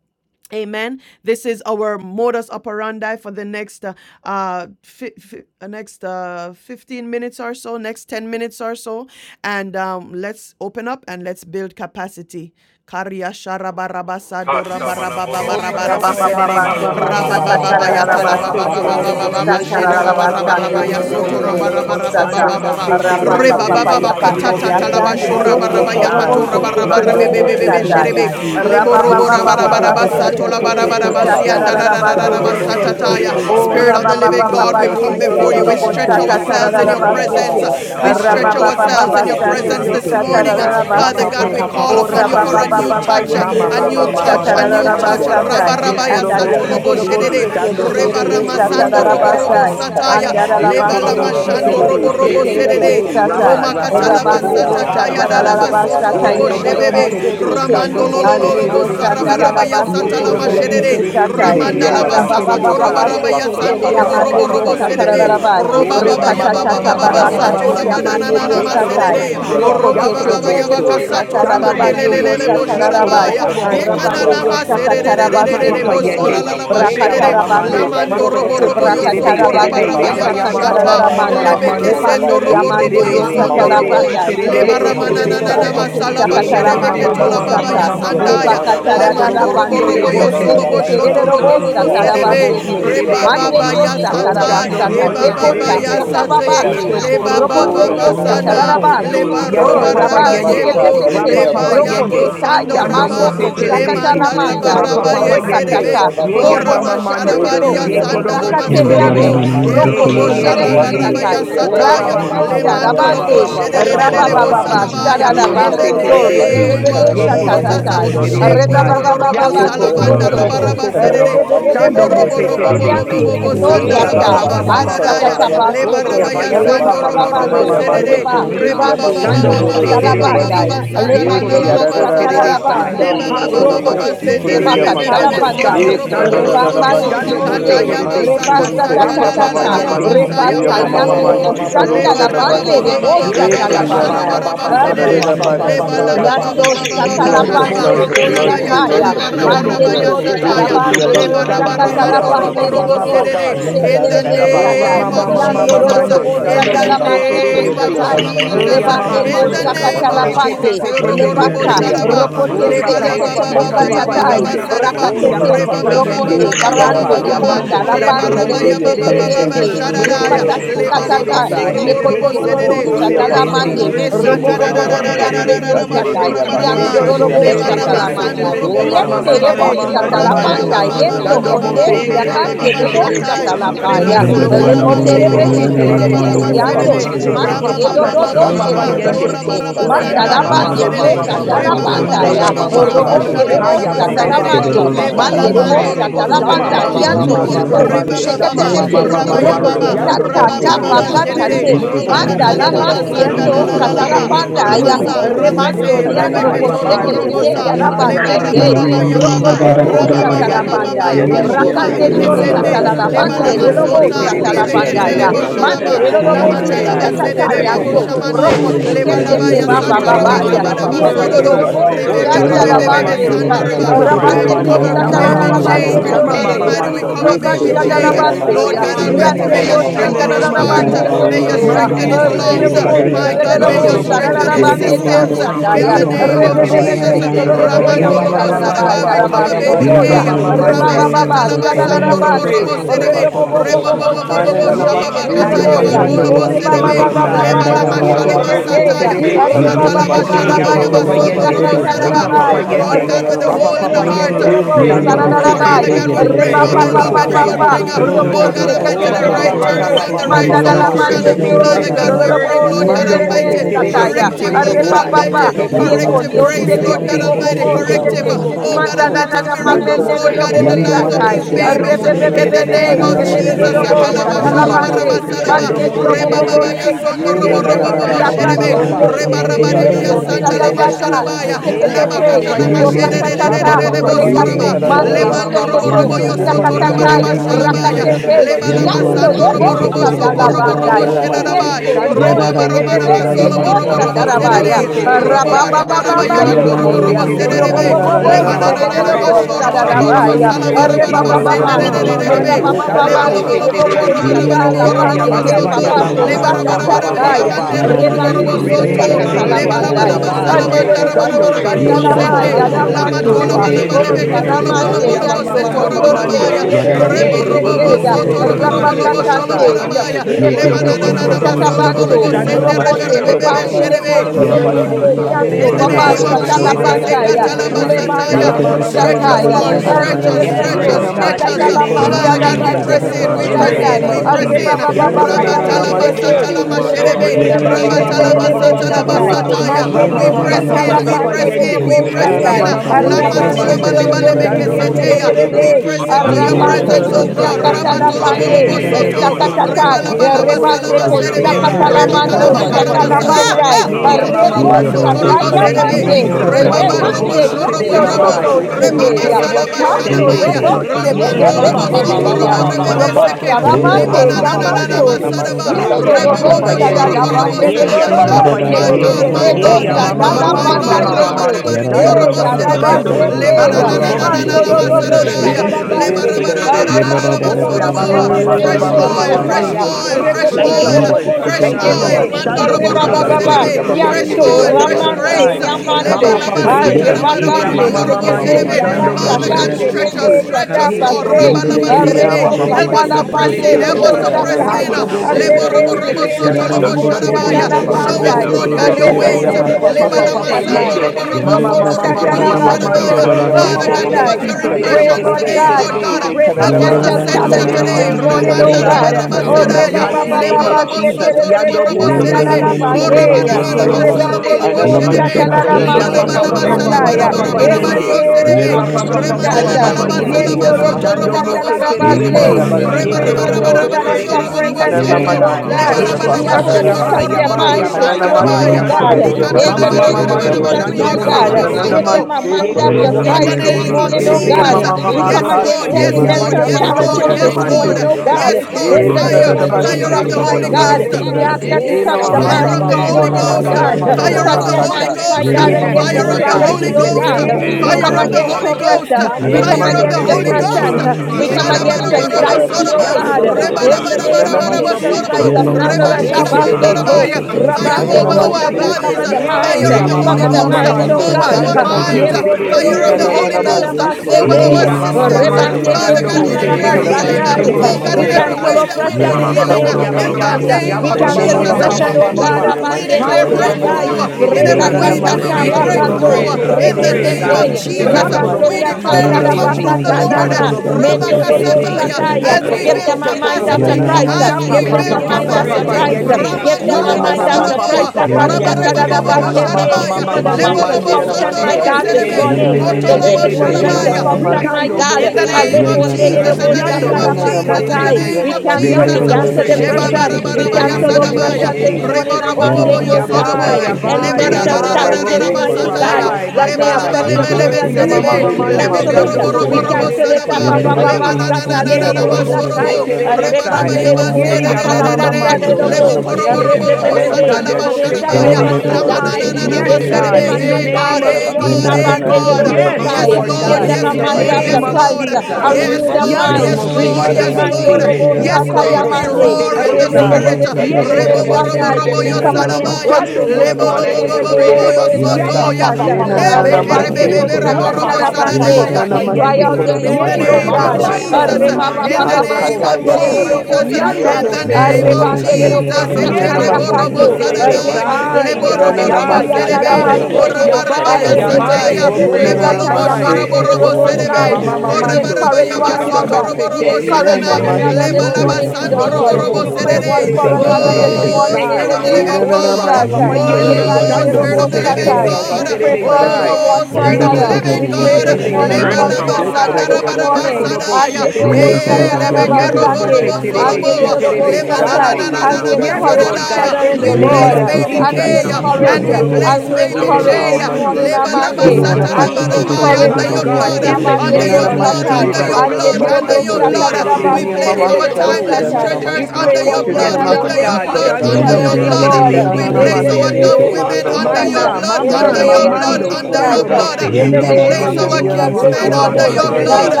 Amen. This is our modus operandi for the next uh, uh, fi- fi- uh, next uh, 15 minutes or so, next 10 minutes or so. And um, let's open up and let's build capacity. Karia sharabarabasa Hashamana boro Ora baba dorabarabababarabarabasedede. shakabarete baba Haya ba nderio ba ba meharaboroto. ba ba sakatara ba ba raraba ba ba ba Davahala setere ba. mana rebe Rababababayatalabababababababaha. Ye kalarede koro satara kila bo raraba bo mana bo bo bo bo halabora sanderio bo bo kondere bo. kararasa. robo heard. sata. Shando mo Ikala Sherebabarabarabayasotorabarababababaha. mana se tere Rapa de halavere papa si. kere paya Ye panderia koro Korea, bo si Thank sanderio tere de Bekata soto you, manoho sai. Lord, setere Mando mo rebe se Rebabababakatatatalabasorabarabayapatorabarabarabebebebebe Jesus. zavaharabarete. tere satai. de sherebe. Thank si. you, Shalmano Lord, Raba leborobo Ye for baba peace. ko shakarata baba ko Thank moho ko you, ko Lord, ko for shakabarete. ko ko peace. setere ko rebe ko Ika ko ko. mahata satara hosho. Rakabara raraba Shando nderio mo Burukoshi se Bakatash soto. tere klima de si. Spirit Ora of the baba Ye living koro God, we papa bo harabese. si come yendo before tere you. de We robo si stretch tere Ida de sakatara si mana ourselves in your tere raraba de korodoso, presence. sai. sete. We ikala Ya mana koro stretch Raba bo baba si te ourselves baba halameneketi, in te your te te ikala presence te sanderio this te akaso te. morning. satara shamanata, raraba La Father pa sete. pa God, we randa pa pa call pa O pa upon Lord, you pa baba bahashata, for a baba yende. new ikala baba touch, yende Mama verekete, a new robo mama Mama, ikala mama touch, satara a mama new rara babokoto touch. to mando. basatai. Ye manabarata, Rabarabaya Anda korobo ele si satolobo yondo mosa robo terebe, shedede. seke kalahete shando tere bo bahala se rebe mosha, Yesu terebe Rebaramasando satara rara so. yanana ravakashata roborobo basai. maçı lamoroso, sataya. Anda karana rara Ye maçı ikala korobo si vanahala kororara Lebalamashando non terebe, maçı roborobo terebe, sakaverete, koruya shedede. terebe, bakosu. satai. rabai, Roma E Ora rabai, rebo, bande katalabasa kriya yo rabai, tataya mahan satara Nandava rara rabando. kriya dadabasoto Korosha, Ye basatai robo you. yendo korobo namaniye si robo shebebe. Makabehi, maçı terebe, seke Thank te. Ramando shando Vahanamono Ramando bo kuruna lolo se Ande lolo bo terebe maçı si. kuriya sarabaraba Koravangabarakata, maka Ye E kororara korobo si maçı. Kalehende terebe, Veresi, si satai. Ramanda Bereliya terebe, la Gandavala Ora si basa baba babası baba terebe katora baba sai. Halavokoto, baraba kororiya ya seke Rapa sando tori robo bakokoluya Ashaka papa robo papa robo babası papa Maharaveresi, kriya serebe. yende. maka bai. O Roba kororara baba yama ya Mikarados Rekata mama maçı. baba tata mama Klima is mama Kanana baraka mama tori maçı Hanamodoso, Kabara mando. kororara Ye Karuba Rakarados satai. maçı korobo Klima kuriya si, O ya roba Walk baba bakokun baba Halavanamanata, korobo ya with us bereliya baka Rokoteteterebo so. as satora Shando bakokun. Akafrakatos In mo bandele satalabandelio se. lele ये bo ना Kalemerete, ना Ye ना ना satarabai. korobo sharabaya. bo bo मास्ट bo Zikato bo bo कुड़िया bo. Rapandelio मास्ट Mahalavarata, कोट Rapa sakatarabaste सिकुई Papa ना Shashahida, ना ना sola ketete. Yende. la मास्ट la Mandabolo Ye अच्छे ya Hokola Yama दुरिया Manakala Rakatarabandi. Mamando. बापू Lamando Redeke, robo Rokote Makorobo robo si ये yo the Ikalados, name terebe, soto कुड़िया रा रा terebe. Mikala बात brakatarabandelio rabaraba Hallelujah. Yaba से ya Mama Manakata, कुड़िया रा बात Mama E से Mama sakandararamandai. Kalamana Lebeke Mando. कुड़िया sendo बापू Repandoria robo Ye Halaveresi, robo terebe, yo mandelio ये si मामा na na terebe, si Renda satalapandai. मुस्करा terebe, na ना Casa ना so Lepete baramana de terebe nana Holobosu, मुस्करा sa. nama robocote मास्ट Lika कोट Ye ya Sama Mama रोड़ोड़ीया Mama sakatalamandelio Rebeketola बापू Kalahana Baba Mama ya sata. Mama Manete, ये ना ना Yasandaya, Mando. ना ना मास्ट Lemando Akarohoko, Makorobo si Robo दुखो ये Robo terebe Lepakatarabandorobo चले Makabaha, si. रा Yosolo रा बात Bela seketere shoto से Robo robo Halala तेरी या Bobo Ye Koso, बापू Sedebe, को korobosi you. satarabastete. Re तेरी या Mamokoto Baba terebesi. baba Mandelio ya Yes, Kavarahasa, O sata, shando e satarabastata mose Zikalamanaha Baba baba yekonda ya terebeso. Verekete, sate, Ye satababande. Electra le koko we Baba Falabara koko come baba Ropondelio this koko Halaboroko, बाप koko Basana, journey, Ye ko. Shina satarabande. talk Leba Ya Manakala Oh, Roba on papa this pa Redeke Raba rabaste, Sipa way. of yende. the Lord, Yebo, Halaboros, ketetete, Rapa e On ba papa this ya Sana bo yende. rokoteta, journey, Malahala Sando Lord, we Shando Monopala yamando, pray mose Raba, for le Vanavarete, koshakata terebesi. forgiveness Lemanda of our Raba Ma lamandai, Ikata Raba papa sins pa ye Mahala that we yende. may have rekatata, Bohosa, sedebe Ye in ya the Sila Kora committed rokos, Yesedebe, Korama mama Valahala mando. Sharabari keteteto, Ye Manakate, known and Yasandala Rena korobosi unknown terebe. Masorobo, brakateriando, Varakasha, Jesus Sana Ye rokos, de Erobo ye Manakala Rakuru ye Sharabaraba ye. Sikiri Verekete, keterebostatai, O Ikala Yasataya, raba ba Bodosh, ba Sukrabasa ba branderionda, ba Lemando name of ba the ba Shima Lobo ba rabande, Hala ba Lord, ba in ba Monokala ba the ba Shedebo Rakavara name ba. of Varahata, rabababa, Kurupuru Sarabaya, Sila Shando in the mose Valahala Sikiri shtarabastoto, Redekele terebesi. name Mane of rebebebebe, Sikiri Ye Kalaboto, Jesus. satatatai, koroboso Makaboho Shepo Rakuru terebesai. robo Shakarata, Ya robo rebababababande, koko Kurupuru koko Shikala salabanda koko raba riosoto, raba koko Verekese, ko. Ikala the serere. Lebo Shando Monokoto, rebebebebebe, Lord, robo Mose robo bo Yanda bo bo Shahanda, sotoriande, Terebesi. bo kalwa bo de Sikiri de de Ye sanda Krishna ya de raba ba Salahanda, de ketoriata, ba raba ba ba de. ba Rakuru ba saradaya. Salahanda, ba. Sikiri Ikarararabasi, Leba Oh astatatapastoto, ya raba ba Makaso, Sikiri ya ya ma ma sando ma korarararabasu, ma robo ma Vikahanda ma robo Rebababando, ma torayabako, Rakavara Isihi, serere. mando. Reba, Reba ba Libande, ba Biyando kontereyabako, ba Kurupuru Shando ba Yanda na ba Libosa, Mose na ba Shakavarata, ba ba yanda ba na ba na Terebesi. Talapandai, ba korororororabasi. yanda na sada Ye la Ye la Lepande, la Rekata Korobo la yanda. ba So Liosa, Mahala sarada. kiarararabasi, Terebesai. Pundavarete, Tararabandai, Leba ba Ha ba ba ba Korobo ba Rocote, Yenda turururururabasi, Si Ikati, sende rebe Tetebaca, Terebe. be be Nikola kororiyamako. be Shando, soto Varosa, Talapandai, Shando, Ye robo bo bo Shando. Nahala Rakuru soto. Rebambande, Vahasa, kararararabasi, Shando Mose Tata Kanda Sikiri Dionde, ya Sikiri ba Valahala nunananamasi, Terebesi. saka Repasta, Rakavara Rokoto, sata Rapa la Kurupuru la Papa la Tatatacha, la la Kachaka ba Yende. kontereyamamamamatu, saya Mohosa Oh Repata, la mama Varete, Yando, mama mando. turuyamamamamasi, mama Ikala Touch Coshanda, Leba us mama raba Lord Monokoso ba Labande, mando. de ba kororororabasi. God, ba ba Vahalava, heal ba Bosta, Eh, Ye ba us raba ba Nakala ba Lord ba ba Hana Talabandai, ba God, koroyanamasi, ba Monakala ba deliver Ande, ba us Vedete, ba Lord ba ba karararabada, ba God ba Blood ba of Shasha ba. Yando Jesus, the Dear Mohokoso, blood, Yutando the blood, Ikala Waymaker Mose the this satalapanderebo blood, Vedese, the morning, Terebesi. be blood, sataya. a the Minda Ye miracle blood, the boros koko blood. worker Manderio He i koko this koko koko ko kalavanda ko ko morning, ko. tarabanderio kurororiyabako, barasa Lord. Shaba ba ba savala hala kontereyabako, Woke up the konta. monokala world, sakatalapanderebo. vende shake Hallelujah. it, it vedete in the was mina sick, Sherebe hala Oh, it was satai. Rama name sick, of it rodokola Mama was in like Yando Mama an monokala Jesus Mando, rodobo overnight. barakata in Shando the Mosque sava hala chatalamanderio name of In Terebesi, monokala satai. our vara vara Jesus hearts, hala Yeria Mama rese Lebanderio in in the our Mando, sanda name of bodies, hala Pepe Jesus sakatalapande. Pepe monokala Eh, vende Pepe robo vedes robo Pepe Lepata. Pe, i sharaba in our kalamana Ropote Oh, le Rapa bala koto Praise, sekete Papa baba le Papa chapoka baba praise, Papa baba kashata da chatai. baba mina Yende, saraba hakoto Oh, Ya Yen re da Rakatete. Papa manakala da da baba da vende sick, da baba Yende, it da Rokonde. le was baba da bo sick, reba, bo kalamana Barande. Rapa it bo hala was bo bo sick, bo Ribonda. Yamando, monokala baba bo re bo it vada Shando was bo. Lapanda. baraba praise. hasa Mosque ya baba Lelepete Yen e da Terebesi, baba da dete. Mama, da kate bo mama, Ye bo shararaya bo Rukata Korobo bo me bo bo le So kala bala bo bo Sikatata, rodoko bo Terebesi, basoro robo bo bo Ye robo bo bo bo bo. Korobo Yekotororo serere So we broken, Banda worship it Yen you, the da we Terebesi, name shatalamande, da worship da Balahakata, da Ye bo you. Rabba bo was Ba, bo Korobo bo ba, sick. Zikala Si ba, bo to Bedes, roboboboriande yen da Terebesi da. yosatai, Terebesi Makabos, of Yes the yen Terebeso da yandororobo da da Zikala da da Terebesi, bo bo Manakala, Lord. bo shatalamandai, bo bo Oh, bo Zikala Rama bo yende bo. Mama rebo Mama Helamosha, Mama Thank Yen da da Mando, shatalapanda, da Ekala da da Handa yendo bo Shando bo bo konde, Mosque bo Bolokoto, eh, bo bo bo yakande bo Terebesi And bo rebo Akata, bo bo. everyone Jesus Terebeso, of else, Ikala hear Nazareth, shatalapaya, Ye Yanda Bedesi, us Yanda da this da korobo Manda bo Tadadabasi, si rwanda ra bo bo morning. ya lepoterebe bo terebe Korea, bo si randa bo Rohokoloto, na na terebe bo bo setetete And bo yanda bo Bakoko, so. our de we Ria, de bo Makabohola bo coming worship de bo you, de Bakoko, on, we Chepe ta de our de Manakata, worship de Mande rapa de shinda. going you. do yanda Teturia, papa do da out da do Ba, papa Basi, this ba, Rishabala da da papa Yanda da sheke Hola Ria, da te da da morning. da te da yende. Bakoko, da Monoso, bo te. da. bo bo Oh bo bo ya Manda ba la bo ba Kadadabasa. bo ba Yanda ta Rashakamana bande ba The da ba rio da ba da yanda. da kata ba Halamanete, la ba ba same. yanda de Lord Yanda ba ba God, ba ya. da so Vashakala da ba we bo ba de Everlasting God, ask we bo for ba. de de de de bo give de you Monokala Father bo Orobonde de de Rando ta praise, God, de Vanda, Ha healing, bo ya give yanda ba shinda sata ba rwanda de praise, la de Zikala ba de de. ba deliverance, de give de ba mande. Hanamashikuria Manahala ba praise, yanda ba da Jesus. ba Mande da de ba da Yanda bo da Monokoto, da ba. praise. da da sata bo da bo da. Makaranamashikuria bo Sama bo Deliverance ma bo to Hey, ma Hallelujah. bo ma your liando ta Yanda ma ma Makukuntiria ma shinda people, rwanda kodo. Kashandamos, de da. mando. yanda Sheke de Mashaya, deliverance te to Sama de de the te Worship ma de te. ma Yanda you, sick Rika da ma de and da de God, ma the de Baba bo bo Roko shut mando. Baba te bo Ekuranana de Halabo, bo ta de. Yando in. bo bo bo ta Rabba se ta God, la Lord. Mashatiria bo bo baba terebe Yanda bo. Mamoko ta Help bless si. your ke to sherere, them, Makuku, te. name. chandi Ye Lord de de roba ko Bless barakala God, ko yanda Mata kata Yanda ko heal na mene. la la da na Isiana ko their da ma baba ko na da na ko da bodies, sanda da ko na. Bakukuru, la da Zavala ko yendo la da la hala ko da kata broken la la bo ba, ko. bo monokala Dodabashi, bodies, bo panda and bo. ya. Yanda their Chepe ra vadahasa. ramasa, ra ya Kurodabashi, chepe ra minds, ra Yanda Rebando Zikala chepe. da ramase, Jesus, da da praise, bereke ra riando da Rabai rebeke eh, si da da ra toro rabai da. kosteke hala ra ra te Hananamashikuria ra robo te bosha. ra. borobosa, ya rabai Yanda God, bo rabaste leba bo Reka Makukuntiria raba bo ramando. te. shala bo praise, raba Baka, bo hora Yanda ya bo bo wanda baba, monokala bo da praise, Brocotele da Father bo da Oh, bo God, da vendehis. raba boscia bo da da. praise, baba bo. Jesus, Tikuru, baba yabayando. the talapandai, baba, praise, Ye Yanda ki koko Father. Dodabashi, yanda bashoba praise. koko da da racanderio koko Yanda wanda Ah, da da ah, koko. da Ah, da da da itesende, da bo da bo leba da. kashonda la bo bo statalapandere Rikando Yara Dodanabashatiria bosha. bo na Holy bo bo mose nan da masota, God, robosta bo we Spirit, bo wada worship, terebesi. Makukuntiria, lebeke shi bo we Holy kan bo talapandai, tele da I bo. Ye shi worship, kala Spirit, yanda Mande boshalaba, koroboso da de God, bereke da so si da Nanamashikuria Holy lobo da Yandere we lama vala da. praise, sheke Yara bosha. Spirit, da talaba terebesai. Makukuru, da. we tatata sedere Ye praise. babo Dodabashi, koko yando, Yara da da koko da koko shamande, da. Hallelujah. roko Holy le te Yara koko. te leba wada Spirit te da of ba the grace. te yara ya Sepe da ba Nana da ba living da sata da sepe vala da. raba hala God, sepe. Yara na you sabada are Rapa nan da da papa monokoto. da worthy, yendo lo da basodo, God, da God, yende. da. you are lobo Oh, Zikala worthy, rebebe shama sianda Yanda la barakala rebebe mama wada praise, Kurarabasti, bebe you are shi bande, mando. ha. berekete. sanda yanda worthy, ki raba. da you da are Shama da da Anamastu, da. We mama Reka rabande worthy. la dios Yanda mando. cover na na boroko Shama tatara na na God, la Kuryanamastu, baby mama la savala da mando. da bande J, your da. oh dios Shama God name, mama de Yanda Kurudanamasti, Almighty, do we Shala mando. wanda vala God, cover shi baby kala rokash shindi Sebe kata be ki J. la moroko be yara be da be savala da bande be Kurudanamasti, Lord ya, da be God be da the be da Almighty, be. brande may da praise, da you da da. In the strengthen Zavala tatara Kuryamamamamasti, God, his la name la hala of heart. Yara da bande da Jesus. monokala May you glorify yondo yara your wa, na Look, Mando na barakasa. Kuryamamamasanta, strengthen name, na look, his da mose look, da Holy da Ye rebe lungs. yara bobo look, da Spirit. terebesi. Ikate look, My yara look, sada da la God, Ye da vihikala may look, lobo you da. Hallelujah. look, Kararabasti, koroboso sada look, look, look, so la strengthen look, la bokoto. his Yenda look, look, bande look, Kurudanamasti, dios terebesai. look, systems. wanda look, In tataya, kishinda the Ye Yando da Ah, da name ya mose ah, of rebe da Ravakashata, ah, da da bebe da be, Jesus, Kararabasti, Have terebesi. da eh, your ya soro eh, lo da lo eh, Ye way da Likalaboro eh, this ya ya eh, eh, da ba eh, da ba da Ramandolobo Kurudanamasti, ba eh, morning. Kolamanakala ba ba Have da Saraba, da. we ba. Verese, your cover eh. way. Oh, baby Have yeah, Ananamasti, your K. mama, God, mama, Ekalaboro way. we Have mando. praise, your Kurudanamasti, Rabasata Rebababa, Kolamarakata, way. praise, Labasando Wonder da Kurudanamasti, Robo da praise, bo Shadarabande, Robo Ekalamanaka bo bo bo Savala Serebe, bo Kurudanamasti, Kurudanamasti, bo Kutubu bo bo Koloroso, bo Rebobobobobo, bo second the Mama, bo Rebobobobobo bo bo. second Sederebo, of shake it, Shababa Kurudanamasti, us Shikalamanakala sing Haya Kataya baby, Yonder that. Sedereboya, da da Redekete, bashando da Bakolobo Kurudanamasti, da da Kurudanamasti, mose da da God, Serebe, da da your bo terebesai. Makato, bo word, Rebababababa, Hallelujah. bo bo Lebalama Ye bo your bo Shalaba Ikalabareke, da word, korobo Kurudanamasti, bo so bo Seketeteya, bo bo. Sataya, Ye praise, Kutubu terebesi. Makadash kararara Okatalaba Yonder kutubu da da Ye hallelujah. Kalimahala da başı ya second bo Shadabaya bo Rebababababande, papa of Monoto, bo pa bo Oh, us kororara bo sing Basondo bo yende. Robo worship, bo başkan that. bo bo Rapa bo teriye da Diosakatarabai, papa worship, Rekatavala Saraba. shin Lord da yende. da God, with da. the bakatanana Halamoroso, Rapa Kutubu Rebebebebebe, hole in the de başkan papa God, de de Yonder Shavala kutubu heart, yende. da da de e da da de, praise, bo Sando second bo Halamanakala starada bo kororara bo Oh, mose praise, bo Father rabai. Redekete, bo God, başkan we terebesi. pray bo bo bo Reba teriye praise, now Mekala pa ma Ye that, bo pa bo bo Lord koko pa God, bo. you pa kokoro koko praise, Radakasa, will pa, bring, koko Yendara uh, başı koko oh koko. hallelujah. God kororara repose. Shashahida, Que başı te Oh Almighty, Lord, the te raba Mekala te your ba right te ba kororara Boro word, ba te, ba turnaround, başkan ba the Koto, ba right praise, ba mandala ba e your la ba. word, In solution. mande the kororara name dios. of Father praise, De başı God, we Jesus. word, bring, kororara Lord de God başı de Mando praise. de de, mose Almighty, kororara Come, satayah. terebesi başı corrective, Mama, oh God shake Reba o terebesai. it, Yandara pa Almighty, pa, Ye kororara Yendo ye korobo başkan corrective waraka so grace, conoce teriye shindere que ba Lord te kere God terebesi. de de kokoro de Almighty, de Ye de teriye de ba boboche of ya koko na corrective, us te. na koko sing kokoro na koko oh na God na that. na koşte koko. Mandala na na Almighty, na na na na e na Sando miracles, mamende na. dios. Lord mose De de de God, kororara in de the de, Yendo lives başı terebeso. Spirit of of satayah. waraka these the kororara shindere Yando living babies. kere başı de de mose God, ya In kororara Rebebebebebe, the da da walk da name da that da of terebesi. de anana da de way, de ya de da Jesus. başı Ye da. Lord ya de, mama kororara mama starada Yendo Jesus. bakan mando. waraka bande. teriye ba shindere Dando Mande de de Whatever de dios kokoro Mose ya na na koştu na na boboche situation na Terebesi. que na is, te na Ye ya te Lord, Ye na te na I na te. na ya na ba na. na ba come na ba Ya mas ba against Yendo Sherebe, ba it cano ba in the kuri ye waraka ba. ya na name mas shindere of de kende de ye ya Jesus. Doshore da Rebarabarebia da no. tate da Mose Cha da kuri Santa ya ya da ma Lama cha da cha. na Terebesi. na kukuri na Sharabaya, na kuri na No ya Ye na ba ya na. trial, pa no pa Teketete, Labakata pa Lama Yendo yende. waraka Jesus trial, the Bokatatata, shindere Rapa de pa de da de pa da Shedebo de de bas de ya yende. Soraba, Rekato, na na da na na da Yendarara Mande, Ola Lord, na. we bas bo Lemando mama worship, bo bo bo Sototo, Roborobo Yanda bo da mamando. Ye da we sir. ya kuri Yosoto na worship, Ye na kara na da Sakatatai, Rabaraba na da Yendarara na bo bas terebesi ya bo ki da da bo. Sharabaya, worship. bo da. kara da the terebesi da Rakatete, bas ki Lebalama Yendo terebeso. kura Yando da waraka Sando bas Dobo Yendarara Ye Praise, ki. bo shindere de ko Roborobo de bo ko ya bo ko da bo da ko da Sokorobo ko Jesus bo da ko na Robo Satalabandai, ya na ko bo na da bo da mas ko. da. Yendara Yendo Shedarabai, da Dando da Dobo mas Mose Yadada Rebabaramana yadada da Sedebende da Masolo Terebesi. bas Dios yadada Yandara Ye bo yadada Boroborobo bo bo Alaborokolamana Ye bo shindada Satarabaya, korobosi bo Serede, kura bo da da bo halavedese. bo bas terebesa. bo ki yadada bo Robobarabaraba kura bo. Rabababa da da Shalabala da Ricando Yanana Yabakorobo Mose Robo Yendeya, Yandara da da Nandada Ya bo hakalamarokoto. Terebesi. bo na na bo Serebe, na bo yadada na Robobobo Ye bo na ya bo ba mas bo ba yadada ba bo ki Lemanana ba bo Sedebo ba Shalabaroko bo. yadada ba na Mashoro na ba ba mas praise, ba Ye Tashenda ba. da Borobo da Satarabaya, Ye da manakavehese. ya da praise ma Oh da Yadamanda ya da. Salabarabaraba mama kukuru yadada da God, Ikata mama bas ki. Rebababande, mama Yandara yadada da da praise, da mando. da bahalabokoto. Ne bo bo Dando bo hallelujah, Rabababande, bo karara Mose yadada bo Rakata bo Touch başlıyor, bo Rebobo her this Terebesi. ye bo bo sürüye lahikiti. bo Yanana Satala baba bo. morning, Oh, hallelujah. Lord Pande, yaba, başlıyor, Te Vika God. Nandada yaba, Krishna God, Yandara yaba, da da sürüye Touch ba, Papato da bohosho. ba, her, Wandada bo ba, başlıyor, Lord bo ba, ba, bo God. ba, Yadada bo ba, bo Lay kolere we ba, Satatataya, her ba. başlıyor. Makalavarakata. Yada tashenda da da. praise, Rebande ye Ika and da Hallelujah, Dios da Rebe, da Yandara da da da karara Rebe, bo bo the başlıyor, da Robo, bo da vihikalahetiti. woman catalabandai. da bo bo of da bo bo we kolere Rabai, bo Maka yada başlıyor. God, bo da praise, Lord da Shando, bo Adelolobo Jesus. bo bo praise, ukusaha. Shando, bo He's yadada yadada yadada da ye yana Shando, and na siralabaya na hallelujah, tashenda na da Mavohusa na da. Hakorobo, deliverance. Si, kata. your ramandoa. yadada name, Terebe, Yandara da krishna da da Onda Terebe, bo la vanda da Mekalahehese. bo bo mande O bo hallelujah, yadada bo Yama, bo Ukobo yando bo Mama, bo Hallelujah. uko yadada Mama, da Yine bo kondo de da bo mahala Peace baba bo that glory bo her bak, Mando, to seketere yadada your barakata. de kopo peace shanda Ye da. da name, Jesus, da yadada herself, ye kolere Korobo, da yadada bak, da So, de Lord beseteya. krishna da Yandara Malahokola kopo yadada da da da Terebe, God. da da Vana Si, da da da yada sürüye bo bak, da Vedese Terebe, bo bo kopo Sai, da bo da bo Kilavadosh, Rapakatandeya. Is bo. Ye sürüye always Le Koko, Yekanda Shaka running Repetes Koko, bak, manana Yenda na Malahala Koko, da Shandwara around da Koko, da masolo Yanda doing Manakala da bolo Koko, da ketatabando. bo bo God, Redese, bo Shando, Yada sende bo worship, bo rebe Mose, Koronanamashi, bo Rokonde rebe bo Bekala something bo for Terebe, worship, bebe bo lepande Boroko Si, Yada bo le ta koronamashi, somebody, sherebe God, ponde Ye le Somalahala yenda Lord de. worship. Korobo, pende Jesus. Yanana Manakata, So, koronamashika. Yada yando. in Terebe, Yenda the Give Ye da Makala da Sai, name da Yada Babasta of Redeke bo Yada But bo Jesus, Rebe, Mahala bo I koronanamashi, bo Vada Bebe, pray bo talapandaya. Bebe, the to Bebe, the Bobokoto, Yada blood of shenda Bebe, koronanamashi, de de Shiva Ekatalabasataya. Lebande de Shama, de Yekanda Dios Hakala Mama, de koronamasha, de. stretch Mama, Shandwara us, Menesi, Mama, tataya. Lord. Yada Yenda Mando, da Stretch koronanamashi. Ande bo de Vikata, us, bo Yes, bo stretch bo kendo. praise, us, Lord bo Akala bo God, the Yada stretch to Yananamashi, us. in Vosha, praise, the shenda name da of da Father Satalamandala Akala bo God, Yanana praise, koronamashi, bo we Yada Jesus. Vosha, bo press bo Yada bandere bo in, koronama, we bo Yada Yada In ta Akala the press praise, boshandai. in, name Vosha, Yada Yada yenda we of Yada da press Yada da. Arre koronanamashi. praise, ba in. Jesus, Akala ba ba ba Yes, Vosha, Yando ba praise, ba shenda ba Mose da da Yada Yada bo Yanananamashi, bo Yeah. sete. Shashahida, bo Terebesi, bo bo Jehovah Rebe bo Makala to Glory be Yada bo Yada be shake to bo koronamashi, your be yeah, Rabatalabasatalamaserebe. to be ba Redekele Yada name. ba this. ba sete shenda ba de da Mihekala ba re da ba be da koronamashi. ba da ba da Ba, ba bo Borokoto, ba, satai. Ye ba, ba. bo. ba, ba, Yada Yada Manavala Rabatalabasatalamasataya. Manderi Rapa We o Yenda Hala pa da pa da press pa da koronamanamashi, Manakala Yada pa da satala in, pa bo we Yada pa bo bo press pandere Redekete, bo do koronamashi. in, bo yende. bo we bo Yandada press bo Oh bo E in. satai. ya bo. ma Kasandwada ma Ananamashi, Kashanda ma Arra Yeah, ma Yida da ma yeah, Yes, yeah, da Bohosha, yeah, da bandere yeah, shenda na do yeah. mando. de koronamashi, do na de bo na de na Lamatolabalabalebeke de na Chando na de seke mo de ya te koronamashi, de se na re re. na bo Okoro de na bo na bo We be. okoro to terebesi. press koronamashi. shake yonda God into it Vandana Arra Ye your bo over, Yegana Ye worship da to korobo shake presence, Hokoro, da panderi da it o koronasana, oh so over, da yonda God. da bo da sanana, shake da sha. terebesi sakatala ya da sanana, da pande. ya na Yenda terebesi na da sanana, Yeah. na da E na bo Rabatolobolobosoto. da sanana, it bo da terebeso. bo ya Amanaso. bo Sakatatai. da bo da sanana, Ye da bo bo da Arre bo. korobo bande so ko Sundaka over. da koronamashi. da Yenda da terebesai. da da sakatala da ये Rebalabalabasalamaserebe. worship, da Randavahakato, bo da bo mando da Rapa bo da pa bo worship, pa da bo खराबाशे ya bo satala Behika, da da Ah, yende. bo worship. bo bo bo bo na bandai. ah, na खराबाशी Ye bo na ya Nika, ma Arre bo ma bo bo Ye कोरोबाशेया bo da bo da mando. bo. da Ba, ba, से Wobushakatos, ba, sataya na Thank da you da ya mande. Mika, Yenda खरारामाशे da da Jesus. da da da Ma da bo da bo bo korobo खरानामाशे da da Rebande bo so da bo Rehishalamana, Spirit of bo da ये yondo bo bo do Sundaka bo terebesai. bo. do Ka, नमाशे I the Ye Yeah, sedeya. yeah, yeah, korobo yeah, Rakatia yeah, so yeah, yeah. कोरोरोराबाशांति Hando da da da da da da Yanda bo ka bo Mahalave, da terebesi. roboste God देदियाबाशी de Ye Sundwada de ya worship, da bo ba ya ba na bo ba na bo bo सीपीए ba na worship, besete na ba Shandalaboroko na bo ba ya na ba bo bo na ba na ba. bo na ममामुमातो ba. Savalakata, bo bo bo robosta bo la bo bo Oh da mande da bo. कोनतेदियाबाको rapa ya Ah, pa da da pa ya Kabesh, da llamando yende. da da कोनतानानामाशाता Oh, yendo ya Sundaka E da da Bo bo papa na pa bo kato na robosta bo na da na yakate bo la yende. na bo na bo mahapras bo. bande na de sipiye Ye lo ya lo Tashende. lo papa prakatosh Yanda pa da se My da de kalima de ya nananamashanti yende. hala Yenda God, de da da da de my da da da Ye God, monoto da ya da diyobaka bosta my da ta mama da God, da da la da mama da my barahala da mama God, panda okuye da mama manakala Rabba yendo mando. Rabba vedeke namashisi Ribio Yarara Shando singala yara ella da shando da. da da manata Serebe, da yadabashata shando. gera da basete da da ya da Takoro dadabashaya navaha gera bosi wada mando Limananana tere do zokoto be gera da matotosi be da be da robosta be Masadaya, da be la be gera be be be mikate gera be bande be be ikiye Lebarabara be. arre e ba yenda ba da ba dada da ba Oh, da ba ya da え kalavokoto え、ba ba Soroboa, gera ma ba scende de da ba de ba da manda Fresh ba oil ba yenda ba robosta oil, ba rabata ta ba. fresh おや ya か oil, da bakara あ、fresh bo だ Thank め heshe bo you, だ bo oil, まし、yende bo Lord. bo だ kisi fresh zikala don't Thank you, めだ shekete oil. yende め、Lord. kere borokoto Mando da 心 Shando を da living robo da こ mose す da robo God, っ randa da da have da て、だ Rebababa, め da terebe serebe, your だ si め、way barakata fresh terebe da da da this 心を da de Yando, da だ so oil, め da だ morning. ま fresh し、yada terebe dada Have だ da め your Ramande, grace. sai. do wa way, da だ have Leba め、Mapa Yamando, e your laba papa sende 心を ki way, だ sata gera yende. だだ have da laba kate da your Ye つ laba い ya i ribi Arrebacande, way. mama gera て、kate マ da マ da マ Seketo, mamando. マつ gera na い Shando Have na Yakanda, your na Father mose てい God, way gera Kande, く。this terebe de dada stretch akatohusha us, si. gera Dede, wa morning. da stretch da Have us, Ye your Yadapa, Lord. way korobo in Say, Raba yende our si da laba ki midst terebe yana Inanyama wa this si Arrebo, mama serebe. mama sante Help de morning. terebe us gera si to da da press de terebe Catalapande, da in, shashahira matushishiye help Lobo, yara us so. Roku da to da na press na kadayama bokoro Satai, in. na be manda na Hakorobo da so dada sere robo Arrebe, da tutushishiye rahoshata terebe robo si. soto kisiyana yada Sekende, da Ye lobo wanda Yobo, da ki da korobo bo da shashahira makukoniteri bo sharabaya. bo gera bo da bo Rokombo da Show bo da yamakuko us, bo da Shatalapandai, koro da bo. Lord Vindavala wuro da God, hala your da da Ora ways. sekere Arrebende, yada papa yakadayama bara da vorokoto papa da Liba soro papa da Rebe, kukorone ya kadaya makukoro ne lama da roko papa da Satai, sando shoro makarara Vendavara yende. ro. robo we pray, robo Lord Mama bashiko soto Yandora mama Karaverekesi, robo ya Vere mama na robo Krishanditi na mama vere yada da da kono sharabaya. Baba mashiko mando. da yanana mashikore da Shikalavara da nuko Ye yamama yada Father da Kato, Thank shoro mama God, give terebe yada us rakara si your bara yada mashikana da na na terebe Rekatosh, sekere impressions mama yada da terebe today, shio yada God. Lord rasarai. da We God. terebe. Vikalaboro pray for Help sekarara Koto, us to mental Hakorobo Yandora so sense yada you mashikana na na Manavala na challenges Hallelujah. terebe this na today. si Have na na your morning, na terebe Halavenete, oh mashikarara Ramanda way, yada na sai da God. have yada Rabaraba da your Oh, in Shikavara the yada way, Sadaya, reba have ba mashanitetiye yanda mighty Hakahu ba your mama kete ba name way ba te of mama Shaka, this Lebolobo se chibo te da Jesus. shiko re da Soto morning. re re be Yando Roborobo mose inanana yanda na na da la na da la Have da Serebe, na your na terebesi. mashiko na na na way na na Koramana in Shahokasha Ye the na na na Manama midst na korobo makaraba of na so us Hasamate, Rebanderio Solobolobo this anana terebesi. yanda Serebe, morning, kara Bosatala mashikarara na Lord. Ye na Vikabo ya pa shandora Manderio pa mashina pa Libalabalaba na kere pa pa yanda mashina pa na Takalarakasa, da Rokombo pa Sataya. da da pa pa doro yada In makukoro da the yende. Salabarabarabarabario shekere bara name O yada of ra da pa Serebe, Akaradekesi, da sekere pa da pa da pa Remana da Jesus. pa da basara pa da in uh, pa da Lalalaba the yada name Ananamashiko Ekalavoro da yende. of Salaba Yendo da Koto, yada Soto Robo Jesus. da Chando Yanamashanta Roborobo Satala mose Bakadash Sondo Ye Kalima yanda Robo, terebesi. da We Oh, yada Ye da pray Haramenete, Kararabashiko for korobo yada those hallelujah. so that are There's Rebarabarabarabarabario Rabashiko Shashahira, none suffering terebesi like Roborobo yanda mentally, you. E da Soto, da Lord terebesai. Hanamashiko yada da God. Ye Abba. da Bahalavoro da da We da Lebalabalaba Koto, ask korobo that da you Sando yabai touch their da Rabakararabashi da yabai Roborobo da minds this yabai morning, yabai We Makarabarakasa, Shandarabaya, oh Yamanda Hananamashiko God. keda yabai, da worship E da you da da In and Likatala da the Mama da Rabashiko honor name mama of your da Kalaberekete, mando. da da Jesus, Shando B my Barabarabarabarabario name. Rabashi da mose da God. Roborobo da Give da. da da da. Kalavadokoto, them terebesi. a Sondo, Hananamashi mind Ye E Yanda Father, after korobo manda in si the Christ da thank this Kororamashi you, keda name of da terebe morning, da Kalavanabalakata, oh Jesus. da Enenia terebe. da da Jesus. We da God. Mama da We Ye thank Mama Kalamana da. Yes, come you. korobo against Kate Lord, yes, so Halaverese, any Yamanda yabai Lord, da Yamaku mental da da yaba yes, da mama Lord, challenges da da mama this yes, Bakata, da mando. da da morning, oh da Bakata, Lord, da da. Yanamatushika Ye Yes, God. yes, Bakata, Lord Lord, terebe Ye In the Yanda fire, name da terebe Jesus. Bakata, da of da da terebe fire da e Kararabashi of Loco, Jesus, the my Holy Ikamana terebe loco, da God. do Ghost, terebe. da Halabosha, We da we Kararamashiko ask da da da that you Ye Oh you ya da. touch Mama the ba you. ba Fire ba Yanda minds of ba the this manda ba E Mashiko ba Holy ba ba morning, God, oh Ghost. I ba ba worship I keda da da da da da da da God. Ramashanta ba Kapakatosh, want ba you to this ba Fire of Touch look the ba. their da. at morning. I Holy sin, Ramakata minds, look at my Ghost. praise, Yanda God, Ye the da and Yes, Mama da give sick da Fire of them da Lord of Mama the the praise. God, keda da soul, Holy clarity, in Shukuru oh the keda the da Ghost. God. da shake da da of da name E We of the Fire da come of da the da against da. Jesus. Manavosha Holy Baba, da. sunlight. Ramashika Kare, Ghost. oppression. ア eh, We ナ Mando Yanda ナ come マ Fire シ eh, manda of mose the da eh, against テ eh, Raka, Holy keda コ terebe but ロ I da ナナ could Ghost. マ yanda depression. si. シ not テ manda カ God, We look Barakasa, ラ Ye I si at come ナ all keda マシ the da against korobo praise da kid Barakasa, カ keda ダ so. da in ラ you, the da da バ anxiety, シ Barakasa, oh state, God. Ya of テ Ishadabarabarabasorobo. the コ God. ロ kid バシ korobo Barakasa, da in テ Baba, da the In si. da the shock ア da da ナ name of Barakasa, ナ da. of Ye マ the シ da. Jesus テ korobo E コ Rebarabarabarabasorobo. Christ ロ Yeah, of ロ so. ナナマ bo- Make シ bo- Katabalosha, Nazareth, bo- him テ Ye bo- コ make ロナ terebe ナ another マシ Ah Abasoto, si. Rebashadamandarabaya. テ God, stack and I Ya worship Fire ア want ナ Rabande to Katimaleshi, over ナ you, マシ korobo of worship our Diosata, テ si. the コ God. ロ bodies. cover shock We リ the ア of ナマ Ah シ minds. Ye Fire the of ya Praise, the コ state. ン mama Holy Cover of テ the Karosha リア the mama Ghost. バ praise minds, バ oh カ God. mando. カ Over God. ララ our Shando ラバシ mose テ minds. Hallelujah Hallelujah, terebe Yemondo イ to si エ Fire Akaberekile ア of your Jesus. robo ナ the We ナ terebe name, Holy ナ manakos. thank マシ so. Ghost. テ you. コ We ロ Over ロナ Eh thank our マ satarabasete. シ ya God. you. You mama We コ are ロ mama systems. リア worthy, thank mando. Rebande マ you. シ God. Avakashata. Father You Shando God, are we Diosata テイ mose I worthy, エ declare you We カラ are terebe マシ healing. si worthy thank テ kaberekile of you, コ rabasadai. terebe our ロ Oh Lord, マ God, for マ We in so. boshakare. in カ praise. ラ every helping cancel マ way シ us that to イ we カラ build oppression need Hallelujah. マ in in シ the カ Shivalahana healing ラ name Oh, uh, ナ of of マシ capacity, monokala in テ the Baba, コ Jesus. Lord. Uh, yabayando, ロ We name varakata. We イ of エアナ thank eh, eh, cancel you, ナ Jesus. eh, Uh, マ eh, シ depression, Varahorobo eh, Lord, テ oh eh, コロ God, ロ yababababababababa. ナマ for シ we テ God, shakaverekete. Pa Abanderio declare カラ I showing ラ us worship マシ the korobo テ Satai, you breakthrough si uh, this will and the イ in エア Shikalaborosho. way. every morning. ナナ We way terebesi. マシ that To we Brekatata テ Ye thank need praise, you, コロリ to Shalavalahata. breakthrough ア Lord, ナ korobo Bakando, マ praise, シ uh, so for タ to in カダ the ラバ praise. シ name イ terebesai. of giving Yakaserebeshe. Reketete, us エア the Hallelujah. ナ Ya Jesus. ナマシコロロナマシコロリア Uh, マシ We korobo Rakandoria si Baba, declare a perseverance Kandara touch Ikararamashi terebesi. from the Ya Lord. God, uh, Bakatadana, kararamashi to korobo push so through, kororamashi Mendorobo we terebe. Rabakasadaya, Almighty Satai. Uh, Ye As God. we name. Give koko karitereriyamashi build them a koko God, koko mind Father, yeah, after capacity, koko na Christ. na We Uh, as na yananamashi na, Chapa we I Give thank give da you them you, papa da a build da papa da mind papa Lord. da after praise, da da capacity, Christ. kororeyamakararamashi Uh, yende. da da Give da da da them a Rapa mind da da papa da. da. after papa yenanamashi papa Christ. Ramandolobosodobo, uh, Yeah, da da da, yende. yeah, kararamashi wa na da Chaba da kararamashi mama da Abashatarabasete. my mama da For Rabarebabobobosharabaya, da the da mama mind da soul, da will bo- mando. da da da function, da. my tesiyaramasha Rebe t God, e this y be a Yea, be n Yeah, be be be na morning na be the be da way be da, it be yeah be was da da be. meant a yeah n to da Kotolobosharabaya, da m da function, da my yeah Ricando e da da. God. in the mose name Yeah, of da da terebesi. da, Jesus, in word, the yeah da you Yando name da God, of da, mose yeah da Jesus, wa in da the praise, da. Aleponderedobosatarabasatai. I give terebesi. name We of praise, Yeah, cancel, da we da Yando wa da cancel moste da Jesus. praise. da t da Sheba o da depression. bara da terebesi da We da bara da, Ba- yeah da baya ba- cancel terebeso ba- n da da sadabaya. oppression da da Yea, this terebesi. da. be- Rebo morning. robo Yeah, da bobo Oh, wa da yo Abanderio ke da sorobo. da yabai, Satai. I give ke da da Any da Leba yabai, da praise, ra da ra mental da ra da ra yabai, da, ra ra challenges, praise, ra yeah da robo, da da mighty da, yeah God, praise. basataya. da wa rabai, da. that my may Leba Ba- God. Leba Leba affect Yeah, your da Leba wa Oh, lebe shi children na this da Ye Yea, yamama da da serebe. morning, we da da kororiya da mando, Lebo cancel mako it. da shando korobo da korona robo We da moste da robo da. cancel namashi it. terebesi sadaba. Yeah, korona da da da da Lema Abababa terebe. namashi da na na da da da na Satai na na Ye hira na Lebo da da namashi da Yea, korobosto Satai. da masorobo. korona da. Reba ra Repat namashi. terebesai. I baya come Nerebo basere against Ye the re Satai re re spirit re yamama of Lapanda fear mando. re. korona Lebo Lebo. Yea, korobo namashi robo robo kana Hey Oh, Rebebebebe. namashi. I For Shadomo they pull it shall live Deliver down us, at and the not Lord Seterebeso. blood God. of die. Yea, Jesus Yes, They in the shall God, live name of and in the not Jesus. die name God, of this hey Akaraba. morning. God, I Jesus. hey command Abanderio God. fear God, to Yes, go Yes, Bosai. this Lord Lord, Give God, them morning yes, a in in the the mind Lord, mighty after name yes, of name of Lord. Christ. Jesus Jesus. I out of the worship, Yes, renew their body of mind Lord, Yando mind. Christ. yes, Mose Renew Lord, Father the yes, God, mind, we Lord. will Terebesi. praise, Orobo fear no Yes, Satai Lord, longer. praise. Yakorobo we So Amande. roar Haramashi in the Lord, koriya Terebesai. namashi spirit. Deliver Rebebebebebebebe us, koriya Rebo Yekorobo robo Si namashi. Satai. deliver robo us, We yo Lord. come Indana Terebe. against salabaya. namashi Shando voices this koriya Lebo Mose I morning give lobo in namashi the you your bobo korona praise, bobo Terebeso. grace yo and name your, of praise namashi. this Yapa sotoya. Jesus. morning, Papa ये your Holy Papa Uh, mercies Papa Lebe Spirit. this kerebe ननननमस्ति Yende. Repanderio morning. Lord, rebo Yandere कोरोना Rapa robo मस्ति Papa Hallelujah. Yanda Sakatarabande. Papa da Papa We kashanda cry da नननमस्ति Yende. out yada this कोरोना da in da the morning, da da Ye मस्ति ya oh da name Have da of Mama your God. da करना da way da मका Uh, this Jesus. Mando. yana ननमा na In morning. na da the Have da Rebababababa your da name Yakorobo da अनकाता of shi way. yanda da Have So. wa your da Shanderebo Jesus. यमतुहुं way na. this सेरिया Yando In Satai. the morning, Mose Uh, Yanda da name Lord. ma नननननमा of da Have ki कना Terebesi. your yanda Rebanderebo da Jesus. way. da da da निया Ye da Satai da da नमस्ति korobosi Etereborobo yada Yapando. da Uh, da Rokodobo sadadai. da da कोरोरररमस्ति shake it yanda terebesai, da over Rebanderebo ya, kato shake it shi Leboroborobo ya, Satai over yanda ya, ननननमस्ति da serebe. kana ya, da shake da da da Yandarabaseke. कोरोरबस्ति Uh, करना yabai, Orabarabaya yada da Rock मस्ति mana I give and yabai, kana sataya. da ये Rebebebebebe shi praise, robo, I rokodobo yanda give Satai Lebolobo wada shake ननननमस्ति da yabai, it praise da Yamande this da over da shoroborobo करना shake oh, yada ya मस्ति da morning, serebe. Robosai. da mama ka कोरोना We san da मस्ति mamando, ki encourage Korabarabaya yanda कोई one wada chando da da na another. नमस्ति da mose da We da basotoroborobo ये Hallelujah. encourage terebesi sanana. Holy one Spirit. yada na another नननमस्ति wada this da da terebeso, morning करना yada in the kada da मस्ति Lord. kanta We da Lebalabasandoroborobo कोरोना pray hakoroboso kada da मस्ति one serere. kanta for wada terebesi अनकाता another ke रा da ke this da da da da Oh, मस्ति morning da in Spirit the terebesai, yada of the na na name ये of living na oh, God. God. rapa Jesus. ननननमस्ति papa yanda na yende, da da Oh, कोरोरबस्ति da da chando Spirit da of the da mose da living yada da terebesi We God. yada da pray da da for da. terebesai, Ikarabashti, Oh, one for Spirit ye Yanda of da the another. da Rokodobo da We living Karabashti, shake it over shake korobosi pray yada God. it da this da da da terebesi morning, Leba yada one da laba for da da Inanamaste, Rekavala da another sanda terebesai, this raba yada holamono da raba da morning. Korororabashti. yada. savarakata. hakorobosi sadaya. Yes, Yanda yes, da Levala da terebesi, Eh, yes, da yes, yada da holamono lebeke da da yando yes, robo da da mose yes, robo kalavedese. da yada Lord, da terebesi solobo. da yes, da Ikato yada Lema na na Idiaba na na shomuha na na terebesai, na na And yada na we na Kukurugora da zakata. Yes, da da encourage Lord da. over each Yamashti, God, masadadaya. other shake in in Manabarasa it the the We over. Ye Yanda name da Lord. place da of vikaderesh. da baby da And da Jesus. we Kararabashti, K yada da Ikalamodo da and encourage, we yana koto. na place and Tutudurabashti, da we yada baby Ye Rendavala da. encourage Mama J. this hamana Yakorobosoterebesi, morning, Mashti, Rokodobo Leba shake it kalavedese. laba You Amande. over wanna sata shake it And Manavala raba over Christian we da Nianamashti, yakoroboso. hala da raba. da da encourage da My Under da this your kolomonoto. God, Kororabashti, da morning, blood, da da Kora, in the da under Amanderio name your Zikalavere da of da blood, kesi da da Satai, da Nananamaste, under Jesus. your blood, mahalabarata, da under Yando Kororabashti, your Kora, mose blood. Shandabala We terebesi Chidenia halavoro place Mama our terebeso. timeless kumanekarebedes, We treasures Santanamasti, pray under Likalamano your one Oh, for yes, blood, another. kolavanda Lord under We Tiranamasti, your God. barata, blood, encourage each Shando under mose other your in Shidavala Kararabashti, the blood. Lord. kata, terebe We si In place the terebe our Taranamashti, Ikalavedese, dove name so. of women under Jesus. your Kororabashti, Mana, Akalavohosha, blood, In the mama, under your Shandavala name of blood, Tarararabashi, mamando. kata, under Jesus. your Shando Rikati mose blood. kurorobashi, In the We terebe name hikalabodo place of si. our koto, Jesus kings Oh, this men ya Mandavala Shishiriyaramakoshi, papa under morning. your kata, yende. blood, tarayaba,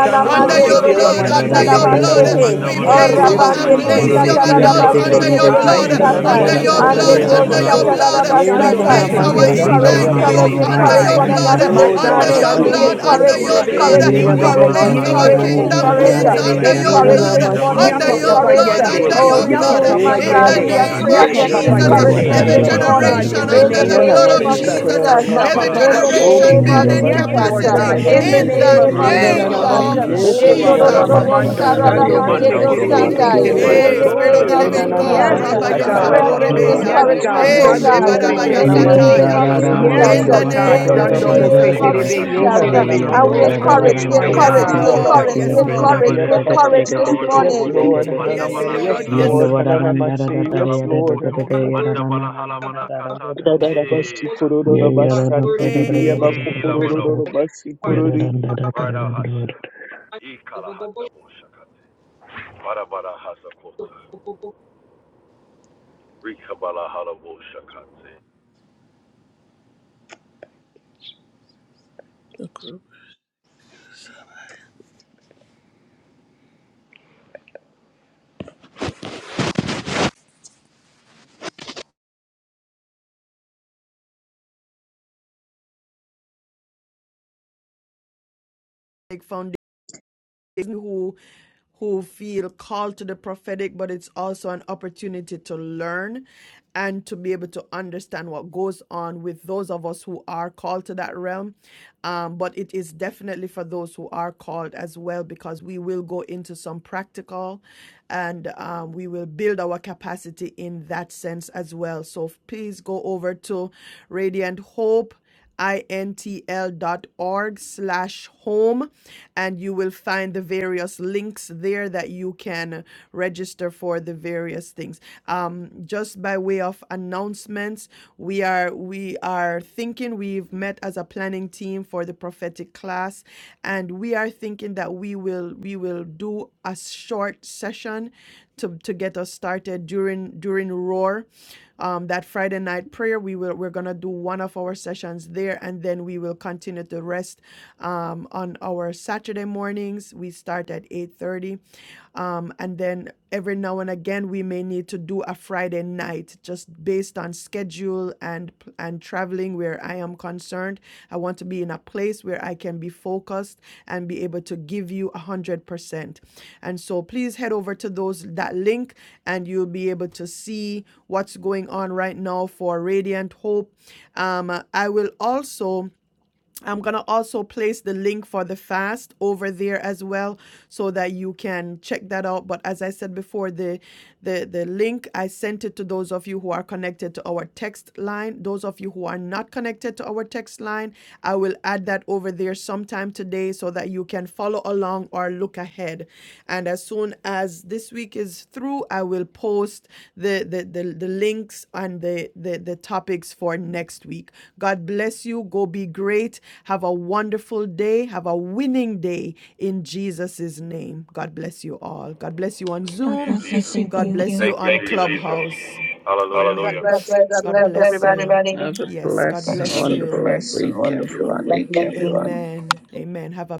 Shando under mose your manakala terebe blood, si Hallelujah. under Shishiriyaramashi, your redekese, terebe blood. so. kararabashi, We Mandavalo Ye place korobo our Kosovala si ablaze terebe young Haramanata si adults Sekuyukuntiriyamashi, terebe under your Akato sai. blood, Orabanderiosatalarabastetererobosatai. Ye under your Vikaraberese Shikararamashi, koko da blood, koko Rokumba da koko under Rindavala your kororamashi, karabra Koko Koto da sere blood. We Shando kese de Anderiosatalarabastatai. mose place Shashahira We our Enanamashi, sukuru terebe roba encourage si ignite each Yanda Mandavahala other. pishi terebe tatayamashi, youth We kere Monokala bro under encourage your sai. one Vedehese blood, another sundai. My this Shishyo, God, under Vindavala morning. your Daka shando We nananamashi, Halavoro blood, baro mose koro, Kota under encourage, we rokuru your terebe Valahes Spirit, blood. encourage, we shikere si. We encourage, Mandavala we place Ye Seniyamamamashi, our encourage, Halakato we korobo Hosha kingdom reke. encourage, so kids kunkuruba, uh, under terebe your Sikalehese encourage si. blood, this Niranamashi, morning. Vindavaro We under Yapa Hallelujah, your Koto Papa Lord. encourage, blood, tatayamakuku, uh, Help Yende. under Mandavala us, oh, yoko, your Lord. Kasa Yapa remove, blood. Help Papa my us, In God, Ikate guide the we Yende. us, are name free guide Ikate us, Sekiyaramashi, of Yapa against Papa Ikate protect Jesus, us, kororamashi, Yende. Lord. discouragement every I this Oh kararamashi, morning. God, As in generation we the Maraboshaka In go under the name the throughout of Yana the blood name of of day, mashi Jesus. Lord, Jesus, korona and Jesus, as uh, we Mapa go every masha. Rindavala in Papa throughout the the Halavese Oki Yende. week, generation name of yana Lord, building Yes, mashi Jesus, Lord uh, capacity God, korona and in in the the in mashi. name minister of the name of to us, Yana name Jesus. nana Lord Jesus, of Randavalasha uh, God. mashi Oh, in the Rama korona Mama Hallelujah. Jesus. mashi Ikavehese Mando, kororo Sando Oh, Mose Manda Lord mashi Terebe, Jesus. borosha. Si kororo Terebe, Manda in Hey, da the da mashi. da Spirit da of Who da name the So. of could Yana Living nana God, karabohosha. Jesus, Yes, mashi remind uh, us Lord Rabaya when we Vika we're pray kataya God. not against you. doing halalala makokoro Satorebeya. Yes, when we're God, doing discouragement, koshi. the Hey, oh Lord, kosamanakate. Sando things God I that Yana praise Mose are Momo Shebarabaya in nana not the Terebe, of you, I name Si. you, Lord Sataya. mashi of sanda Yandarara, Yes, kororo Jesus, Jesus? In the vahasa. Lord mashi God, in yandawarara, the name of korona Vikate. Sando mashi Jesus. Mose name Remind us praise ko. of Lika you, yadadadadadadada. Terebe, that Si I Yana you are the nana Terebe, Jesus. Ye shatamanohosha. mashi And we So. creator. Lika kataya encourage, we vienda yadawadadadadada, My Yes, encourage, kokontere valahala we We God. yaba are yanakekekeke, Lord. moroso. encourage, Yes, we kokoshi Benda Lord. yandawadada, encourage, we yana baresh. bako. encourage praise this you, I Ikarado Yes, morning. praise koto. Lord. Manda yadadadadadadadadadadadadadadadadadada. Hananama. Yes, Lord. Yes, valakata. Lord. Yes, Hananama. Ikate. Yandawadanandadadadada, Yes, Vikalabo Lord. koto. yadadadadada, Hananama. Manda valahala yadananananandadada, manakata. yadadadadada. Dadarabashi E kororo Ye kasedes. Worship, rabashan worship, yadadadadada, tediriya worship, Ila bakokororo yadadadadadadada, manokoto. rabashi kororo Rada hasha. yadadadadadadadadada. Ikala handa boshakate. Barabara hasa kota. worship. Rikabalahalaboshakate. the crew. Lord. who who feel called to the prophetic but it's also an opportunity to learn and to be able to understand what goes on with those of us who are called to that realm um, but it is definitely for those who are called as well because we will go into some practical and um, we will build our capacity in that sense as well so please go over to radiant hope intl.org slash home and you will find the various links there that you can register for the various things um, just by way of announcements we are we are thinking we've met as a planning team for the prophetic class and we are thinking that we will we will do a short session to, to get us started during during roar um, that Friday night prayer. We will we're gonna do one of our sessions there, and then we will continue the rest um, on our Saturday mornings. We start at eight thirty. Um, and then every now and again, we may need to do a Friday night just based on schedule and and traveling where I am concerned. I want to be in a place where I can be focused and be able to give you a hundred percent. And so please head over to those that link and you'll be able to see what's going on right now for Radiant Hope. Um, I will also I'm going to also place the link for the fast over there as well so that you can check that out but as I said before the the the link I sent it to those of you who are connected to our text line those of you who are not connected to our text line I will add that over there sometime today so that you can follow along or look ahead and as soon as this week is through i will post the the the, the links and the, the the topics for next week god bless you go be great have a wonderful day have a winning day in jesus' name god bless you all god bless you on In zoom God Jesus. name. bless you. god bless you. Thank on you, Thank you, Jesus. clubhouse You, Hallelujah. God Hallelujah. God bless you. bless you. God god bless God bless bless you everybody. everybody. Have a yes god And blessed bless and you. have a wonderful blessed and week, wonderful everyone. week, everyone. amen amen have a